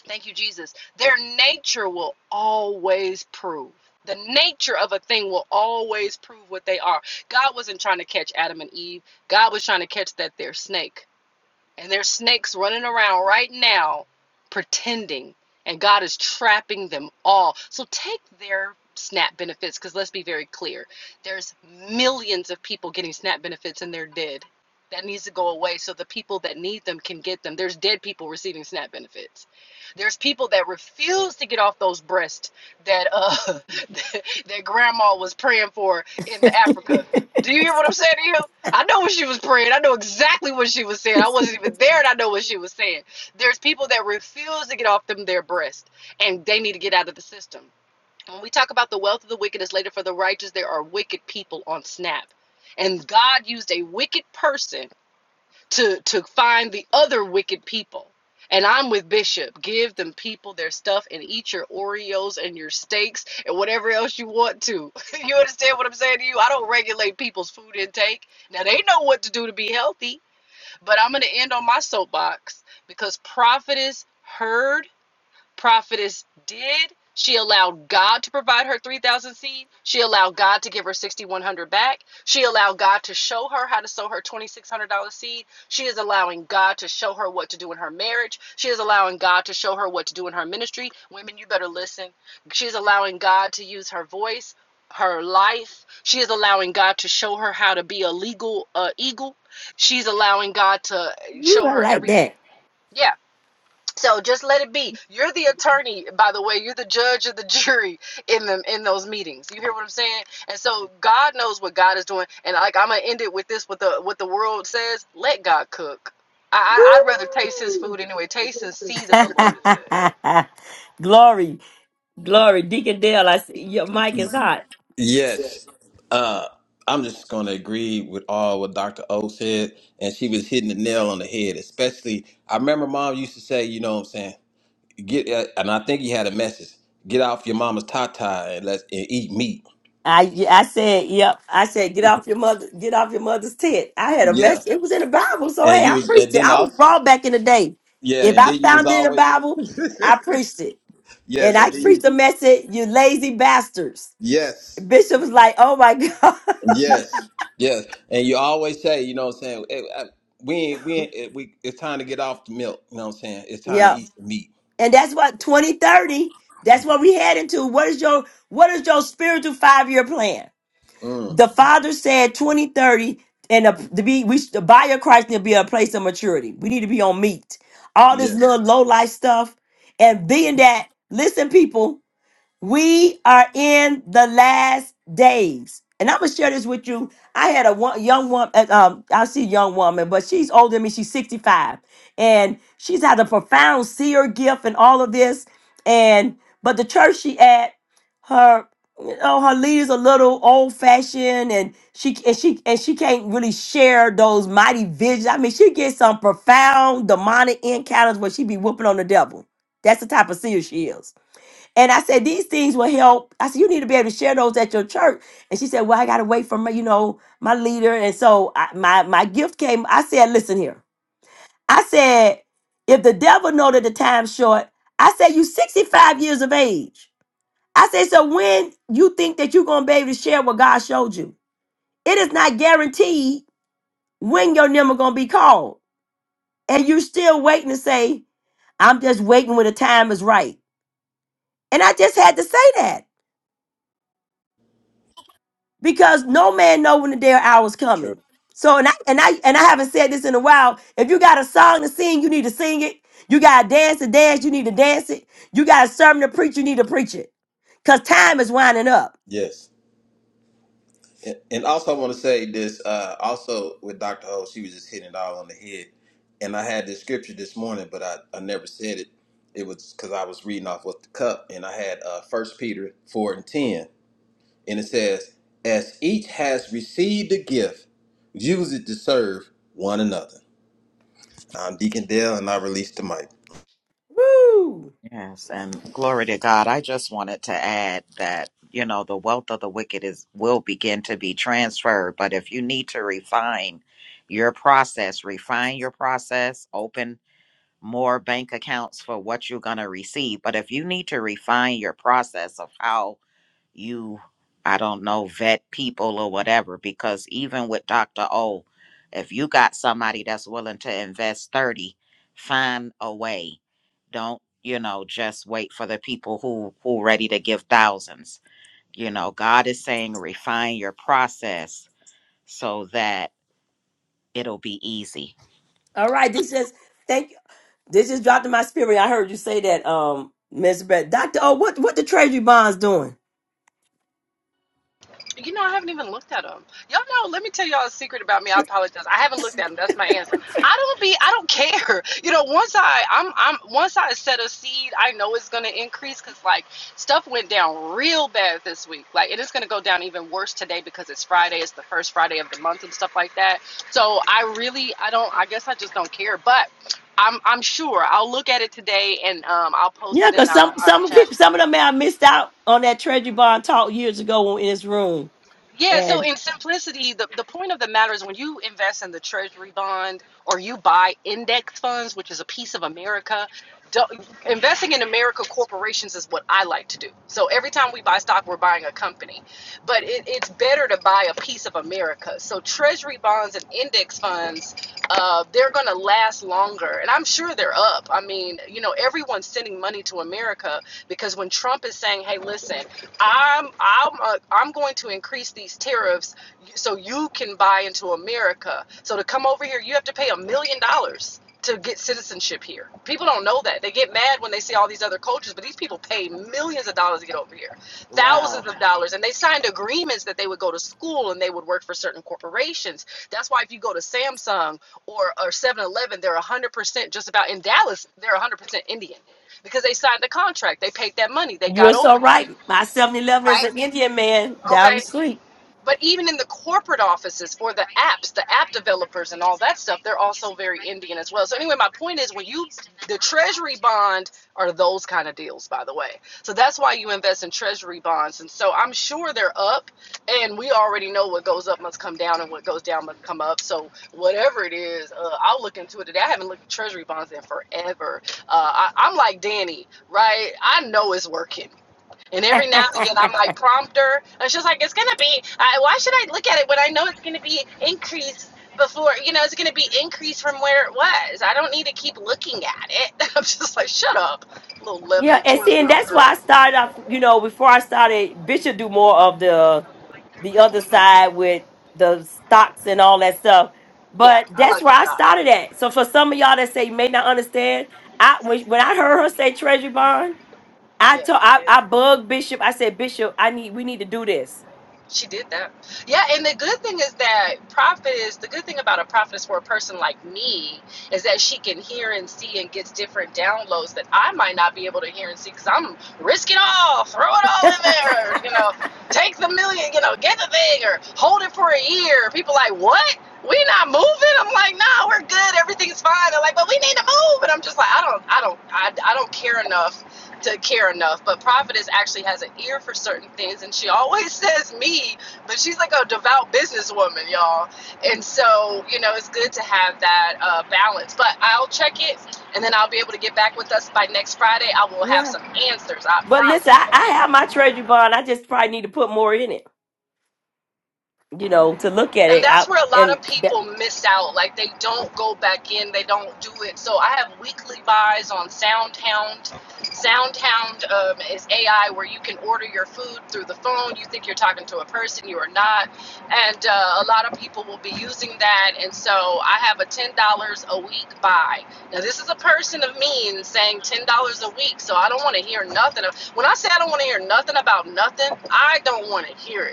E: Thank you, Jesus. Their nature will always prove. The nature of a thing will always prove what they are. God wasn't trying to catch Adam and Eve. God was trying to catch that their snake. And there's snakes running around right now pretending, and God is trapping them all. So take their SNAP benefits, because let's be very clear there's millions of people getting SNAP benefits and they're dead. That needs to go away so the people that need them can get them. There's dead people receiving SNAP benefits. There's people that refuse to get off those breasts that uh [LAUGHS] that, grandma was praying for in the Africa. Do you hear what I'm saying? here? I know what she was praying. I know exactly what she was saying. I
A: [LAUGHS]
E: wasn't even there, and I know what she was saying. There's people that refuse to get off them their breast, and they need to get out of the system. When we talk about the wealth of the wicked is later for the righteous, there are wicked people on Snap, and God used a wicked person to to find the other wicked people. And I'm with Bishop. Give them people their stuff and eat your Oreos and your steaks and whatever else you want to. [LAUGHS] you understand what I'm saying to you? I don't regulate people's food intake. Now they know what to do to be healthy, but I'm gonna end on my soapbox because prophetess heard prophetess did. She allowed God to provide her 3,000 seed. She allowed God to give her 6,100 back. She allowed God to show her how to sow her $2,600 seed. She is allowing God to show her what to do in her marriage. She is allowing God to show her what to do in her ministry. Women, you better listen. She's allowing God to use her voice, her life. She is allowing God to show her how to be a legal uh, eagle. She's allowing God to
A: Ooh,
E: show
A: I
E: her
A: like
E: everything.
A: that.
E: Yeah. So just let it be. You're the attorney, by the way. You're the judge of the [LAUGHS] jury in them in those meetings. You hear what I'm saying? And so God knows what God is doing. And like I'm gonna end it with this: what the what the world says. Let God cook. I, I I'd rather taste His food anyway. Taste and see that the Lord is good.
A: [LAUGHS] glory. Glory. Deacon Dale, I see your mic is hot.
F: Yes. Uh, I'm just going to agree with all what Dr. O said. And she was hitting the nail on the head, especially. I remember mom used to say, you know what I'm saying? Get, uh, and I think he had a message get off your mama's tata and let's and eat meat.
A: I I said, yep. I said, get off your mother, get off your mother's tent. I had a
F: Yeah.
A: message. It was in the Bible, so
F: And
A: hey,
F: you
A: I
F: was, and
A: preached it.
F: then
A: I was
F: also,
A: raw back in the day.
F: yeah.
A: If
F: And
A: I
F: then you was
A: found it in the
F: always,
A: Bible,
F: [LAUGHS]
A: I preached it,
F: yes.
A: and I
F: And then
A: preached
F: you,
A: the message. You lazy bastards.
F: yes.
A: Bishop was like, oh my [LAUGHS] god,
F: Yes, yes, and you always say, you know, what I'm saying eh, I- we ain't, we ain't, eh, we it's time to get off the milk. You know, what I'm saying it's time to
A: yep.
F: eat the meat.
A: And that's what twenty thirty. That's what we head into. What is your what is your spiritual five year plan?
F: Mm,
A: The father said 2030 and a, to be we the buyer Christ need to be a place of maturity. We need to be on meat. All this
F: yes,
A: little low life stuff and being that listen people we are in the last days. And I'm gonna share this with you. I had a one, young woman, um, I see young woman, but she's older than me. She's 65, and she's had a profound seer gift and all of this. And but the church she at, her, you know, her leaders a little old fashioned, and she and she and she can't really share those mighty visions. I mean, she gets some profound demonic encounters where she be whooping on the devil. That's the type of seer she is. And I said, these things will help. I said, you need to be able to share those at your church. And she said, well, I got to wait for my, you know, my leader. And so I, my, my gift came. I said, listen here. I said, if the devil know that the time's short, I said, you 65 years of age. I said, so when you think that you're going to be able to share what God showed you, it is not guaranteed when your number going to be called. And you're still waiting to say, I'm just waiting when the time is right. And I just had to say that. because no man know when the day or hour is
F: true.
A: coming. So and I and I and I haven't said this in a while. If you got a song to sing, you need to sing it. You got a dance to dance, you need to dance it. You got a sermon to preach, you need to preach it. Cause time is winding up.
F: Yes, and, and also I want to say this. Uh, also with Dr. Ho, she was just hitting it all on the head. And I had this scripture this morning, but I, I never said it. It was because I was reading off with the cup, and I had uh, 1 Peter four and ten, and it says, "As each has received a gift, use it to serve one another." I'm Deacon Dale, and I release the mic.
A: All
I: Yes, and glory to God. I just wanted to add that, you know, the wealth of the wicked is will begin to be transferred, but if you need to refine your process, refine your process, open more bank accounts for what you're going to receive. But if you need to refine your process of how you i don't know vet people or whatever because even with dr o if you got somebody that's willing to invest 30 find a way don't you know just wait for the people who who ready to give thousands you know god is saying refine your process so that it'll be easy
A: right, this just thank you. This just dropped in my spirit. I heard you say that, um, Miss Brett. Doctor, oh, what what the Treasury bonds doing?
E: You know, I haven't even looked at them. Y'all know, let me tell y'all a secret about me. I apologize. I haven't looked at them. That's my answer. I don't be I don't [LAUGHS] care. You know, once I I'm I'm once I set a seed, I know it's going to increase cuz like stuff went down real bad this week. Like it is going to go down even worse today because it's Friday. It's the first Friday of the month and stuff like that. So, I really I don't I guess I just don't care, but I'm I'm sure I'll look at it today and um I'll post
A: Yeah,
E: it in
A: because
E: our,
A: some
E: our
A: some
E: chat.
A: people some of them may have missed out on that treasury bond talk years ago in this room.
E: Yeah, so
A: And
E: in simplicity, the, the point of the matter is when you invest in the treasury bond or you buy index funds, which is a piece of America, don't, investing in America corporations is what I like to do. So every time we buy stock, we're buying a company. But it, it's better to buy a piece of America. So treasury bonds and index funds, uh, they're going to last longer. And I'm sure they're up. I mean, you know, everyone's sending money to America because when Trump is saying, hey, listen i'm i'm uh, i'm going to increase these tariffs so you can buy into america so to come over here you have to pay a million dollars to get citizenship here people don't know that they get mad when they see all these other cultures but these people pay millions of dollars to get over here thousands
A: wow.
E: of dollars and they signed agreements that they would go to school and they would work for certain corporations that's why if you go to samsung or or 7-eleven they're 100% just about in dallas they're 100% indian because they signed the contract. They paid that money. They
A: You're
E: got
A: so
E: over here
A: right. My 711 is
E: right?
A: an Indian man down the
E: Okay.
A: street.
E: But even in the corporate offices for the apps, the app developers and all that stuff, they're also very Indian as well. So anyway, my point is when you the treasury bond are those kind of deals, by the way. So that's why you invest in treasury bonds. And so I'm sure they're up and we already know what goes up must come down and what goes down must come up. So whatever it is, uh, I'll look into it today. I haven't looked at treasury bonds in forever. Uh, I, I'm like Danny, right? I know it's working and every now and again, I might prompt her, and she's like, "It's gonna be. I, why should I look at it when I know it's gonna be increased before? You know, it's gonna be increased from where it was. I don't need to keep looking at it." [LAUGHS] I'm just like, "Shut up, little
A: Yeah,
E: 11,
A: and
E: 12
A: see,
E: year
A: and
E: old
A: that's why I
E: girl."
A: started off, you know, before I started, Bishop do more of the the other
E: Mm-mm.
A: side with the stocks and all that stuff.
E: Yeah,
A: But
E: I
A: that's
E: like to
A: where I
E: stop.
A: started at. So for some of y'all that say you may not understand, I when, when I heard her say treasury bond. I
E: Yeah.
A: told
E: we
A: I,
E: did.
A: I bugged Bishop. I said, Bishop, I need we need to do this.
E: She did that. Yeah, and the good thing is that prophet is the good thing about a prophet is for a person like me is that she can hear and see and gets different downloads that I might not be able to hear and see because I'm risk it all, throw it all in there, or, you know, take the million, you know, get the thing or hold it for a year. People like, what? We not moving? I'm like, nah, we're good, everything's fine. They're like, but we need to move, and I'm just like, I don't, I don't, I, I don't care enough to care enough. But prophetess actually has an ear for certain things, and she always [LAUGHS] says me, but she's like a devout businesswoman, y'all. And so, you know, it's good to have that uh, balance. But I'll check it, and then I'll be able to get back with us by next Friday. I will have
A: Yeah.
E: some answers, I
A: But listen, I,
E: promise.
A: I have my treasury bond. I just probably need to put more in it, you know, to look at
E: and
A: it. I,
E: that's where a lot
A: and
E: of
A: that,
E: people miss out like they don't go back in they don't do it so i have weekly buys on soundhound soundhound um, is ai where you can order your food through the phone you think you're talking to a person you are not and uh, a lot of people will be using that and so i have a $10 a week buy now this is a person of means saying $10 a week so i don't want to hear nothing of, when i say i don't want to hear nothing about nothing i don't want to hear it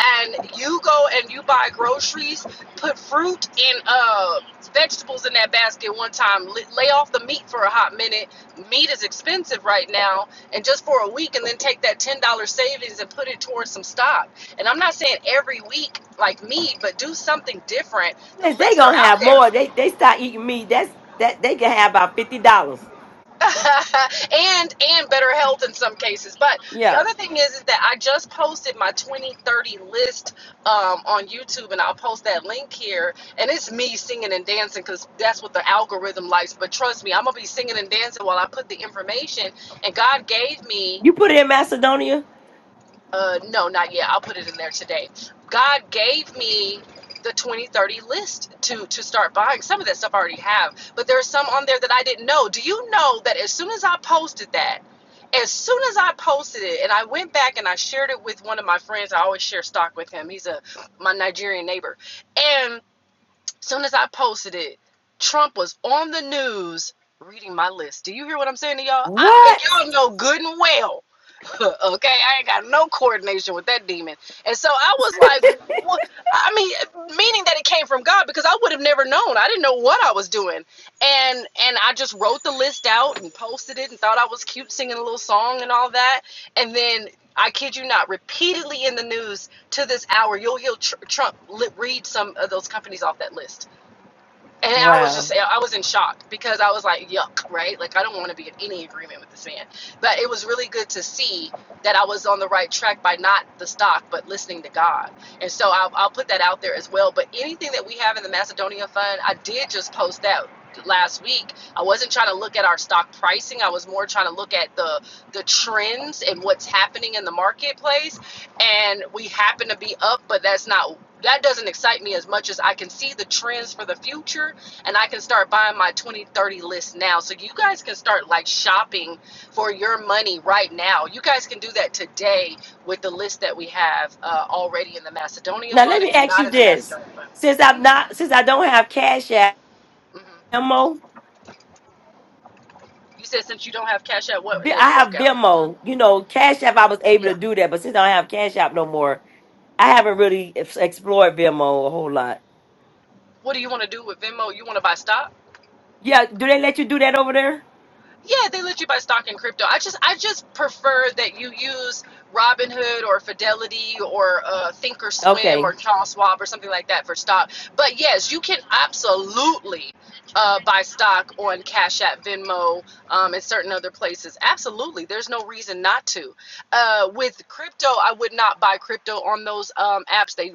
E: and you go and you buy groceries, put fruit and uh, vegetables in that basket one time, lay off the meat for a hot minute. Meat is expensive right now, and just for a week, and then take that $10 savings and put it towards some stock. And I'm not saying every week like me, but do something different. The
A: yes, they
E: lists are
A: gonna
E: out
A: have
E: there.
A: more. They they start eating meat. That's that they can have about fifty dollars.
E: [LAUGHS] and and better health in some cases. But the
A: Yeah.
E: other thing is, is that I just posted my 2030 list um, on YouTube, and I'll post that link here. And it's me singing and dancing because that's what the algorithm likes. But trust me, I'm gonna be singing and dancing while I put the information. And God gave me
A: You put it in Macedonia?
E: uh, no, not yet. I'll put it in there today. God gave me the 2030 list to to start buying. Some of that stuff I already have, but there's some on there that I didn't know. Do you know that as soon as I posted that, as soon as I posted it, and I went back and I shared it with one of my friends. I always share stock with him. He's a my Nigerian neighbor. And as soon as I posted it, Trump was on the news reading my list. Do you hear what I'm saying to y'all? I,
A: What?
E: and y'all know good and well [LAUGHS] okay, I ain't got no coordination with that demon. And so I was like, what? I mean, meaning that it came from God because I would have never known. I didn't know what I was doing. And and I just wrote the list out and posted it and thought I was cute singing a little song and all that. And then I kid you not, repeatedly in the news to this hour, you'll hear Tr- Trump li- read some of those companies off that list and I was
A: Wow.
E: just, I was in shock because I was like, yuck, right? Like, I don't want to be in any agreement with this man. But it was really good to see that I was on the right track by not the stock, but listening to God. And so I'll, I'll put that out there as well. But anything that we have in the Macedonia Fund, I did just post that last week. I wasn't trying to look at our stock pricing. I was more trying to look at the the trends and what's happening in the marketplace. And we happen to be up, but that's not that doesn't excite me as much as I can see the trends for the future and I can start buying my 2030 list now. So you guys can start like shopping for your money right now. You guys can do that today with the list that we have uh, already in the Macedonia
A: Now let
E: Fund.
A: me
E: If you're
A: ask
E: not
A: you
E: in the
A: this:
E: Macedonia Fund,
A: since I'm
E: hmm
A: not, since I don't have Cash App,
E: hmm
A: Venmo,
E: you said since you don't have cash out, what
A: Vi-
E: it
A: I have
E: broke out.
A: Venmo. You know, Cash App, I was able
E: Yeah.
A: to do that, but since I don't have Cash App no more, I haven't really ex- explored Venmo a whole lot.
E: What do you want to do with Venmo? You want to buy stock?
A: Yeah, do they let you do that over there?
E: Yeah, they let you buy stock in crypto. I just I just prefer that you use Robinhood or Fidelity or uh, Thinkorswim or
A: Okay,
E: Charles Schwab or something like that for stock. But yes, you can absolutely uh, buy stock on Cash App, Venmo, um, and certain other places. Absolutely, there's no reason not to. Uh, with crypto, I would not buy crypto on those um, apps. They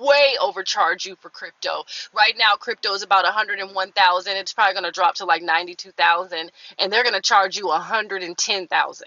E: way overcharge you for crypto right now crypto is about 101000 it's probably going to drop to like 92000 and they're going to charge you 110,000.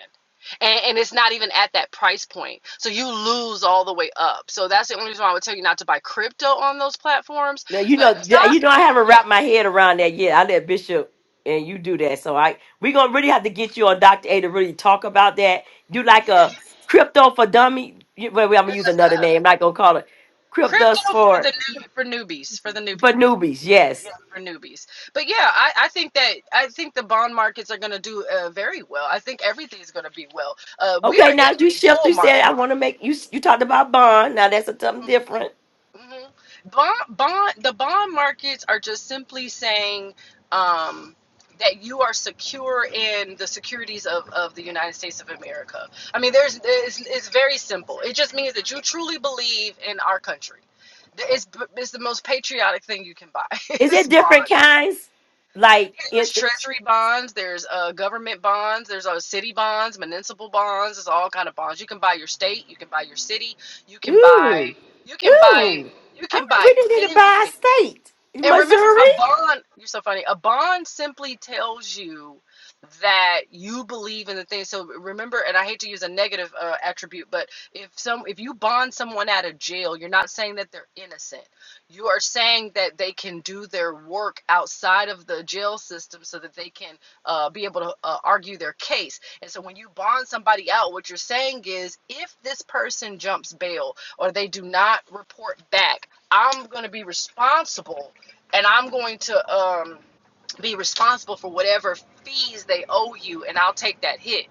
E: And, and it's not even at that price point. So you lose all the way up. So that's the only reason why I would tell you not to buy crypto on those platforms,
A: now, you know,
E: but
A: th- you
E: stock
A: know, I haven't wrapped my head around that yet. I let Bishop and you do that, so I we're gonna really have to get you on Doctor A to really talk about that. Do like
E: yeah. [LAUGHS]
A: a crypto for dummy. you- Well, well, I'm gonna use another name. I'm not gonna call it cryptos
E: crypto for
A: for.
E: the new, for newbies, for the new people.
A: But newbies,
E: Yeah,
A: yes.
E: for newbies. But yeah, I, I think that I think the bond markets are going to do uh, very well. I think everything's going to be well. Uh, we
A: Okay,
E: are in
A: now you
E: a
A: shift.
E: bull
A: You said
E: market.
A: I want to make you. You talked about bond. Now that's a something different.
E: hmm Bond, bond, the bond markets are just simply saying um, that you are secure in the securities of, of the United States of America. I mean, there's it's, it's very simple. It just means that you truly believe in our country. It's, it's the most patriotic thing you can buy. [LAUGHS]
A: Is
E: It's
A: it
E: bonds
A: different kinds? Like
E: there's
A: it? it-
E: treasury bonds there's uh, government bonds there's uh, city bonds municipal bonds there's all kind of bonds you can buy your state you can buy your city you can buy
A: ooh,
E: you can buy
A: ooh.
E: you
A: I
E: can
A: mean,
E: buy
A: we didn't need to buy
E: anything
A: a state,
E: and remember, a
A: Missouri.
E: bond, you're so funny. A bond simply tells you that you believe in the thing. So remember, and I hate to use a negative uh, attribute, but if some if you bond someone out of jail, you're not saying that they're innocent. You are saying that they can do their work outside of the jail system so that they can uh, be able to uh, argue their case. And so when you bond somebody out, what you're saying is if this person jumps bail or they do not report back, I'm going to be responsible and I'm going to um, be responsible for whatever fees they owe you and I'll take that hit.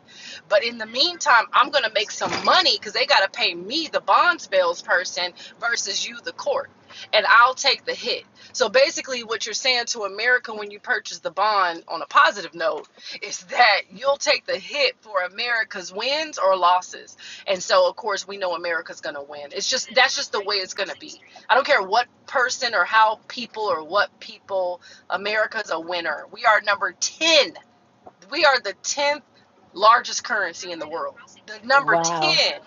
E: But in the meantime, I'm going to make some money cuz they got to pay me the bonds bills person versus you the court and I'll take the hit. So basically what you're saying to America when you purchase the bond on a positive note is that you'll take the hit for America's wins or losses. And so of course we know America's going to win. It's just that's just the way it's going to be. I don't care what person or how people or what people America's a winner. We are number 10 we are the 10th largest currency in the world. The number
A: Wow.
E: 10.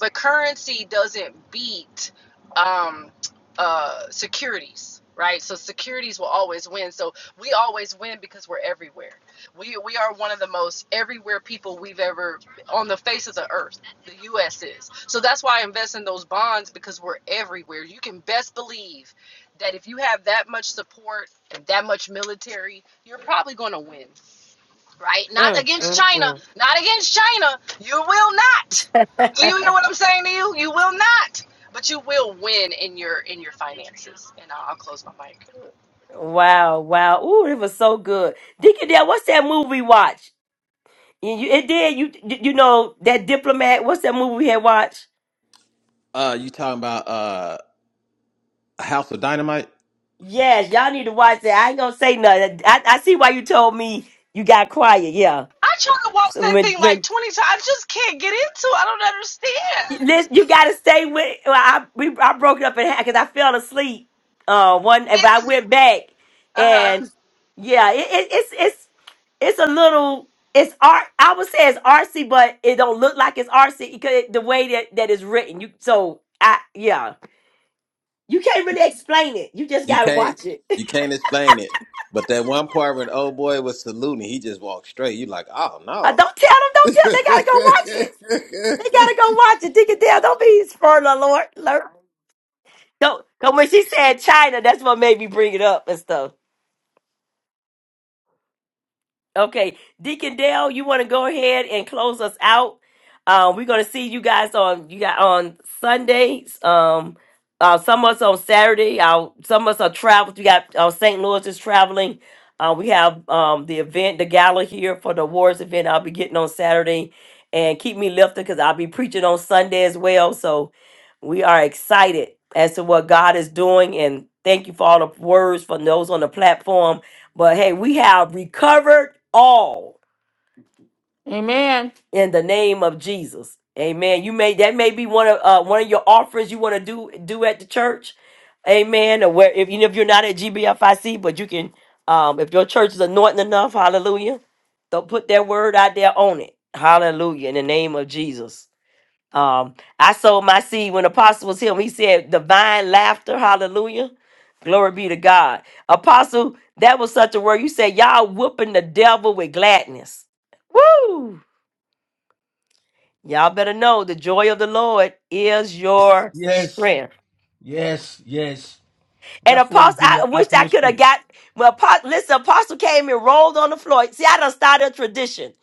E: But currency doesn't beat um, uh, securities, right? So securities will always win. So we always win because we're everywhere. We, we are one of the most everywhere people we've ever on the face of the earth. The U.S. is. So that's why I invest in those bonds because we're everywhere. You can best believe that if you have that much support and that much military, you're probably going to win right? Not
A: Mm,
E: against
A: mm,
E: China,
A: mm.
E: not against China. You will not. Do you hear what I'm saying to you? You will not. But you will win in your in your finances. And I'll, I'll close my mic.
A: Wow, wow. Ooh, it was so good. Deacon Dale, what's that movie watch? And you, it did. You you know that diplomat. What's that movie we had watched?
F: Uh, you talking about uh, a House of Dynamite?
A: Yes, y'all need to watch that. I ain't gonna say nothing. I, I see why you told me you got quiet. Yeah.
E: I tried to watch
A: So
E: that
A: when
E: thing like
A: when
E: 20 times. I just can't get into. it. I don't understand.
A: listen, you gotta stay with. Well, I we I broke it up in half because I fell asleep. Uh, one, but I went back and yeah, it, it, it's it's it's a little. It's art. I would say it's artsy, but it don't look like it's artsy because the way that that is written. You so I yeah. You can't really explain it. You just
F: You
A: gotta
F: can't,
A: watch it.
F: you
A: [LAUGHS]
F: can't explain it. But that one part when old boy was saluting, he just walked straight. You like, oh
A: Uh,
F: no.
A: don't tell them. Don't tell. them. They gotta go watch it. They gotta go watch it. Dig it down. Don't be spoiler alert. alert. Don't. Cause when she said China, that's what made me bring it up and stuff. Okay, Deacon Dale, you want to go ahead and close us out? Uh, we're going to see you guys on you got on Sundays. Um, uh, some of us on Saturday. Our, some of us are traveled. We got uh, St. Louis is traveling. Uh, we have um, the event, the gala here for the awards event. I'll be getting on Saturday, and keep me lifted because I'll be preaching on Sunday as well. So we are excited as to what God is doing, and thank you for all the words from those on the platform but hey, we have recovered all
H: Amen.
A: in the name of Jesus. Amen. You may that may be one of uh, one of your offerings you want to do do at the church. Amen. Or where if even if you're not at GBFIC, but you can um if your church is anointing enough, hallelujah. Don't put that word out there on it. Hallelujah. In the name of Jesus. Um, I sold my seed when Apostle was here. when He said, "Divine laughter, hallelujah, glory be to God." Apostle, that was such a word. You said, "Y'all whooping the devil with gladness." Woo! Y'all better know the joy of the Lord is your
C: Yes.
A: strength.
C: Yes. Yes.
A: And
C: That's what is
A: Apostle,
C: in
A: I
C: the
A: wish I could have
C: atmosphere.
A: got. Well, Apostle, listen, Apostle came and rolled on the floor. See, I done started a tradition.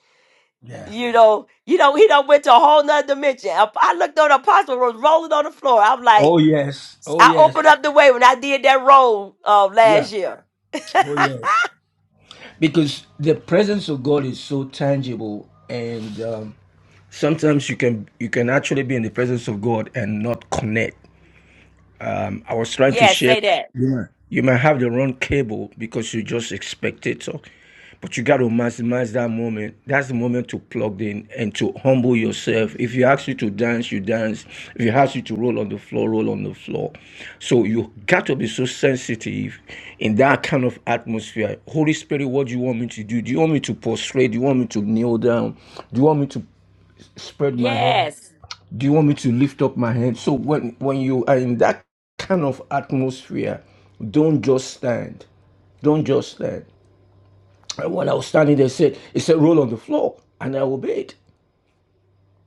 C: Yeah.
A: You know, you know, he done went to a whole nother dimension. I I looked on the Apostle was rolling on the floor. I'm like.
C: Oh yes. Oh
A: I
C: yes.
A: opened up the way when I did that roll of
C: Yeah.
A: last year.
C: Oh yes. because the presence of God is so tangible, and um, sometimes you can you can actually be in the presence of God and not connect um, I was trying to
A: Yes,
C: share.
A: say that.
C: You might, you might have the wrong cable because you just expect it. So, but you got to maximize that moment. That's the moment to plug in and to humble yourself. If you ask you to dance, you dance. If you ask you to roll on the floor, roll on the floor. So you got to be so sensitive in that kind of atmosphere. Holy Spirit, what do you want me to do? Do you want me to prostrate? Do you want me to kneel down? Do you want me to spread my hand?
A: Yes.
C: Do you want me to lift up my hand? So when when you are in that kind of atmosphere, don't just stand. Don't just stand. And when I was standing there, it said it said roll on the floor, and I obeyed.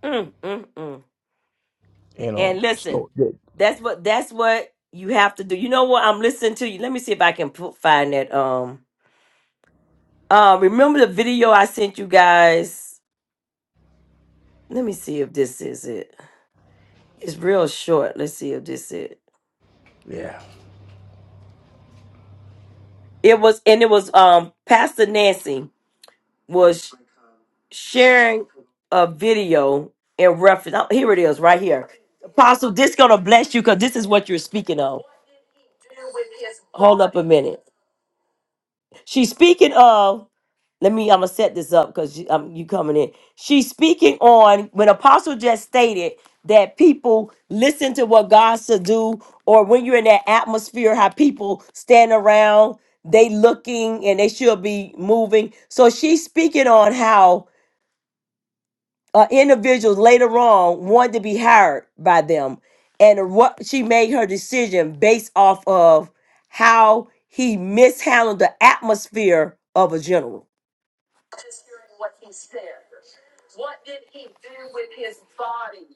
A: Mm, mm, mm.
C: You know.
A: And listen,
C: So the-
A: that's what that's what you have to do. You know what? I'm listening to you. Let me see if I can put, find that. Um, uh, remember the video I sent you guys? Let me see if this is it. It's real short. Let's see if this is it.
C: yeah.
A: It was and it was um Pastor Nancy was sharing a video in reference. oh, Here it is, right here. Apostle, this gonna bless you because this is what you're speaking of. Hold up a minute. She's speaking of. Let me. I'm gonna set this up because you, um, you coming in. She's speaking on when Apostle just stated that people listen to what God should do, or when you're in that atmosphere, how people stand around, they looking and they should be moving. So she's speaking on how uh, individuals later on wanted to be hired by them, and what she made her decision based off of how he mishandled the atmosphere of a general. Just hearing what he said. What did he do with his body?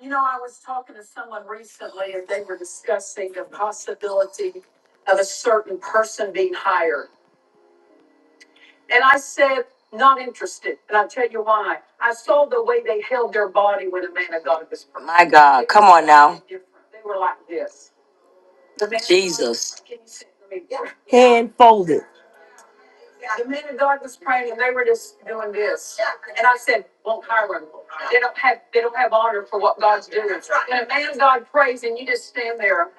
A: You know, I was talking to someone recently, and they were discussing the possibility of a certain person being hired. And I said, not interested. And I'll tell you why. I saw the way they held their body when a man of God was praying. My God, come on now. They were like this. The man of God- Jesus. Can you see me? Hand folded. The man of God was praying and they were just doing this. And I said, Well, Hiram, they don't have they don't have honor for what God's doing. When a man of God prays and you just stand there.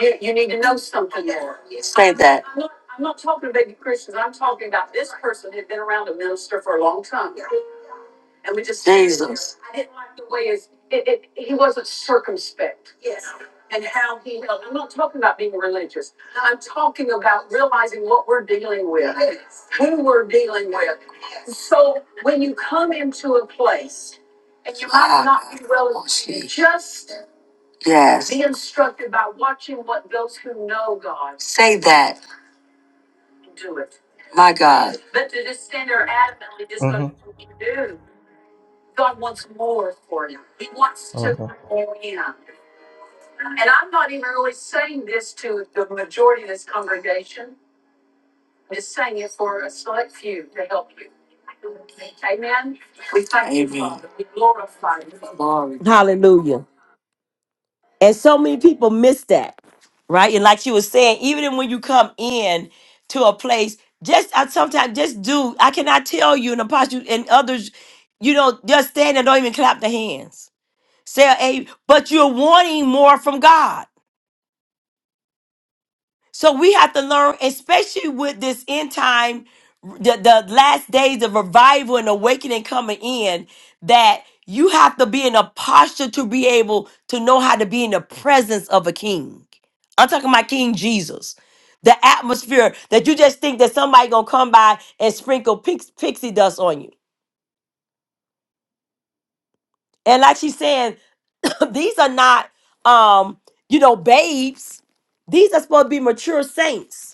A: You, you need to know something more. Say that. I'm not, I'm not talking about you Christians. I'm talking about this person had been around a minister for a long time. And we just. Jesus. I didn't like the way his, it, it, he wasn't circumspect. Yes. And how he held. I'm not talking about being religious. I'm talking about realizing what we're dealing with, Yes. who we're dealing with. Yes. So when you come into a place and you might Ah, not be well, oh, just be instructed by watching what those who know God do it. But to just stand there adamantly, just going to
C: Uh
A: do God wants more for you. He wants to
C: huh.
A: grow in. And I'm not even really saying this to the majority of this congregation. I'm just saying it for a select few to help you. Amen. We thank you, Amen. Father. We glorify you. Glory. Hallelujah. And so many people miss that, right? And like you were saying, even when you come in to a place, just I sometimes just do. I cannot tell you an apostle and others, you know, just stand and don't even clap their hands. Say, hey, but you're wanting more from God. So we have to learn, especially with this end time, the, the last days of revival and awakening coming in, that you have to be in a posture to be able to know how to be in the presence of a king. I'm talking about King Jesus. The atmosphere that you just think that somebody gonna come by and sprinkle pix- pixie dust on you. And like she's saying, [COUGHS] [CLEARS THROAT] these are not um, you know, babes. These are supposed to be mature saints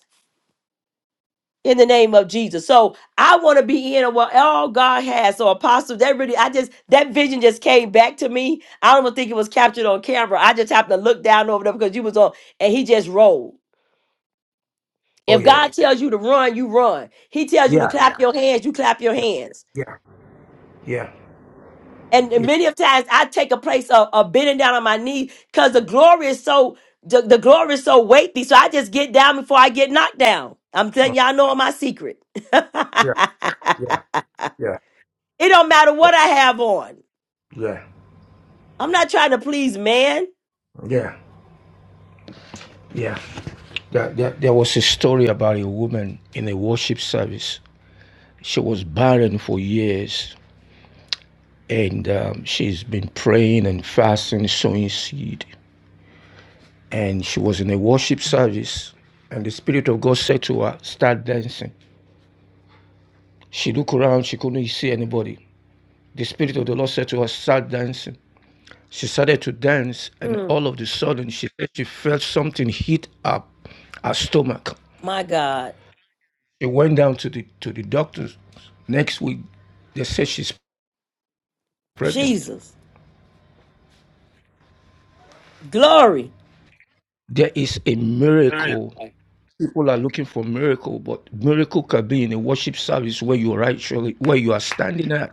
A: in the name of Jesus. So I want to be in what all God has. So apostle, that really, I just that vision just came back to me. I don't even think it was captured on camera. I just happened to look down over there because you was on, and he just rolled.
C: Oh
A: If
C: yeah.
A: God tells you to run, you run. He tells you to
C: Yeah.
A: clap your hands, you clap your
C: Yeah.
A: hands.
C: Yeah. Yeah.
A: And, and
C: Yeah.
A: many of times I take a place of, of bending down on my knees because the glory is so the, the glory is so weighty. So I just get down before I get knocked down. I'm telling
C: Mm.
A: y'all, know my secret.
C: Yeah.
A: [LAUGHS]
C: Yeah. Yeah.
A: It don't matter what I have on.
C: Yeah.
A: I'm not trying to please man.
C: Yeah. Yeah. There, there, there was a story about a woman in a worship service. She was barren for years. and um, she's been praying and fasting, sowing seed. And she was in a worship service, and the Spirit of God said to her, Start dancing. She looked around, she couldn't see anybody. The Spirit of the Lord said to her, Start dancing. She started to dance, and
A: Mm,
C: all of a sudden, she said she felt something hit up her stomach.
A: my God.
C: She went down to the to the doctors. Next week, they said she's pregnant.
A: Jesus. Glory.
C: There is a
A: Glory.
C: miracle people are looking for miracle, but miracle can be in a worship service where you are actually where you are standing at.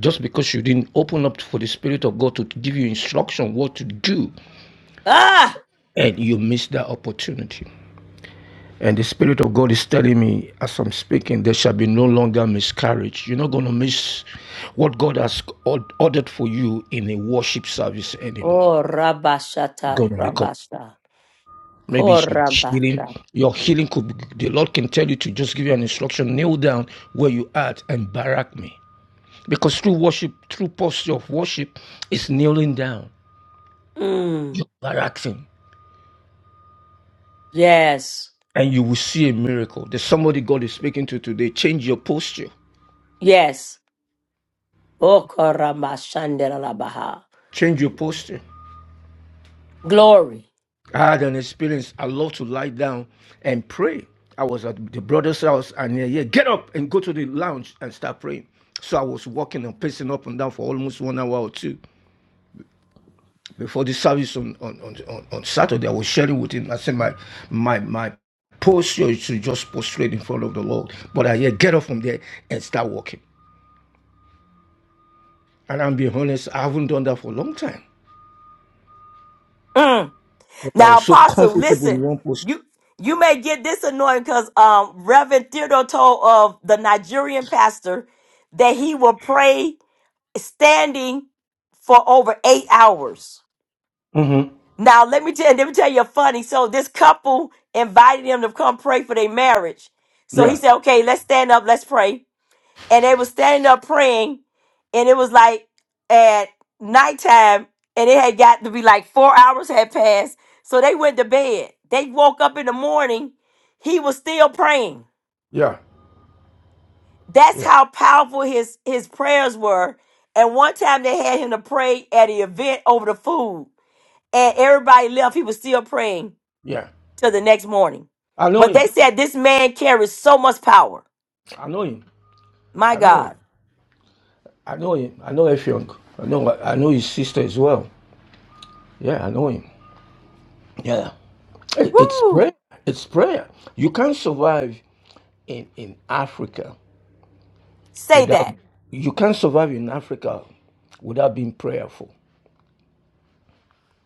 C: Just because you didn't open up for the Spirit of God to give you instruction what to do,
A: Ah.
C: and you missed that opportunity. And the Spirit of God is telling me as I'm speaking, there shall be no longer miscarriage. You're not going to miss what God has ordered for you in a worship service anymore.
A: Oh,
C: You're
A: Rabashata,
C: going to recover.
A: Rabasha.
C: Maybe it's your healing.
A: Korabasha.
C: Your healing could be, the Lord can tell you to just give you an instruction, kneel down where you are at and barack me. Because through worship, through posture of worship, it's kneeling down,
A: Mm.
C: baracking,
A: Yes.
C: and you will see a miracle. There's somebody God is speaking to today. Change your posture.
A: Yes. Oh, Koramashanderalabaha.
C: Change your posture.
A: Glory.
C: I had an experience. I love to lie down and pray. I was at the brother's house and yeah, yeah, get up and go to the lounge and start praying. So I was walking and pacing up and down for almost one hour or two. before the service on on, on, on Saturday, I was sharing with him. I said my my my posture is to just prostrate in front of the Lord. But I yet get up from there and start walking. And I'm being honest, I haven't done that for a long time.
A: Mm.
C: But I
A: Now,
C: was so
A: Apostle,
C: comfortable in
A: listen.
C: one posture.
A: You you may get this annoying because um, Reverend Theodore told of the Nigerian pastor that he will pray standing for over eight hours.
C: hmm
A: Now let me tell let me tell you a funny. So this couple invited him to come pray for their marriage. So he
C: Yeah,
A: said, "Okay, let's stand up, let's pray." And they were standing up praying, and it was like at nighttime, and it had got to be like four hours had passed. So they went to bed. They woke up in the morning. He was still praying.
C: yeah,
A: That's
C: yeah,
A: how powerful his his prayers were. And one time they had him to pray at an event over the food, and everybody left. He was still praying
C: yeah.
A: till the next morning.
C: I know
A: But
C: him.
A: they said this man carries so much power.
C: I know him.
A: My
C: I know him.
A: God,
C: I know him. I know Effiong. I know I know his sister as well. Yeah, I know him. Yeah. Hey, It's prayer.
A: woo!
C: It's prayer. You can't survive. in, in Africa
A: Say
C: without
A: that,
C: you can't survive in Africa without being prayerful.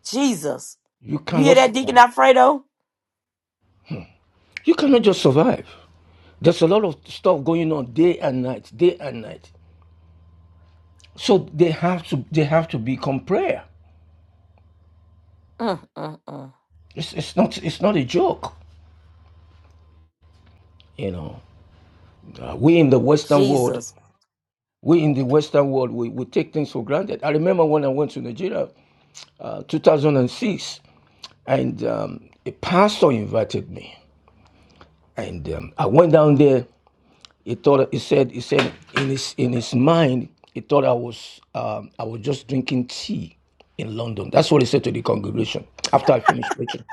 A: Jesus.
C: You
A: You
C: cannot
A: hear that, Deacon
C: survive.
A: Alfredo?
C: You cannot just survive. There's a lot of stuff going on day and night, day and night. So they have to they have to become prayer.
A: Mm, mm, mm.
C: It's, it's not it's not a joke. You know, Uh, we in the Western world,
A: Jesus,
C: we in the Western world, we, we take things for granted. I remember when I went to Nigeria, uh, 2006, and um, a pastor invited me, and um, I went down there He thought he said he said in his in his mind he thought I was um, I was just drinking tea in London. That's what he said to the congregation after I finished preaching.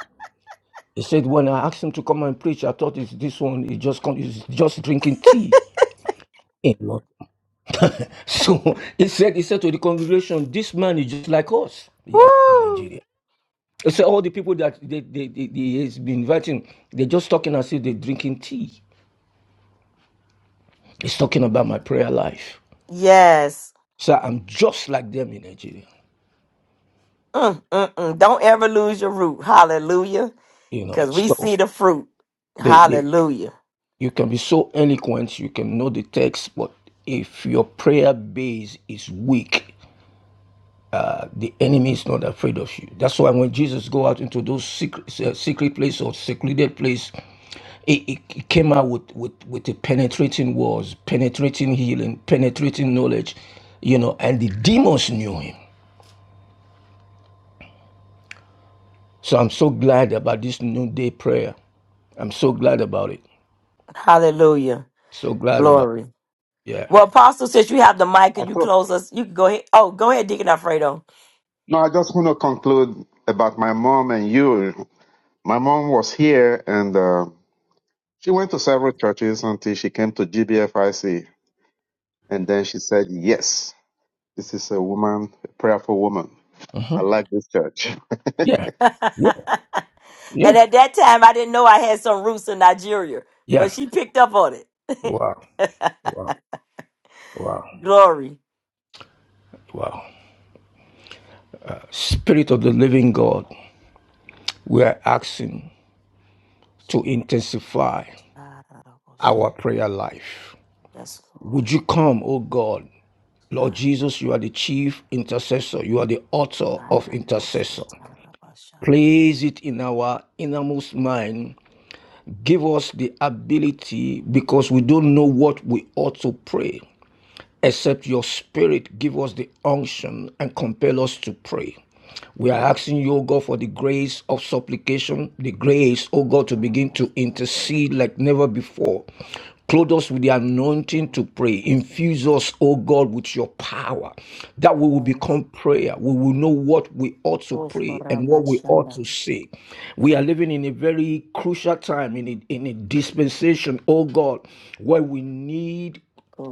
C: He said when I asked him to come and preach, I thought it's this one is just con- is just drinking tea in London. [LAUGHS] So he said he said to the congregation, this man is just like us here in
A: woo!
C: Nigeria. He said all the people that they, they, they, they- he's been inviting, they're just talking as if they're drinking tea. He's talking about my prayer life.
A: Yes.
C: So I'm just like them in Nigeria.
A: Mm, mm, mm. Don't ever lose your root. Hallelujah.
C: you know
A: Because we
C: so
A: see the fruit.
C: they, they
A: Hallelujah.
C: you can be so eloquent you can know the text but if your prayer base is weak uh, the enemy is not afraid of you that's why when jesus go out into those secret, uh, secret place or secluded place it, it it came out with with with a penetrating words penetrating healing penetrating knowledge you know and the demons knew him so i'm so glad about this noonday prayer i'm so glad about it
A: Hallelujah.
C: so glad about
A: Glory.
C: it. yeah
A: Well, Apostle, since you have the mic,
L: I
A: can you
L: thought,
A: close us? You can go ahead. Oh, go ahead, Deacon Alfredo.
L: no, I just want to conclude about my mom and you. My mom was here and uh, she went to several churches until she came to GBFIC. And then she said, Yes, this is a woman, a prayerful woman. I
C: Mhm.
L: like this church. [LAUGHS]
C: Yeah,
A: and
C: yeah, yeah,
A: at that time, I didn't know I had some roots in Nigeria,
C: yeah.
A: but she picked up on it.
C: Wow,
A: [LAUGHS]
C: wow, wow,
A: Glory.
C: wow. Spirit of the living God, we are asking to intensify our prayer life.
A: Yes, Lord.
C: Would you come, O God? Lord Jesus, you are the chief intercessor. You are the author of intercessor. Place it in our innermost mind. Give us the ability because we don't know what we ought to pray. except your spirit give us the unction and compel us to pray. We are asking you, O God, for the grace of supplication, the grace, O God, to begin to intercede like never before. Clothe us with the anointing to pray. Infuse us, O God, with your power. That we will become prayer. We will know what we ought to pray and what we ought to say. We are living in a very crucial time, in a, in a dispensation, O God, where we need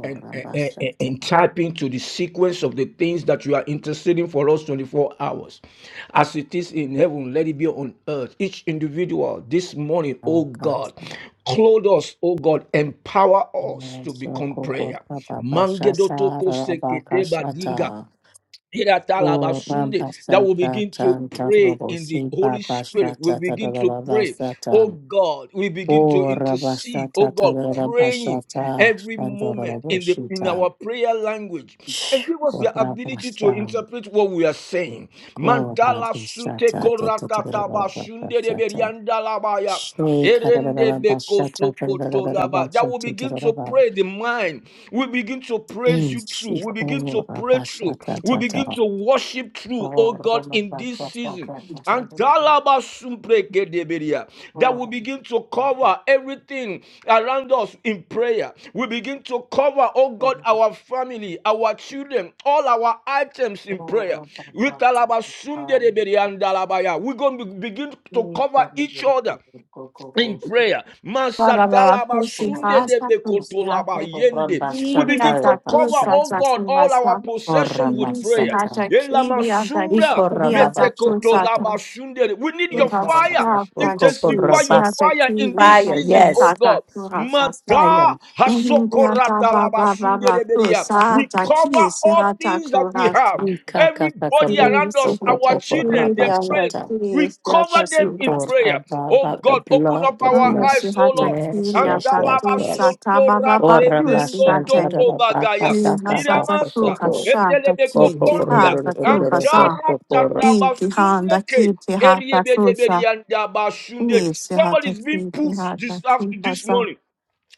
C: and, and, and and tap into the sequence of the things that you are interested in for us 24 hours. As it is in heaven, let it be on earth. Each individual this morning, oh God, clothe us, oh God, empower us
A: Amen.
C: to
A: So,
C: become prayer. Mangedo toko sekete badinga.
A: O
C: Sunday
A: Ramba
C: that will
A: Sata
C: begin to
A: Tanta
C: pray
A: Robo
C: in the
A: Si
C: Holy
A: Papa
C: Spirit. We
A: Sata
C: begin to
A: Tadaraba
C: pray. Oh
A: Sata
C: God, we begin to
A: O Rabba
C: intercede. Oh
A: Sata
C: God,
A: Tadaraba
C: praying
A: Sata
C: every
A: Tanta
C: moment
A: Robo
C: in the in
A: Shita
C: our prayer language and give us
A: O
C: the
A: Rabba
C: ability to
A: Sata
C: interpret what we are saying.
A: O
C: Mantala
A: Rabba
C: sunte
A: Sata
C: korata taba
A: Tadaraba
C: sunde de
A: Sata
C: berianda labaya.
A: She Kadaraba Sata Tadaraba
C: That will
A: Sata
C: begin to
A: Tadaraba
C: pray the mind. We begin to praise you
A: Inch
C: through. We begin to
A: Iko
C: pray
A: Rabba
C: through.
A: Sata
C: We
A: Tata
C: begin to worship through,
A: O
C: oh
A: Rabba
C: God, in this
A: Sata
C: season.
A: Tata
C: And
A: Tata O
C: that will
A: Rabba
C: begin to cover
A: Sata
C: everything around us in prayer. We begin to cover, oh God, our family, our children, all our items in prayer. We're going to begin to cover each other in prayer.
J: Ba, ba, ba, ba.
C: Masatalaba
J: Kusi
C: de
J: hata, kusi
C: bekotolaba
J: hata.
C: yende. We
J: Kiri
C: begin
J: hata,
C: to cover,
J: kusi
C: oh
J: hata,
C: God,
J: kusi
C: all our possession with prayer. Yela masumra We need your fire. Intensify your fire in this season, oh God. Mata hasokoratalaba de beria. We cover all things that we have. Everybody around us, our children, their friends. We cover them in prayer. Oh God, open up our eyes, oh Lord.
A: Ora masanta raba baka
C: Antalabasontoratenengotokobagaya.
A: saka kaka
C: Iramasa,
A: koko koko
C: etelebekotondia.
A: korororororororo koko kora
J: Inki handa
C: Antaratatabasuneke.
J: kiti hata kusha
C: Eriebedeberiandabashunde. Somebody's being pushed this after this
J: Nisihatakidihatakupasa.
C: morning.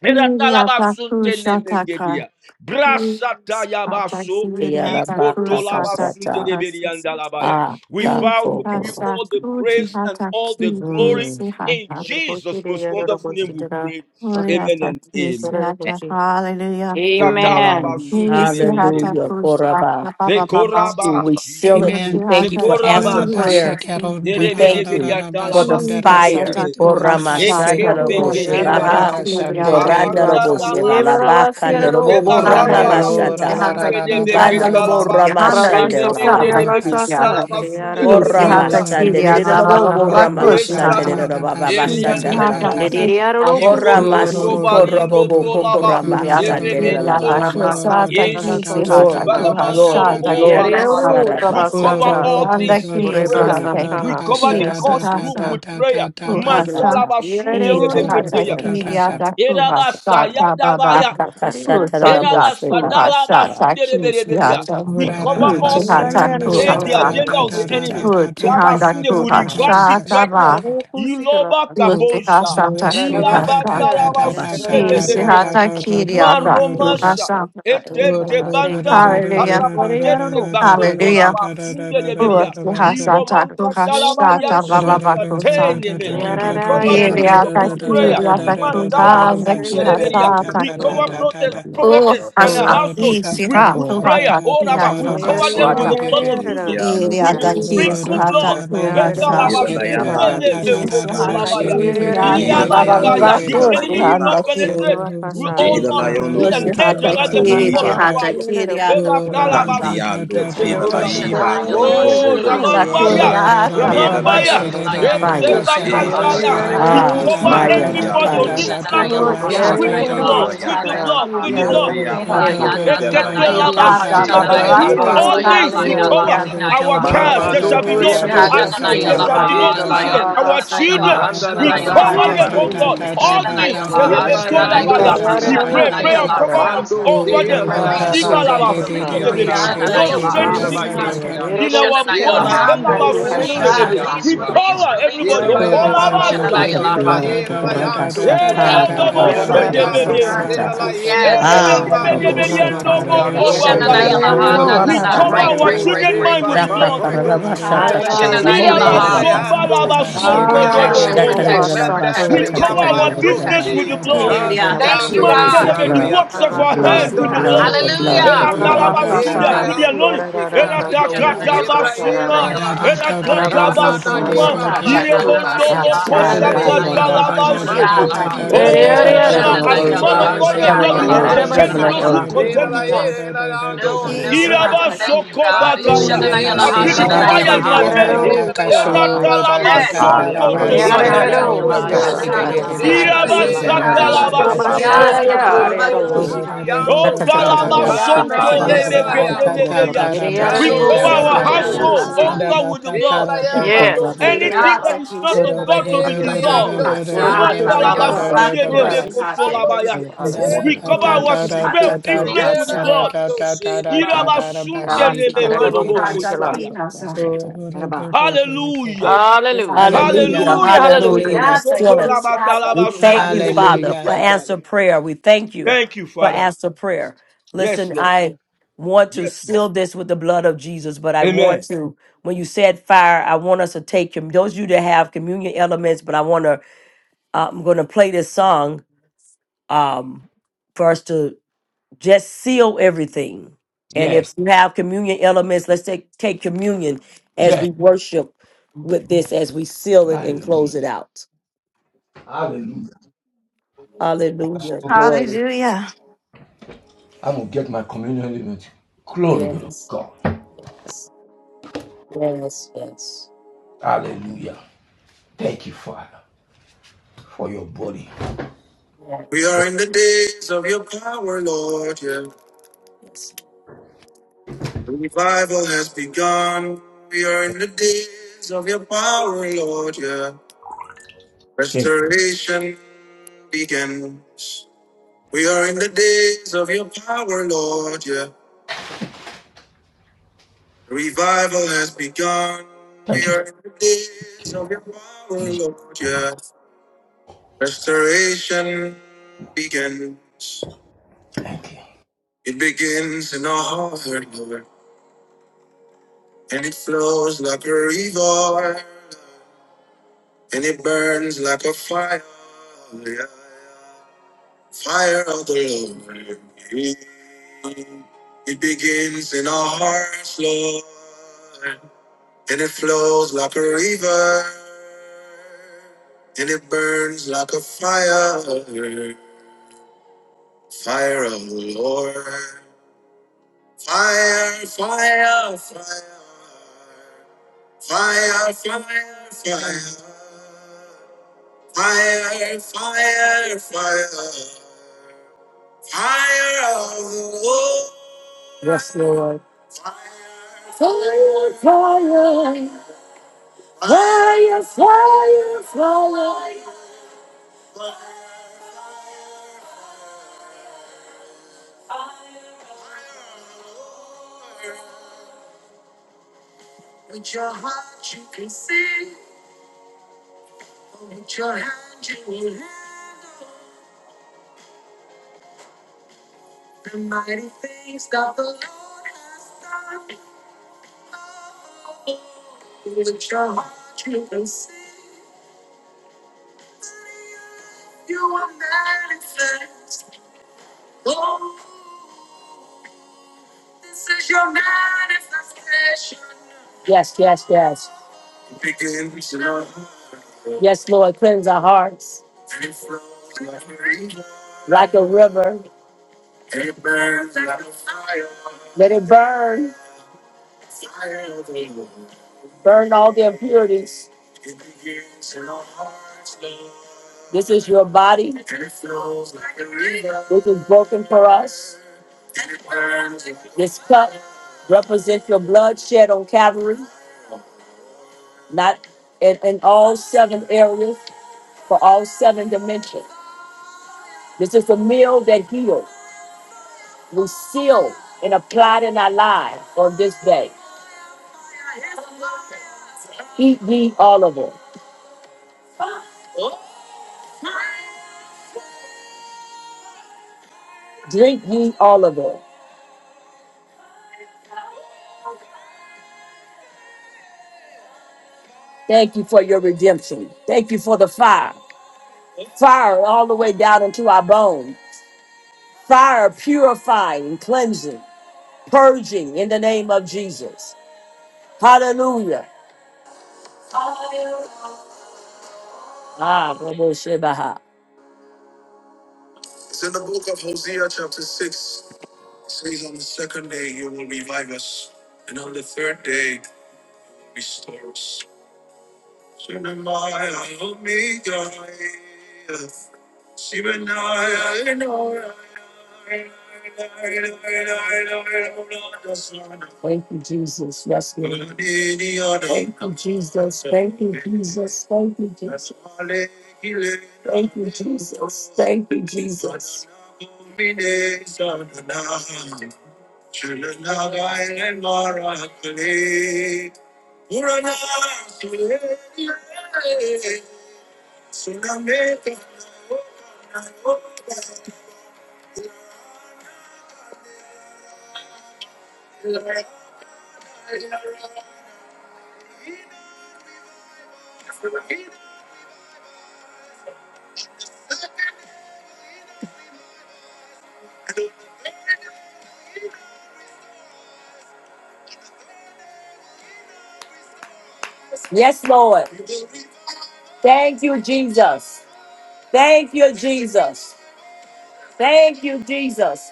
C: Eratalabasunte
J: Hiriatakushataka.
C: mengedia. Brasata yabaso.
A: ya raba baka sata
C: Ikotolabasunte
J: Nisihatakidiatakusatakuhasisi.
A: a
C: deberiandalabaya. We vow
A: kako
C: to give you
A: koro.
C: all the praise and all the glory.
A: Mm.
C: In
J: Itihasakutihatakidisihata.
H: Orebosi
C: Jesus'
H: de
C: most
H: yaro
C: wonderful name we pray. Amen and amen.
J: Uriatakisihata. Hallelujah.
H: Amen.
A: Amen.
C: Satalabasunte nemendedebe.
A: Hallelujah. Koraba.
J: Nisihatakushata. Ba, ba, ba, ba.
A: We
C: Dekorabashi.
A: seal it. We
K: Amen.
A: thank you for answer
C: Dekorabashi.
A: prayer.
J: Nisihatakidihataki.
A: We thank you for the
C: Derebedeberiatalabasunte
A: fire.
C: neme.
A: Korama
J: Hasatakuhashata.
A: shandalo boshe
H: Yaro
C: Ekebegedeba
A: baha.
C: laba.
A: Korandalo
C: Aranda
J: Nisihatakidiatakuhasa.
A: boshe
H: Ye
A: bala
C: damaso.
A: bakandalo
H: barabasiaro,
A: bobo rama
J: Halfback
H: utiare
C: Etebakambala,
J: please, you
A: mashata.
H: basore
J: have like
H: arana
J: please
H: tata.
J: halfback
A: Bandalo bo
C: Sindedebeketalaba,
A: rama
J: Johanna please
H: Rabaso
A: shandala
J: stop
H: foria
A: baha.
J: like please yeah
H: basaka,
C: Eremendedebediantalaba,
A: Koramashandaraboshebaha,
H: ariara
J: please you have
H: rokosita.
J: like
C: Sundedebedianda,
J: Syria blah blah
A: korandaraboshebalabakandarobobo
J: blah blah
C: Eshata,
J: close to
H: basa
A: ramamashata,
J: that
H: sata.
C: Eshata,
J: time.
A: bandalobo ramashandarabaha, korambashandarababo
J: please you
C: Eriande
J: have like
A: ramamashandarabababashandarabaha,
C: Mosa,
J: please
H: Dediriaro
J: have like
H: rokosita.
J: please
C: Ikototobalingo
A: koramashikorobobo
C: Tolaba,
J: Syria like Syria like
A: baha.
J: close
C: Erementoska,
J: to that
H: Arabasaka
J: like please you
C: Yesu,
J: have like
A: Glory,
H: rakosita.
J: who has
A: glory,
J: shot like
C: Balamandolobo
J: please
A: glory.
J: you
C: Barabaya.
J: have
H: Yiriariaro
C: We
A: Sharabashata.
C: cover
H: rabasaka.
C: all
J: Johanna
C: things in
J: please you
C: prayer.
J: have
A: Mm.
J: like
C: We
H: Urebasaka.
C: cover the
J: please you
H: Ikiata
J: have
C: courtroom
H: sita.
C: with prayer.
H: Nicolor.
J: Kuhasa,
A: Ashata.
C: Mantalaba
J: Ejihata
C: Sundedebediandia.
H: Yiriario.
J: Kiriata
A: Shatatatatabashatatata.
J: Kuhasata Baba,
C: Erabasayadabaya.
J: Kusanda
H: Yiriario.
A: Akakashatarabosebabashata.
J: Kuhasata
H: Thank
C: Erabasadalamasuderebereberia.
H: you,
J: Kisiata,
C: We
H: Jesus.
C: cover all things.
J: Ejihata
C: We change the
J: Kuhasa,
C: agenda of the enemy.
A: Orabashatatatatatatabashata.
J: Ujihanda
C: Rabasunde will
A: Shatata.
C: reverse it
J: Kuhasata
C: right now.
J: Ba,
C: Iloba kabosha.
J: Ujihasata Kuhasa,
C: Ilabatalabasunde
A: Rakarabashandaraba.
C: debekete.
J: Ejihata Kiriata
A: Mm.
C: Maromasha.
J: Kuhasa.
C: Etete
A: Utamabashata.
C: banta.
J: Hallelujah,
H: What
C: Arabatete bakoto
J: Hallelujah.
C: rabasunde deberia.
J: Ujihasata
C: Iromanka talaba
J: Kuhasata
K: Oh,
J: Baba
C: yansum
J: Bakusa,
C: prateneme. We cover
A: Shatarabokoro.
C: Bishop
J: Iriata
C: with prayer.
J: Kiriata
I: Powerful.
J: Kuhanda
C: Matalabasundereberia.
A: Ankarabakashandaraba.
C: We
J: Kihasata
C: cover
A: The blood,
C: protest,
J: Oh,
C: prophetess and her
J: asha,
C: household
J: ni si
C: with,
J: ha,
C: with
A: oh,
J: tu ha
A: the
C: prayer.
J: ta,
C: All
J: ki ha
C: about we
J: sa ta
C: cover
J: su
C: them
J: ha
C: with
J: ta,
C: the blood of Jesus,
H: are
J: i ri ha
C: with the
J: ta
H: you
A: blood, the
J: ki si
C: sprinkled
J: ha ta
C: blood.
H: Yes,
J: tu
A: blood,
J: ha
H: yes.
A: the
J: sha,
A: blood, the
J: i
A: blood,
J: si ha
F: [LAUGHS]
C: Etalabasundelebekotolabaya.
J: ki ri ha ta
F: Ida
A: oh,
J: ba ba ba
F: layando
J: ba
C: Irabataya. The
J: tu
F: shela la
J: si
C: enemy
J: ha
C: will
J: nda
F: yeba
C: not
J: ki,
C: penetrate.
F: siyoto.
C: We, oh
F: Ida
C: Lord, we
F: layono
C: build
J: o
C: an
J: si
F: ko
J: ha
C: edge
J: ta
F: shela la
C: around them with the
A: oh,
J: ki, si
C: wall of
F: yeba
J: ha ta
C: fire.
F: siyoto ko. Tandiando shela la
J: si
C: Elatalabasundetekebaga.
F: yeba no robo
C: Oh,
J: si
F: bo
K: Oh,
C: Ramambaya,
F: siba.
J: ba ba
F: Mela
J: ba
F: la
C: Ramambaya,
F: yantiano
A: Fire.
F: ko
J: si
F: shela la
C: Etebakataya.
E: Uh
F: hata.
C: We
A: Ah,
E: huh.
C: cover
J: si
A: fire,
C: everybody
F: Mantiando
C: on
A: fire.
F: ko
C: this platform
F: shoko
E: Shananayalaha,
C: with
J: Suriata,
C: the
F: probakia na
E: Shananayalaha,
C: blood, with the
F: rayata.
J: Suriata,
C: blood,
E: Shananayalaha.
C: with the
F: Ida
C: blood.
J: Suriata,
F: reabando
J: Suriata,
E: Ilayana
F: shela la yantu
E: Sanayalaha,
J: Suriata,
F: shela la
J: Babalato,
E: Shananayalaha,
C: All
F: yebando
C: things
J: Sihata,
C: we
E: Layalayala,
C: cover
F: shekianta.
J: Suriata,
C: our
E: Sinayalaha.
C: cars. There
F: Bababando
C: shall be
J: Sihata,
C: no
F: shela roho
J: Sihata,
C: accident. There
F: shela
C: shall
F: la
C: be no
E: Ishananayalaha,
F: yeda
J: Sihata,
F: la
C: incident.
E: Layana
C: Our
F: yanta.
C: children,
H: Arabasata,
E: Sanayalaha,
F: Randa
C: we
F: da
A: Oh,
F: da
A: fuck,
C: cover
F: ye
H: In
A: fuck,
C: them.
E: Shananayalaha.
A: fuck,
C: Oh
F: baro
H: Jesus'
J: Sihata,
A: fuck,
C: God,
H: name.
A: fuck, fuck,
C: all
F: seki.
A: fuck,
H: Yes,
C: things.
A: fuck, fuck,
H: Lord.
E: Ishananayalaha,
F: Yela
H: Yes,
F: la
A: fuck, fuck, the
H: Lord.
F: yando
C: Serebetolabaya.
H: Everybody
E: Shananayalaha,
A: blood.
H: out
F: shela
H: of
C: We
H: the
F: la
C: pray,
H: wolf and
F: yeba.
C: prayer
H: she
C: of
J: Sihata,
H: put
E: Shananayala.
C: cover
H: out.
E: Release,
F: Mando
J: Sata,
C: over
F: shela
C: them.
F: la
J: Sihata,
E: release,
F: yanto
E: release,
F: seki
H: Harabakasota.
F: tia
C: Shibalabasundelebede.
F: ka.
E: release.
J: Suriata,
C: No
F: Robo
J: Chibi,
C: strange
E: Ishayalaha,
F: shela la
H: Thank you,
F: ye
C: sickness
H: Lord.
J: Sihata,
F: tiana.
C: in
E: Isha.
H: Erebo
C: our
F: Yela
H: sikara.
F: la
C: body.
J: Unanda,
F: yando shela la
H: Erebo
C: Elabasuntelebe.
J: Tuhashata,
H: yena.
C: We
F: kiantu
A: Blood,
F: anda.
A: blood,
C: cover
E: Release,
F: Yela
C: everybody.
F: la
K: Da
A: blood.
H: Orero me.
F: yamba
K: da da
J: Sata,
F: babu
A: with
H: Orero.
C: Okolabashaya.
A: the
F: shela
H: Orero
F: la
H: me.
A: blood,
F: yela la
A: Rabba
H: Sikara.
F: yando
K: da
E: thank
A: Shatar,
F: seki.
J: Suriata,
A: Rabba
H: Mierada
J: Babalaki,
F: Riando
H: basa
C: Erebodobosendebede.
H: kara
J: Sihata,
F: shela
A: Kakaraboseta.
F: la
H: basa
F: yela
J: Sushi,
F: la
H: soka.
A: Ah,
F: yambando
A: Rabbo
H: Ora
F: seki
A: Sheta,
H: basa
J: Sata,
F: tia.
H: kara.
A: Rabba
H: Erero
A: Shanda,
C: Erebedebedebediendobokobakaya.
A: Rabbo
F: shela la.
H: erero.
C: We cover
A: Rabba
J: tu,
C: our
H: Sikara.
F: Mando
C: children's
J: Sihata,
C: mind with
F: Shivan
C: the
A: With the blood,
C: blood.
J: Yes,
F: Pampando
J: you
F: Shida
J: have
H: Araba
F: Lebe
J: that.
F: Mene
H: intia.
F: Leando Sili Miando
H: Ah,
E: protection,
C: Irabasombalabasondodobokoya.
F: Coco
E: protection,
H: robasa
F: Manda
H: kai
E: protection,
C: We cover
E: protection,
H: intia.
C: our
F: Riambando
C: business with
E: protection.
C: the
F: se
C: blood.
H: Yes,
E: Thank you,
H: Lord.
F: Tantiano
E: God.
C: Mantelebe, the works
F: Sharianta
C: of
A: the
C: our
A: blood,
C: hand
A: the blood, the
F: Banda
C: with the
H: Araba
C: blood.
F: Robo Shida
A: blood, the
E: Hallelujah.
F: Leke
A: blood.
F: Hela
C: Eratalabasundia, through
H: Urabakataya
C: the
F: Leando
C: anointing.
F: Shikia to
H: Kiararaka
F: Yoko Shida
E: Ishananayala
C: Eratakatabasuma,
H: Kiyotasakara
E: Hashananayala
F: Layanta Na
E: Ashananayala
F: na
E: Ha
F: na ye
H: Arabasakara
C: erakatabasuma,
F: ba ba ba
K: da
F: no ba ri
E: Ishananayala
F: an di
A: Basha,
K: Mm,
F: le le
A: barra,
F: ba
A: ba,
E: Hashananayala
F: da.
A: ba, ba. Ta,
C: irebondolokosakatalabasede.
F: Mando
E: Ashananayala
A: ta, ta,
F: si
A: ta,
E: Ha
F: le
A: ta.
F: le
A: We
F: ye le
A: touch
F: le
C: Oh,
A: heaven
C: my,
A: on
C: as
F: ando
C: a
A: earth,
F: si
E: Ishananayala
C: man
H: Yerererokosakara
C: of
F: le le
C: God,
F: an
A: heaven
C: Lord,
A: on
C: you
F: bam
E: Ashananayala
C: will
F: bu
A: earth,
F: me
C: contend
A: heaven
C: with
F: le
A: on
F: da.
C: those
H: Uriarabasiata
C: who
E: Ashananayala
A: earth.
F: E le
C: contend
F: le
C: with us.
F: ye le le ando
E: No,
F: si
A: Basha,
F: ki
E: no,
F: a ri
C: Iraba
E: no,
F: an da.
E: thank you
C: soko
A: ta, ta,
F: Ha
E: God.
A: ta, ta,
F: no
C: bakaya.
F: si le
A: ta,
E: Ishananayala
C: I
F: le
A: ta,
C: feel
F: an
A: ta,
C: the
A: ba, ta,
E: Hashananayala
F: si
C: fire
A: ta,
J: You
A: ta,
C: in
F: ki.
C: my
E: Ha
J: have
A: ta.
H: Urabasikiero
J: that.
C: belly.
F: E le le
H: Utla
F: an ba
A: Fire,
F: ba no
C: Eratalaba
A: fire,
F: si le
E: Yes.
F: le
A: fire,
F: an.
C: sonto
J: Tu
A: fire,
J: si
F: E le
A: fire,
F: le
C: tobagaya.
J: hata
F: an do
E: Ashananayala
J: ku
H: Yerearerosia
A: Fire,
F: ro
J: hasa
F: ko
A: Father,
E: Ashananayala
F: si
A: Basha,
F: le
J: takan.
F: le
C: Iraba
A: Tata,
E: Ashananayala
J: Si
A: Tata,
F: ye
E: Ha
F: le le
A: Tata,
F: an
J: hata
A: Basha,
C: satalaba
A: Tata,
F: si
A: Tata,
C: sondo
A: Tata,
F: ba ba
J: kiriata
H: Rubashiaya
F: ba ba ando
J: balava
H: Arero
C: bokoriabaya.
E: Ilayanashanayala
J: ku
A: Tata,
J: si
F: si ki
J: hate.
F: an
C: O
F: do
A: Tata, Tata,
F: sa.
A: Tata,
E: Ashananayala
A: Tata,
C: talaba
F: Ha
J: Kirianda
F: na
C: sonto
E: Ashananayala
J: ki
F: ye
E: Ha
F: le
J: si
F: le
A: Basha,
F: an
C: lebekete
J: hata.
A: Tata,
F: ti
A: Tata,
C: lebeya.
F: ana.
A: Basha, Tata, Tata, Tata, Basha, Tata,
C: We
A: Tata,
F: Kano
J: Tu
A: Tata,
C: cover
J: si
C: our
A: Tata,
F: corro
J: hata
F: bobo
A: Tata,
E: Ilayanashanayala
H: Yerearerokosikara
J: ki
C: household,
E: Ha
J: si
A: Tata,
H: Sasa
E: Alayanashanayala
A: Tata.
C: oh
J: hata.
E: Ha
F: kusiki.
C: God, with the
F: Ela
C: blood.
F: la yamba
E: Alayana
A: Iko,
F: ndo
H: Yes
A: Rama,
E: Shanayala
A: Tata,
C: Anything
A: Tata,
J: Kiriata
C: that
F: seriamba.
C: is
J: ki
C: not
E: Ha
J: si
F: Ela
C: of
F: la
J: hata.
C: God
H: Yes,
C: to be
F: yela
H: yes, yes,
J: Tu
C: dissolved.
F: yando
H: yes.
E: Relief,
F: siki.
J: hasata
C: Matalaba
F: Riando
H: Urobokosikara
J: balava
C: sunde
J: ku
F: siki.
J: si
E: release,
F: Riando
J: hate.
E: release,
H: Thank you,
C: debekotolabaya.
A: Tata,
F: siki.
E: release,
H: Father.
K: Da
A: Tata,
K: da
C: We
F: Ela
K: da
C: cover
A: Tata,
K: da da
E: release.
F: babando
C: our
J: Tu
K: da
C: spell
J: hata
K: da
F: siki.
K: da
J: ku
E: Thank
C: influence
K: da da
E: you,
C: with
F: Ela
C: the
K: da
E: God.
F: la
J: hasa.
C: blood.
K: da da
F: yando
K: da da
F: sila.
K: da
C: Iraba
K: da da
C: sunte
K: bashi ki
J: Tu
K: di
J: si
K: di di.
J: hata
A: Basha,
H: Arabasikara
C: lemengoloboko
J: ki
A: Tata,
J: hasa.
A: Basha,
K: Oh,
A: Tata.
K: do, do, do,
H: Rabba,
K: do,
H: second.
K: do, do, do.
J: Tu
C: Hallelujah.
J: si
H: Hallelujah.
J: hata.
K: Hallelujah.
A: Hallelujah.
H: Hallelujah.
C: Hallelujah.
H: Hallelujah.
A: Hallelujah. We
K: Hallelujah.
J: Kiriata
A: seal
J: ki
A: it.
J: si hata
A: We
J: ku
A: thank you,
J: hasa.
A: Father,
K: Hallelujah.
A: for answer prayer. We thank you
C: Thank you,
A: for
C: Father.
A: answer prayer.
C: Yes,
A: Listen,
C: Lord.
A: I want to
C: Yes, Lord.
A: seal this with the blood of Jesus, but I want
C: Amen.
A: to, when you said fire, I want us to take him. Those of you that have communion elements, but I want to, I'm going to play this song um, for us to just seal everything. And if
C: Yes.
A: you have communion elements, let's take, take communion as
C: Yes.
A: we worship with this, as we seal it and
C: Hallelujah.
A: close it out.
C: Hallelujah. That's
A: Hallelujah.
C: so good.
A: Glory.
J: Hallelujah.
C: I'm going to get my communion element. Glory be to
A: Yes.
C: God.
A: Yes. Yes.
C: Hallelujah. Thank you, Father, for your body.
A: We are in the days of your power, Lord. Yeah. Revival has begun. We are in the days of your power, Lord. Yeah.
C: Thank you,
A: Restoration begins. We are in the days of your power, Lord. Yeah. Revival has begun. We are in the days of your power,
C: Jesus.
A: Lord.
C: Thank
A: Yeah. Restoration begins. It begins in our heart, Lord. And it flows like a river. And it burns like a fire. Yeah. Fire of the Lord. It begins in our hearts, Lord. And it flows like a river. And it burns like a fire. Fire of the Lord. Fire, fire, fire. Fire, fire, fire. Fire, fire, fire. Fire of the Lord. Yes, Lord. Fire, fire. fire. Fire, fire, fire. Yes, yes, yes. Yes, Lord, cleanse our hearts like a river. Let it burn. Burn all the impurities. This is your body. This is broken for us. This cup represents your blood shed on Calvary, not in, in all seven areas, for all seven dimensions. This is a meal that heals. We seal and apply it in our lives on this day. Eat ye all of it. Drink ye all of it. Thank you for your redemption. Thank you for the fire. Fire all the way down into our bones. Fire purifying, cleansing, purging in the name of Jesus. Hallelujah. Ah, Robo Shebaha. It's in the book of Hosea, chapter 6. It says, On the second day, you will revive us, and on the third day, restore us. Shemaya Omega. Shemaya Enora. Thank you, Jesus. Yes, Lord. Thank you, Jesus. Thank you, Jesus. Thank you, Jesus. Thank you, Jesus. Thank you, Jesus. Urana, Yes, Lord. Thank you, Jesus. Thank you, Jesus. Thank you, Jesus.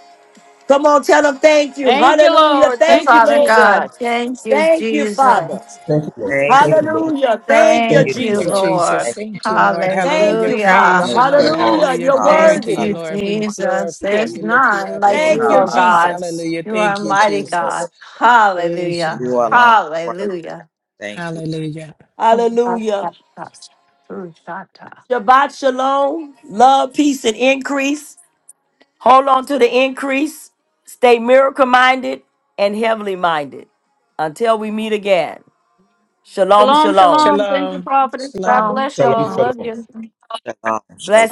A: Come on, tell them thank you.
H: Thank you,
A: Hallelujah.
H: Lord.
J: You,
A: Thank
H: Thank
A: you,
H: you,
J: Father
A: Lord.
H: Jesus.
J: God. Thank you,
A: Thank you, Father.
J: Jesus.
I: Thank you,
C: you, Lord.
A: Hallelujah. Thank you,
C: Thank
I: Thank
J: Thank
C: you,
I: you,
J: you,
K: Thank you,
C: Father.
A: Jesus.
K: Jesus.
I: thank
J: Lord.
K: Thank you, Lord.
A: Thank
K: Hallelujah.
A: you, Father.
J: Hallelujah.
K: Praise
I: thank
K: you, Lord.
I: you, Lord.
A: Hallelujah.
K: Hallelujah.
A: You're
K: Glory
J: Thank
K: to
A: worthy.
K: you,
I: Rasta,
J: you,
K: Lord. We
J: Jesus.
H: Thank
K: glorify
J: There's
K: you,
H: you.
K: lift you
J: none
K: up.
I: Lord,
J: like
K: Thank
A: Thank
J: you,
K: you,
A: you,
J: O
I: Rababa,
K: Lord.
J: God.
A: Jesus.
K: Hallelujah.
J: You are
K: Thank you,
J: mighty God.
K: Jesus. Praise you,
J: Hallelujah.
I: You
K: Lord.
I: alone, word.
J: Hallelujah.
I: Thank you.
K: Hallelujah.
A: Hallelujah.
J: Shalom,
A: Shabbat shalom. Love, peace, and increase. Hold on to the increase. Stay miracle minded and heavenly minded. Until we meet again. Shalom,
H: Shalom,
A: shalom.
H: shalom. Thank you,
K: Shalom.
H: prophetess. God
K: Shalom.
H: bless
C: Shalom,
H: y'all.
J: shalom.
C: shalom.
H: Love you.
I: Shalom,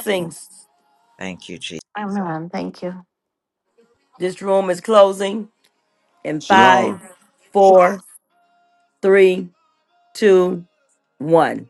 I: shalom. Thank you, Jesus.
J: I'm So- thank you.
A: This room is closing in
F: Shalom.
A: five, four, three, two, one.